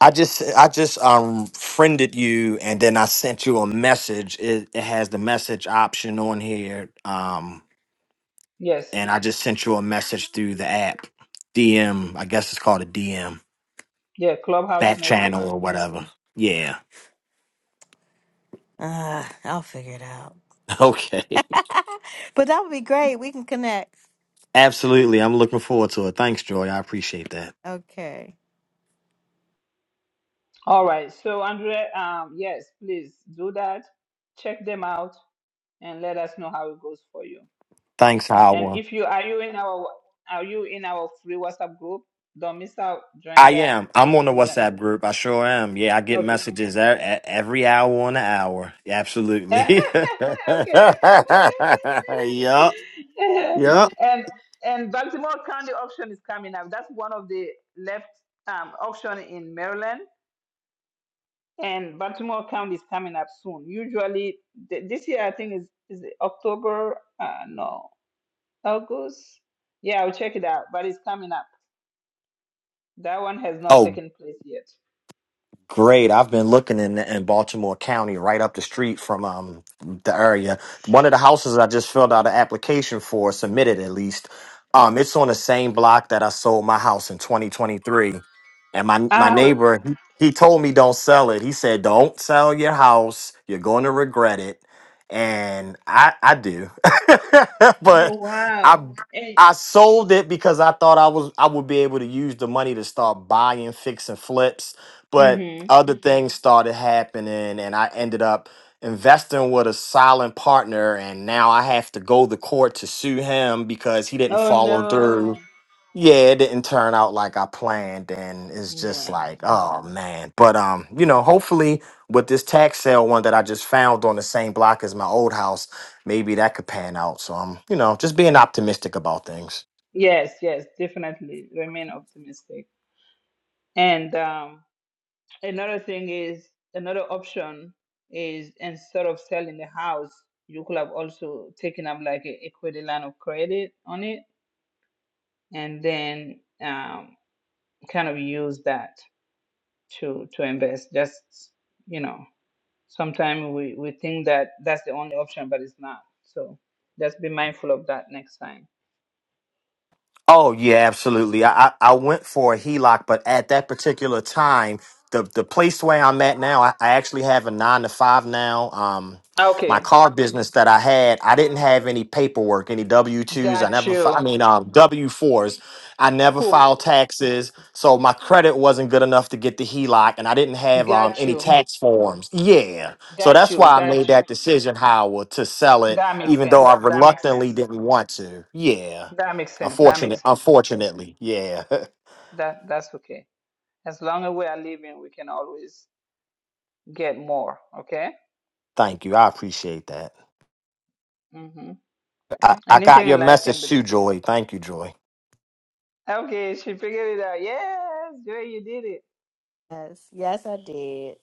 [SPEAKER 13] I just I just um friended you and then I sent you a message. It, it has the message option on here. Um
[SPEAKER 1] Yes.
[SPEAKER 13] and I just sent you a message through the app. DM, I guess it's called a DM,
[SPEAKER 1] Yeah. Clubhouse
[SPEAKER 13] back
[SPEAKER 1] message.
[SPEAKER 13] channel or whatever. Yeah. [LAUGHS]
[SPEAKER 7] Uh, I'll figure it out.
[SPEAKER 13] Okay.
[SPEAKER 7] [LAUGHS] but that would be great. We can connect.
[SPEAKER 13] Absolutely. I'm looking forward to it. Thanks, Joy. I appreciate that.
[SPEAKER 7] Okay.
[SPEAKER 1] All right. So, Andre, um, yes, please do that. Check them out and let us know how it goes for you.
[SPEAKER 13] Thanks,
[SPEAKER 1] And
[SPEAKER 13] Howard.
[SPEAKER 1] if you are you in our are you in our free WhatsApp group? Don't miss out. Join
[SPEAKER 13] I
[SPEAKER 1] that.
[SPEAKER 13] am. I'm on the
[SPEAKER 1] We got-
[SPEAKER 13] WhatsApp group. I sure am. Yeah, I get
[SPEAKER 1] Okay.
[SPEAKER 13] messages e- e- every hour on the hour.
[SPEAKER 1] [LAUGHS]
[SPEAKER 13] Absolutely.
[SPEAKER 1] okay.
[SPEAKER 13] [LAUGHS] yup. Yeah.
[SPEAKER 1] and and Baltimore County auction is coming up. That's one of the left um, auction in Maryland, and Baltimore County is coming up soon. Usually, th- this year I think is is it October. Uh, no, August. Yeah, I'll check it out. But it's coming up. That one has not
[SPEAKER 13] Oh,
[SPEAKER 1] taken place yet.
[SPEAKER 13] Great. I've been looking in in Baltimore County, right up the street from um the area. One of the houses I just filled out an application for, submitted at least. Um, it's on the same block that I sold my house in 2023, and my my
[SPEAKER 1] Oh,
[SPEAKER 13] neighbor he he told me don't sell it. He said don't sell your house. You're going to regret it, and I I do, [LAUGHS]
[SPEAKER 1] oh
[SPEAKER 13] but
[SPEAKER 1] wow.
[SPEAKER 13] I
[SPEAKER 1] And,
[SPEAKER 13] I sold it because I thought I was I would be able to use the money to start buying, fixing flips. But
[SPEAKER 1] hmm
[SPEAKER 13] other things started happening and I ended up investing with a silent partner and now I have to go to court to sue him because he didn't
[SPEAKER 1] Oh
[SPEAKER 13] follow through.
[SPEAKER 1] no.
[SPEAKER 13] Yeah, it didn't turn out like I planned and it's just
[SPEAKER 1] Yeah.
[SPEAKER 13] like, oh man. But um, you know, hopefully with this tax sale one that I just found on the same block as my old house, maybe that could pan out. So I'm, you know, just being optimistic about things.
[SPEAKER 1] Yes, yes, definitely remain optimistic. And um, another thing is another option is instead of selling the house, you could have also taken up like a equity line of credit on it, and then um, kind of use that to to invest. Just you know, sometimes we we think that that's the only option, but it's not. So just be mindful of that next time.
[SPEAKER 13] Oh yeah, absolutely. I, I I went for a HELOC, but at that particular time, the the place where I'm at now, I, I actually have a nine to five now. Um, my
[SPEAKER 1] Okay,
[SPEAKER 13] car business that I had, I didn't have any paperwork, any W twos. I
[SPEAKER 1] got
[SPEAKER 13] never, fi-
[SPEAKER 1] you.
[SPEAKER 13] I mean, um, W fours. I never filed
[SPEAKER 1] Cool,
[SPEAKER 13] taxes, so my credit wasn't good enough to get the HELOC, and I didn't have um
[SPEAKER 1] got
[SPEAKER 13] any
[SPEAKER 1] you.
[SPEAKER 13] tax forms. Yeah, so
[SPEAKER 1] Got
[SPEAKER 13] that's
[SPEAKER 1] you.
[SPEAKER 13] why I
[SPEAKER 1] That
[SPEAKER 13] made
[SPEAKER 1] you.
[SPEAKER 13] that decision, Howard, to sell it,
[SPEAKER 1] That makes
[SPEAKER 13] even though
[SPEAKER 1] sense.
[SPEAKER 13] I
[SPEAKER 1] That makes
[SPEAKER 13] reluctantly
[SPEAKER 1] sense.
[SPEAKER 13] didn't want to. Yeah.
[SPEAKER 1] That makes sense. That
[SPEAKER 13] Unfortunate,
[SPEAKER 1] makes sense.
[SPEAKER 13] unfortunately, yeah.
[SPEAKER 1] That that's okay. As long as we are living, we can always get more. Okay.
[SPEAKER 13] [LAUGHS] Thank you. I appreciate that.
[SPEAKER 1] hmm
[SPEAKER 13] I, I got
[SPEAKER 1] Anything
[SPEAKER 13] your
[SPEAKER 1] in life can
[SPEAKER 13] message
[SPEAKER 1] be
[SPEAKER 13] too,
[SPEAKER 1] replaced.
[SPEAKER 13] Joy. Thank you, Joy.
[SPEAKER 1] Okay, she figured it out. Yes, Joy, you did it.
[SPEAKER 7] Yes. Yes, I did.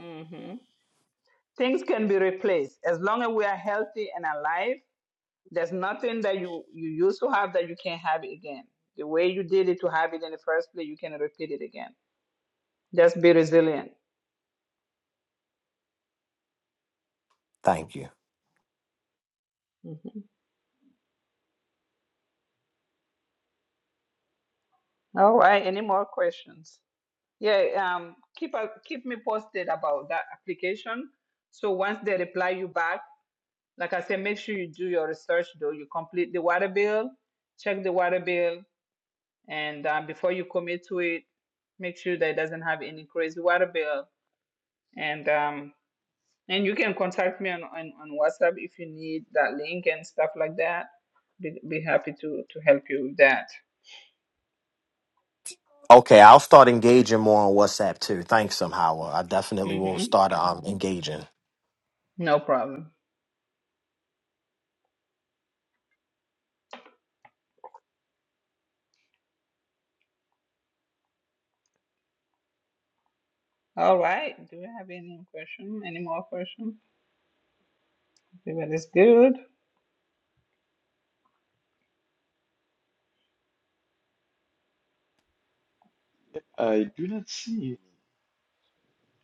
[SPEAKER 1] hmm Things can be replaced as long as we are healthy and alive. There's nothing that you you used to have that you can't have it again. The way you did it to have it in the first place, you can repeat it again. Just be resilient.
[SPEAKER 13] Thank you.
[SPEAKER 1] Mm-hmm. All right. Any more questions? Yeah. Um. Keep a, keep me posted about that application. So once they reply you back, like I said, make sure you do your research. Though you complete the water bill, check the water bill, and um, before you commit to it, make sure that it doesn't have any crazy water bill. And um. And you can contact me on, on, on WhatsApp if you need that link and stuff like that. Be, be happy to, to help you with that.
[SPEAKER 13] Okay, I'll start engaging more on WhatsApp too. Thanks, somehow. I definitely will
[SPEAKER 1] Mm-hmm.
[SPEAKER 13] start um, engaging.
[SPEAKER 1] No problem. All right. Do we have any question? Any more questions? Everybody's good.
[SPEAKER 11] I do not see.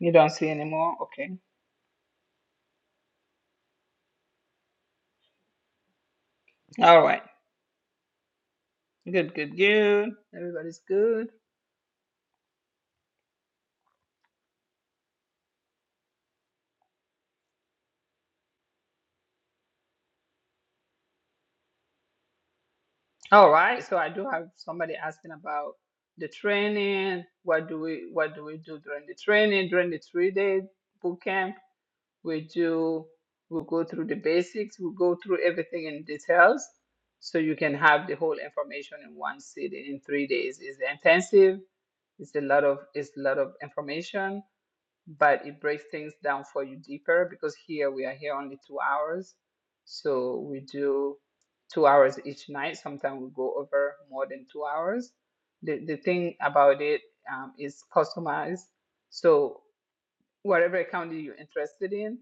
[SPEAKER 1] You don't see any more? Okay. All right. Good, good, good. Everybody's good. All right. So I do have somebody asking about the training. What do we what do we do during the training, during the three day bootcamp? we do we go through the basics we go through everything in details so you can have the whole information in one sitting in three days it's intensive it's a lot of it's a lot of information but it breaks things down for you deeper because here we are here only two hours so we do two hours each night sometimes we go over more than two hours the, the thing about it um, is customized so whatever account that you're interested in,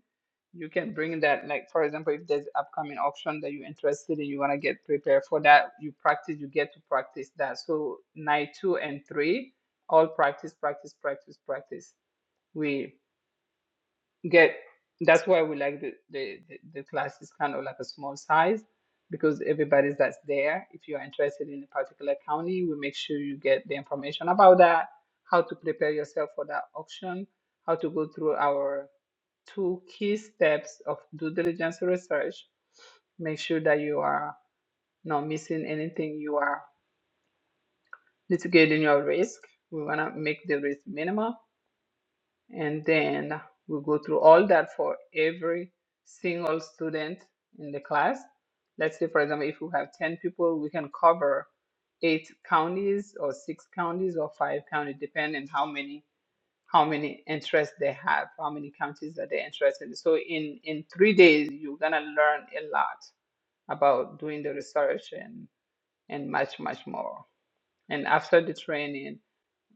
[SPEAKER 1] you can bring that. Like for example, if there's upcoming auction that you're interested in, you want to get prepared for that. You practice, you get to practice that. So night two and three, all practice, practice, practice, practice. We get that's why we like the, the the the class is kind of like a small size because everybody's that's there if you're interested in a particular county we make sure you get the information about that how to prepare yourself for that auction how to go through our two key steps of due diligence research make sure that you are not missing anything you are mitigating your risk we want to make the risk minimal and then we go through all that for every single student in the class. Let's say, for example, if we have 10 people, we can cover eight counties or six counties or five counties, depending how many how many interests they have, how many counties that they're interested in. So in, in three days, you're gonna learn a lot about doing the research and, and much, much more. And after the training,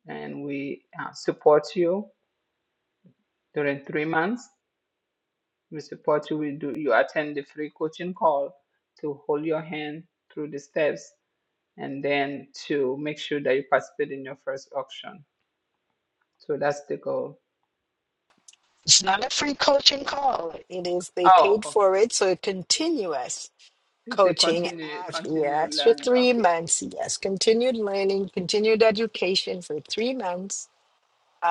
[SPEAKER 1] and we uh, support you during three months Mr. Potter will do you attend the free coaching call to hold your hand through the steps and then to make sure that you participate in your first auction. So that's the goal.
[SPEAKER 2] It's not a free coaching call. It is they
[SPEAKER 1] Oh,
[SPEAKER 2] paid
[SPEAKER 1] oh,
[SPEAKER 2] for it, so continuous
[SPEAKER 1] it's a
[SPEAKER 2] coaching. at-
[SPEAKER 1] continue continue
[SPEAKER 2] Yes, for
[SPEAKER 1] learning.
[SPEAKER 2] three
[SPEAKER 1] Okay.
[SPEAKER 2] months. Yes, continued learning, continued education for three months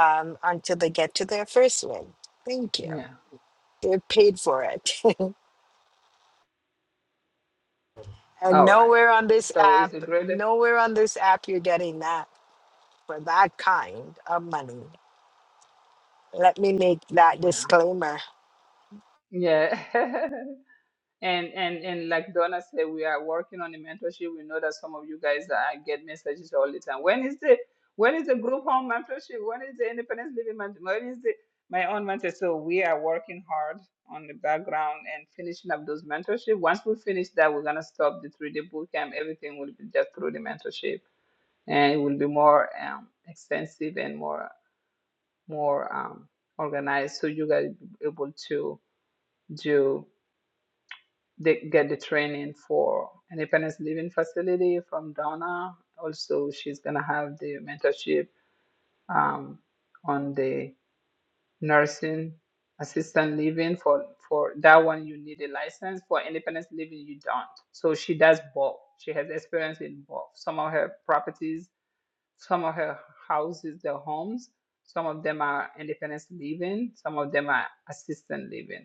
[SPEAKER 2] um, until they get to their first win. Thank you.
[SPEAKER 1] Yeah.
[SPEAKER 2] They're paid for it, [LAUGHS] and
[SPEAKER 1] All right.
[SPEAKER 2] nowhere on this
[SPEAKER 1] So it's a
[SPEAKER 2] app,
[SPEAKER 1] great
[SPEAKER 2] nowhere on this app, you're getting that. for that kind of money. Let me make that
[SPEAKER 1] yeah.
[SPEAKER 2] disclaimer.
[SPEAKER 1] Yeah. [LAUGHS] And and and like Donna said, we are working on the mentorship. We know that some of you guys uh, get messages all the time. When is the when is the group home mentorship? When is the independence living mentorship? When is the my own mentorship? So we are working hard on the background and finishing up those mentorship. Once we finish that, we're gonna stop the three day boot camp. Everything will be just through the mentorship, and it will be more um, extensive and more more um, organized, so you guys will be able to do they get the training for independence living facility from Donna. Also, she's gonna have the mentorship um, on the nursing assistant living for for that one. You need a license for independence living. You don't. So she does both. She has experience in both. Some of her properties, some of her houses, their homes. Some of them are independence living. Some of them are assistant living.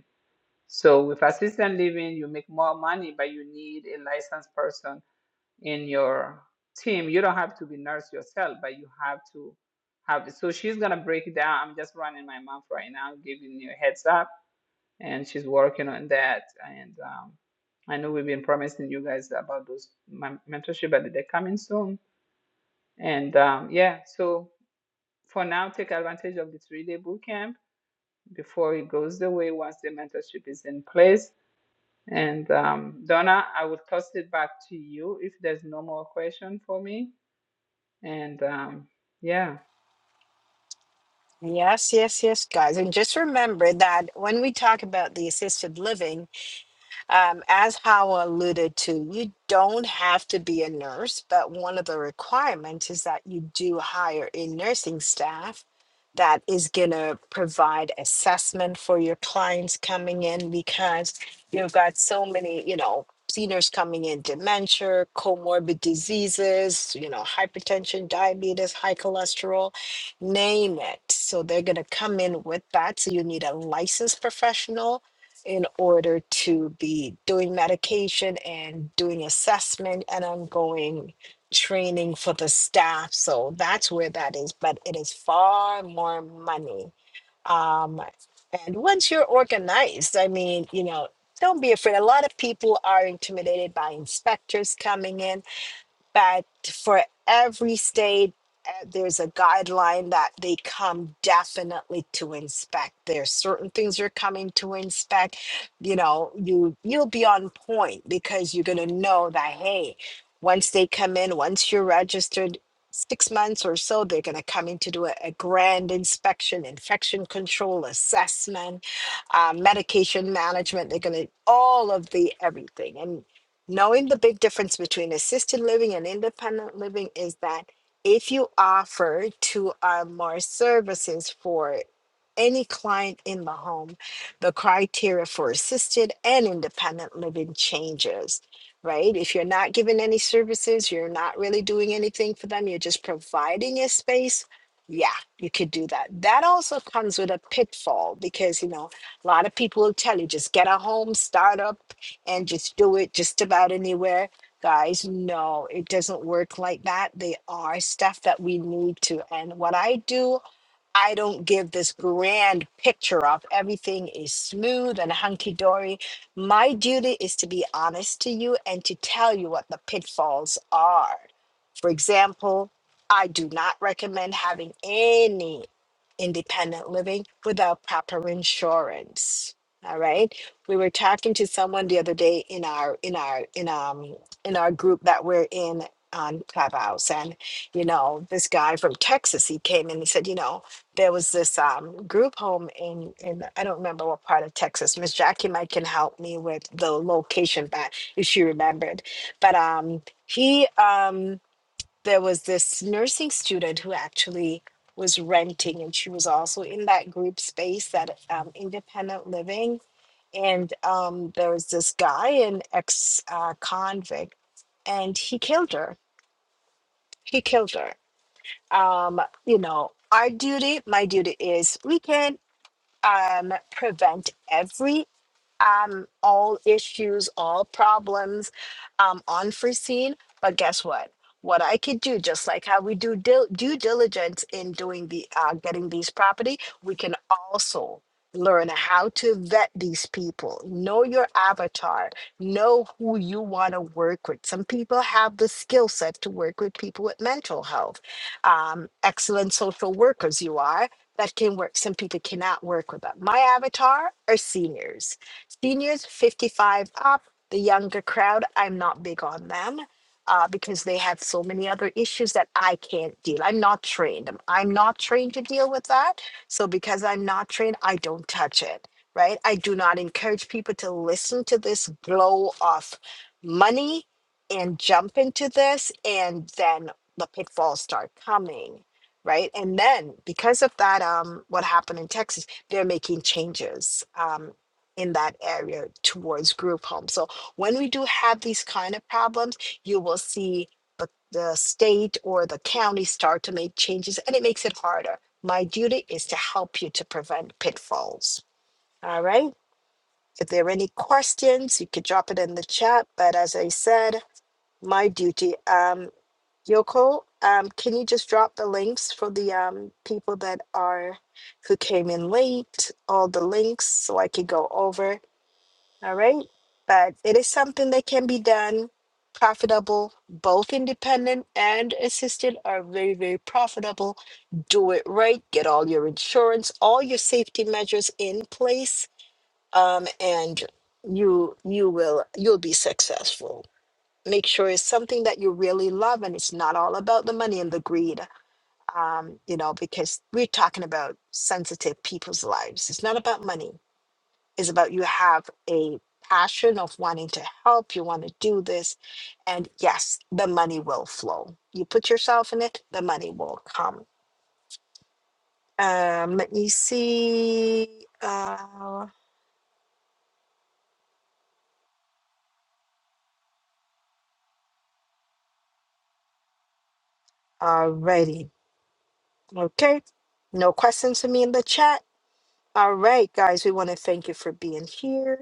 [SPEAKER 1] So with assisted living, you make more money, but you need a licensed person in your team. You don't have to be nurse yourself, but you have to have. So she's gonna break it down. I'm just running my mouth right now, giving you a heads up, and she's working on that. And um, I know we've been promising you guys about those men- mentorship, but they're coming soon. And um, yeah, so for now, take advantage of the three-day boot camp before it goes away once the mentorship is in place And um, Donna, I will toss it back to you if there's no more question for me. And um, yeah.
[SPEAKER 2] Yes, yes, yes, guys. And just remember that when we talk about the assisted living, um, as Howell alluded to, you don't have to be a nurse, but one of the requirements is that you do hire a nursing staff that is going to provide assessment for your clients coming in because you've got so many, you know, seniors coming in, dementia, comorbid diseases, you know, hypertension, diabetes, high cholesterol, name it. So they're going to come in with that. So you need a licensed professional in order to be doing medication and doing assessment and ongoing training for the staff. So that's where that is. But it is far more money. Um, and once you're organized, I mean, you know, don't be afraid. A lot of people are intimidated by inspectors coming in but for every state, uh, there's a guideline that they come definitely to inspect. There's certain things you're coming to inspect. You know, you you'll be on point because you're gonna know that hey, once they come in, once you're registered. Six months or so, they're going to come in to do a, a grand inspection, infection control assessment, uh, medication management. They're going to all of the everything. and. Knowing the big difference between assisted living and independent living is that if you offer to uh, more services for any client in the home, the criteria for assisted and independent living changes, right? If you're not giving any services, you're not really doing anything for them, you're just providing a space. Yeah, you could do that. That also comes with a pitfall because, you know, a lot of people will tell you just get a home, start up, and just do it just about anywhere. Guys, no, it doesn't work like that. They are stuff that we need to. And what I do I don't give this grand picture of everything is smooth and hunky dory. My duty is to be honest to you and to tell you what the pitfalls are. For example, I do not recommend having any independent living without proper insurance. All right. We were talking to someone the other day in our in our in um in our group that we're in on Clubhouse and you know, this guy from Texas, he came and he said, you know, there was this um, group home in in I don't remember what part of Texas. Miss Jackie might can help me with the location back if she remembered. But um, he um, there was this nursing student who actually was renting, and she was also in that group space, that um, independent living. And um, there was this guy, an ex uh, convict, and he killed her. He killed her um, you know, our duty, my duty is we can't um, prevent every um, all issues, all problems um, unforeseen. But guess what? What I could do, just like how we do dil- due diligence in doing the uh, getting these property, we can also learn how to vet these people. Know your avatar. Know who you want to work with. Some people have the skill set to work with people with mental health. Um, excellent social workers, you are that can work. Some people cannot work with that. My avatar are seniors Seniors 55 up, the younger crowd, I'm not big on them uh, because they have so many other issues that I can't deal. I'm not trained. I'm I'm not trained to deal with that. So because I'm not trained, I don't touch it, right? I do not encourage people to listen to this blow of money and jump into this and then the pitfalls start coming. Right. And then because of that, um, what happened in Texas, they're making changes. Um in that area towards group home. So when we do have these kind of problems, you will see the, the state or the county start to make changes and it makes it harder. My duty is to help you to prevent pitfalls. All right. If there are any questions, you could drop it in the chat. But as I said, my duty, um, Yoko, um, can you just drop the links for the um, people that are who came in late, all the links so I could go over all right. But it is something that can be done profitable. Both independent and assisted are very, very profitable. Do it right. Get all your insurance, all your safety measures in place. Um, and you you will you'll be successful. Make sure it's something that you really love and it's not all about the money and the greed. Um, you know, because we're talking about sensitive people's lives. It's not about money is about you have a passion of wanting to help, you want to do this, and yes, the money will flow. You put yourself in it, the money will come. Um, let me see. Uh, alrighty, okay. No questions for me in the chat. All right, guys, we want to thank you for being here.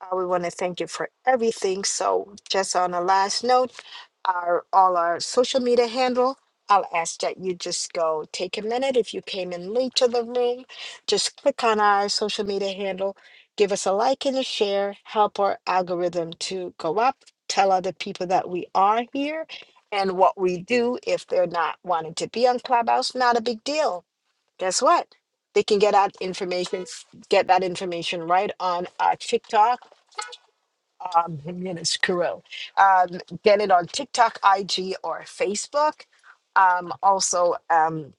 [SPEAKER 2] Uh, we want to thank you for everything. So, just on a last note, our all our social media handle. I'll ask that you just go take a minute. If you came in late to the room, just click on our social media handle, give us a like and a share, help our algorithm to go up, tell other people that we are here and what we do. If they're not wanting to be on Clubhouse, not a big deal. Guess what? They can get out information, get that information right on our TikTok um, Jimenez Kuro. Um, get it on TikTok, IG, or Facebook. Um, also, um,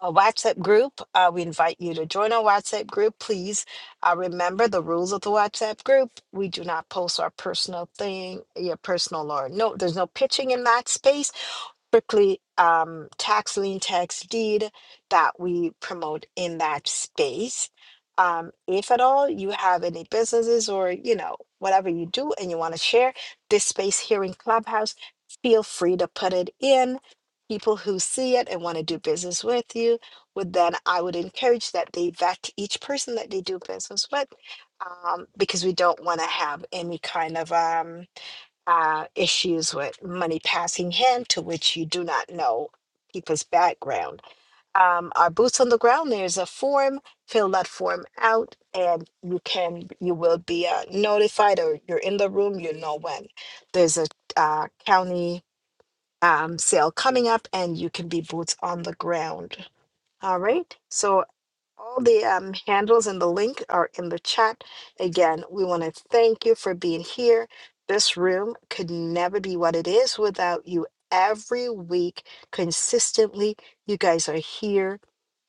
[SPEAKER 2] a WhatsApp group. Uh, we invite you to join our WhatsApp group. Please uh, remember the rules of the WhatsApp group. We do not post our personal thing, your personal or no. There's no pitching in that space strictly um, tax lien, tax deed that we promote in that space. Um, if at all you have any businesses or you know whatever you do and you want to share this space here in Clubhouse, feel free to put it in. People who see it and want to do business with you would then I would encourage that they vet each person that they do business with, um, because we don't want to have any kind of um, uh, issues with money passing hand to which you do not know people's background. Um, our boots on the ground, there's a form, fill that form out and you can, you will be uh, notified or you're in the room, you know when. There's a uh, county um, sale coming up and you can be boots on the ground. All right. So all the um, handles and the link are in the chat. Again, we want to thank you for being here. This room could never be what it is without you. Every week, consistently, you guys are here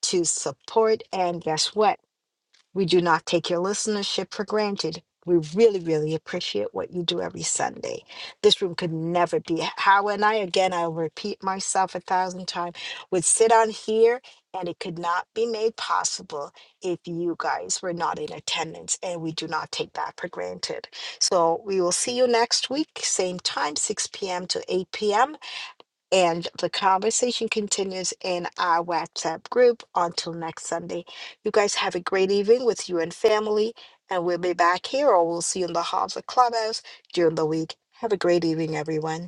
[SPEAKER 2] to support. And guess what? We do not take your listenership for granted. We really, really appreciate what you do every Sunday. This room could never be how and I again I'll repeat myself a thousand times would sit on here and it could not be made possible if you guys were not in attendance and we do not take that for granted. So we will see you next week, same time, 6 p.m. to 8 p.m. And the conversation continues in our WhatsApp group until next Sunday. You guys have a great evening with you and family, and we'll be back here or we'll see you in the halls of Clubhouse during the week. Have a great evening, everyone.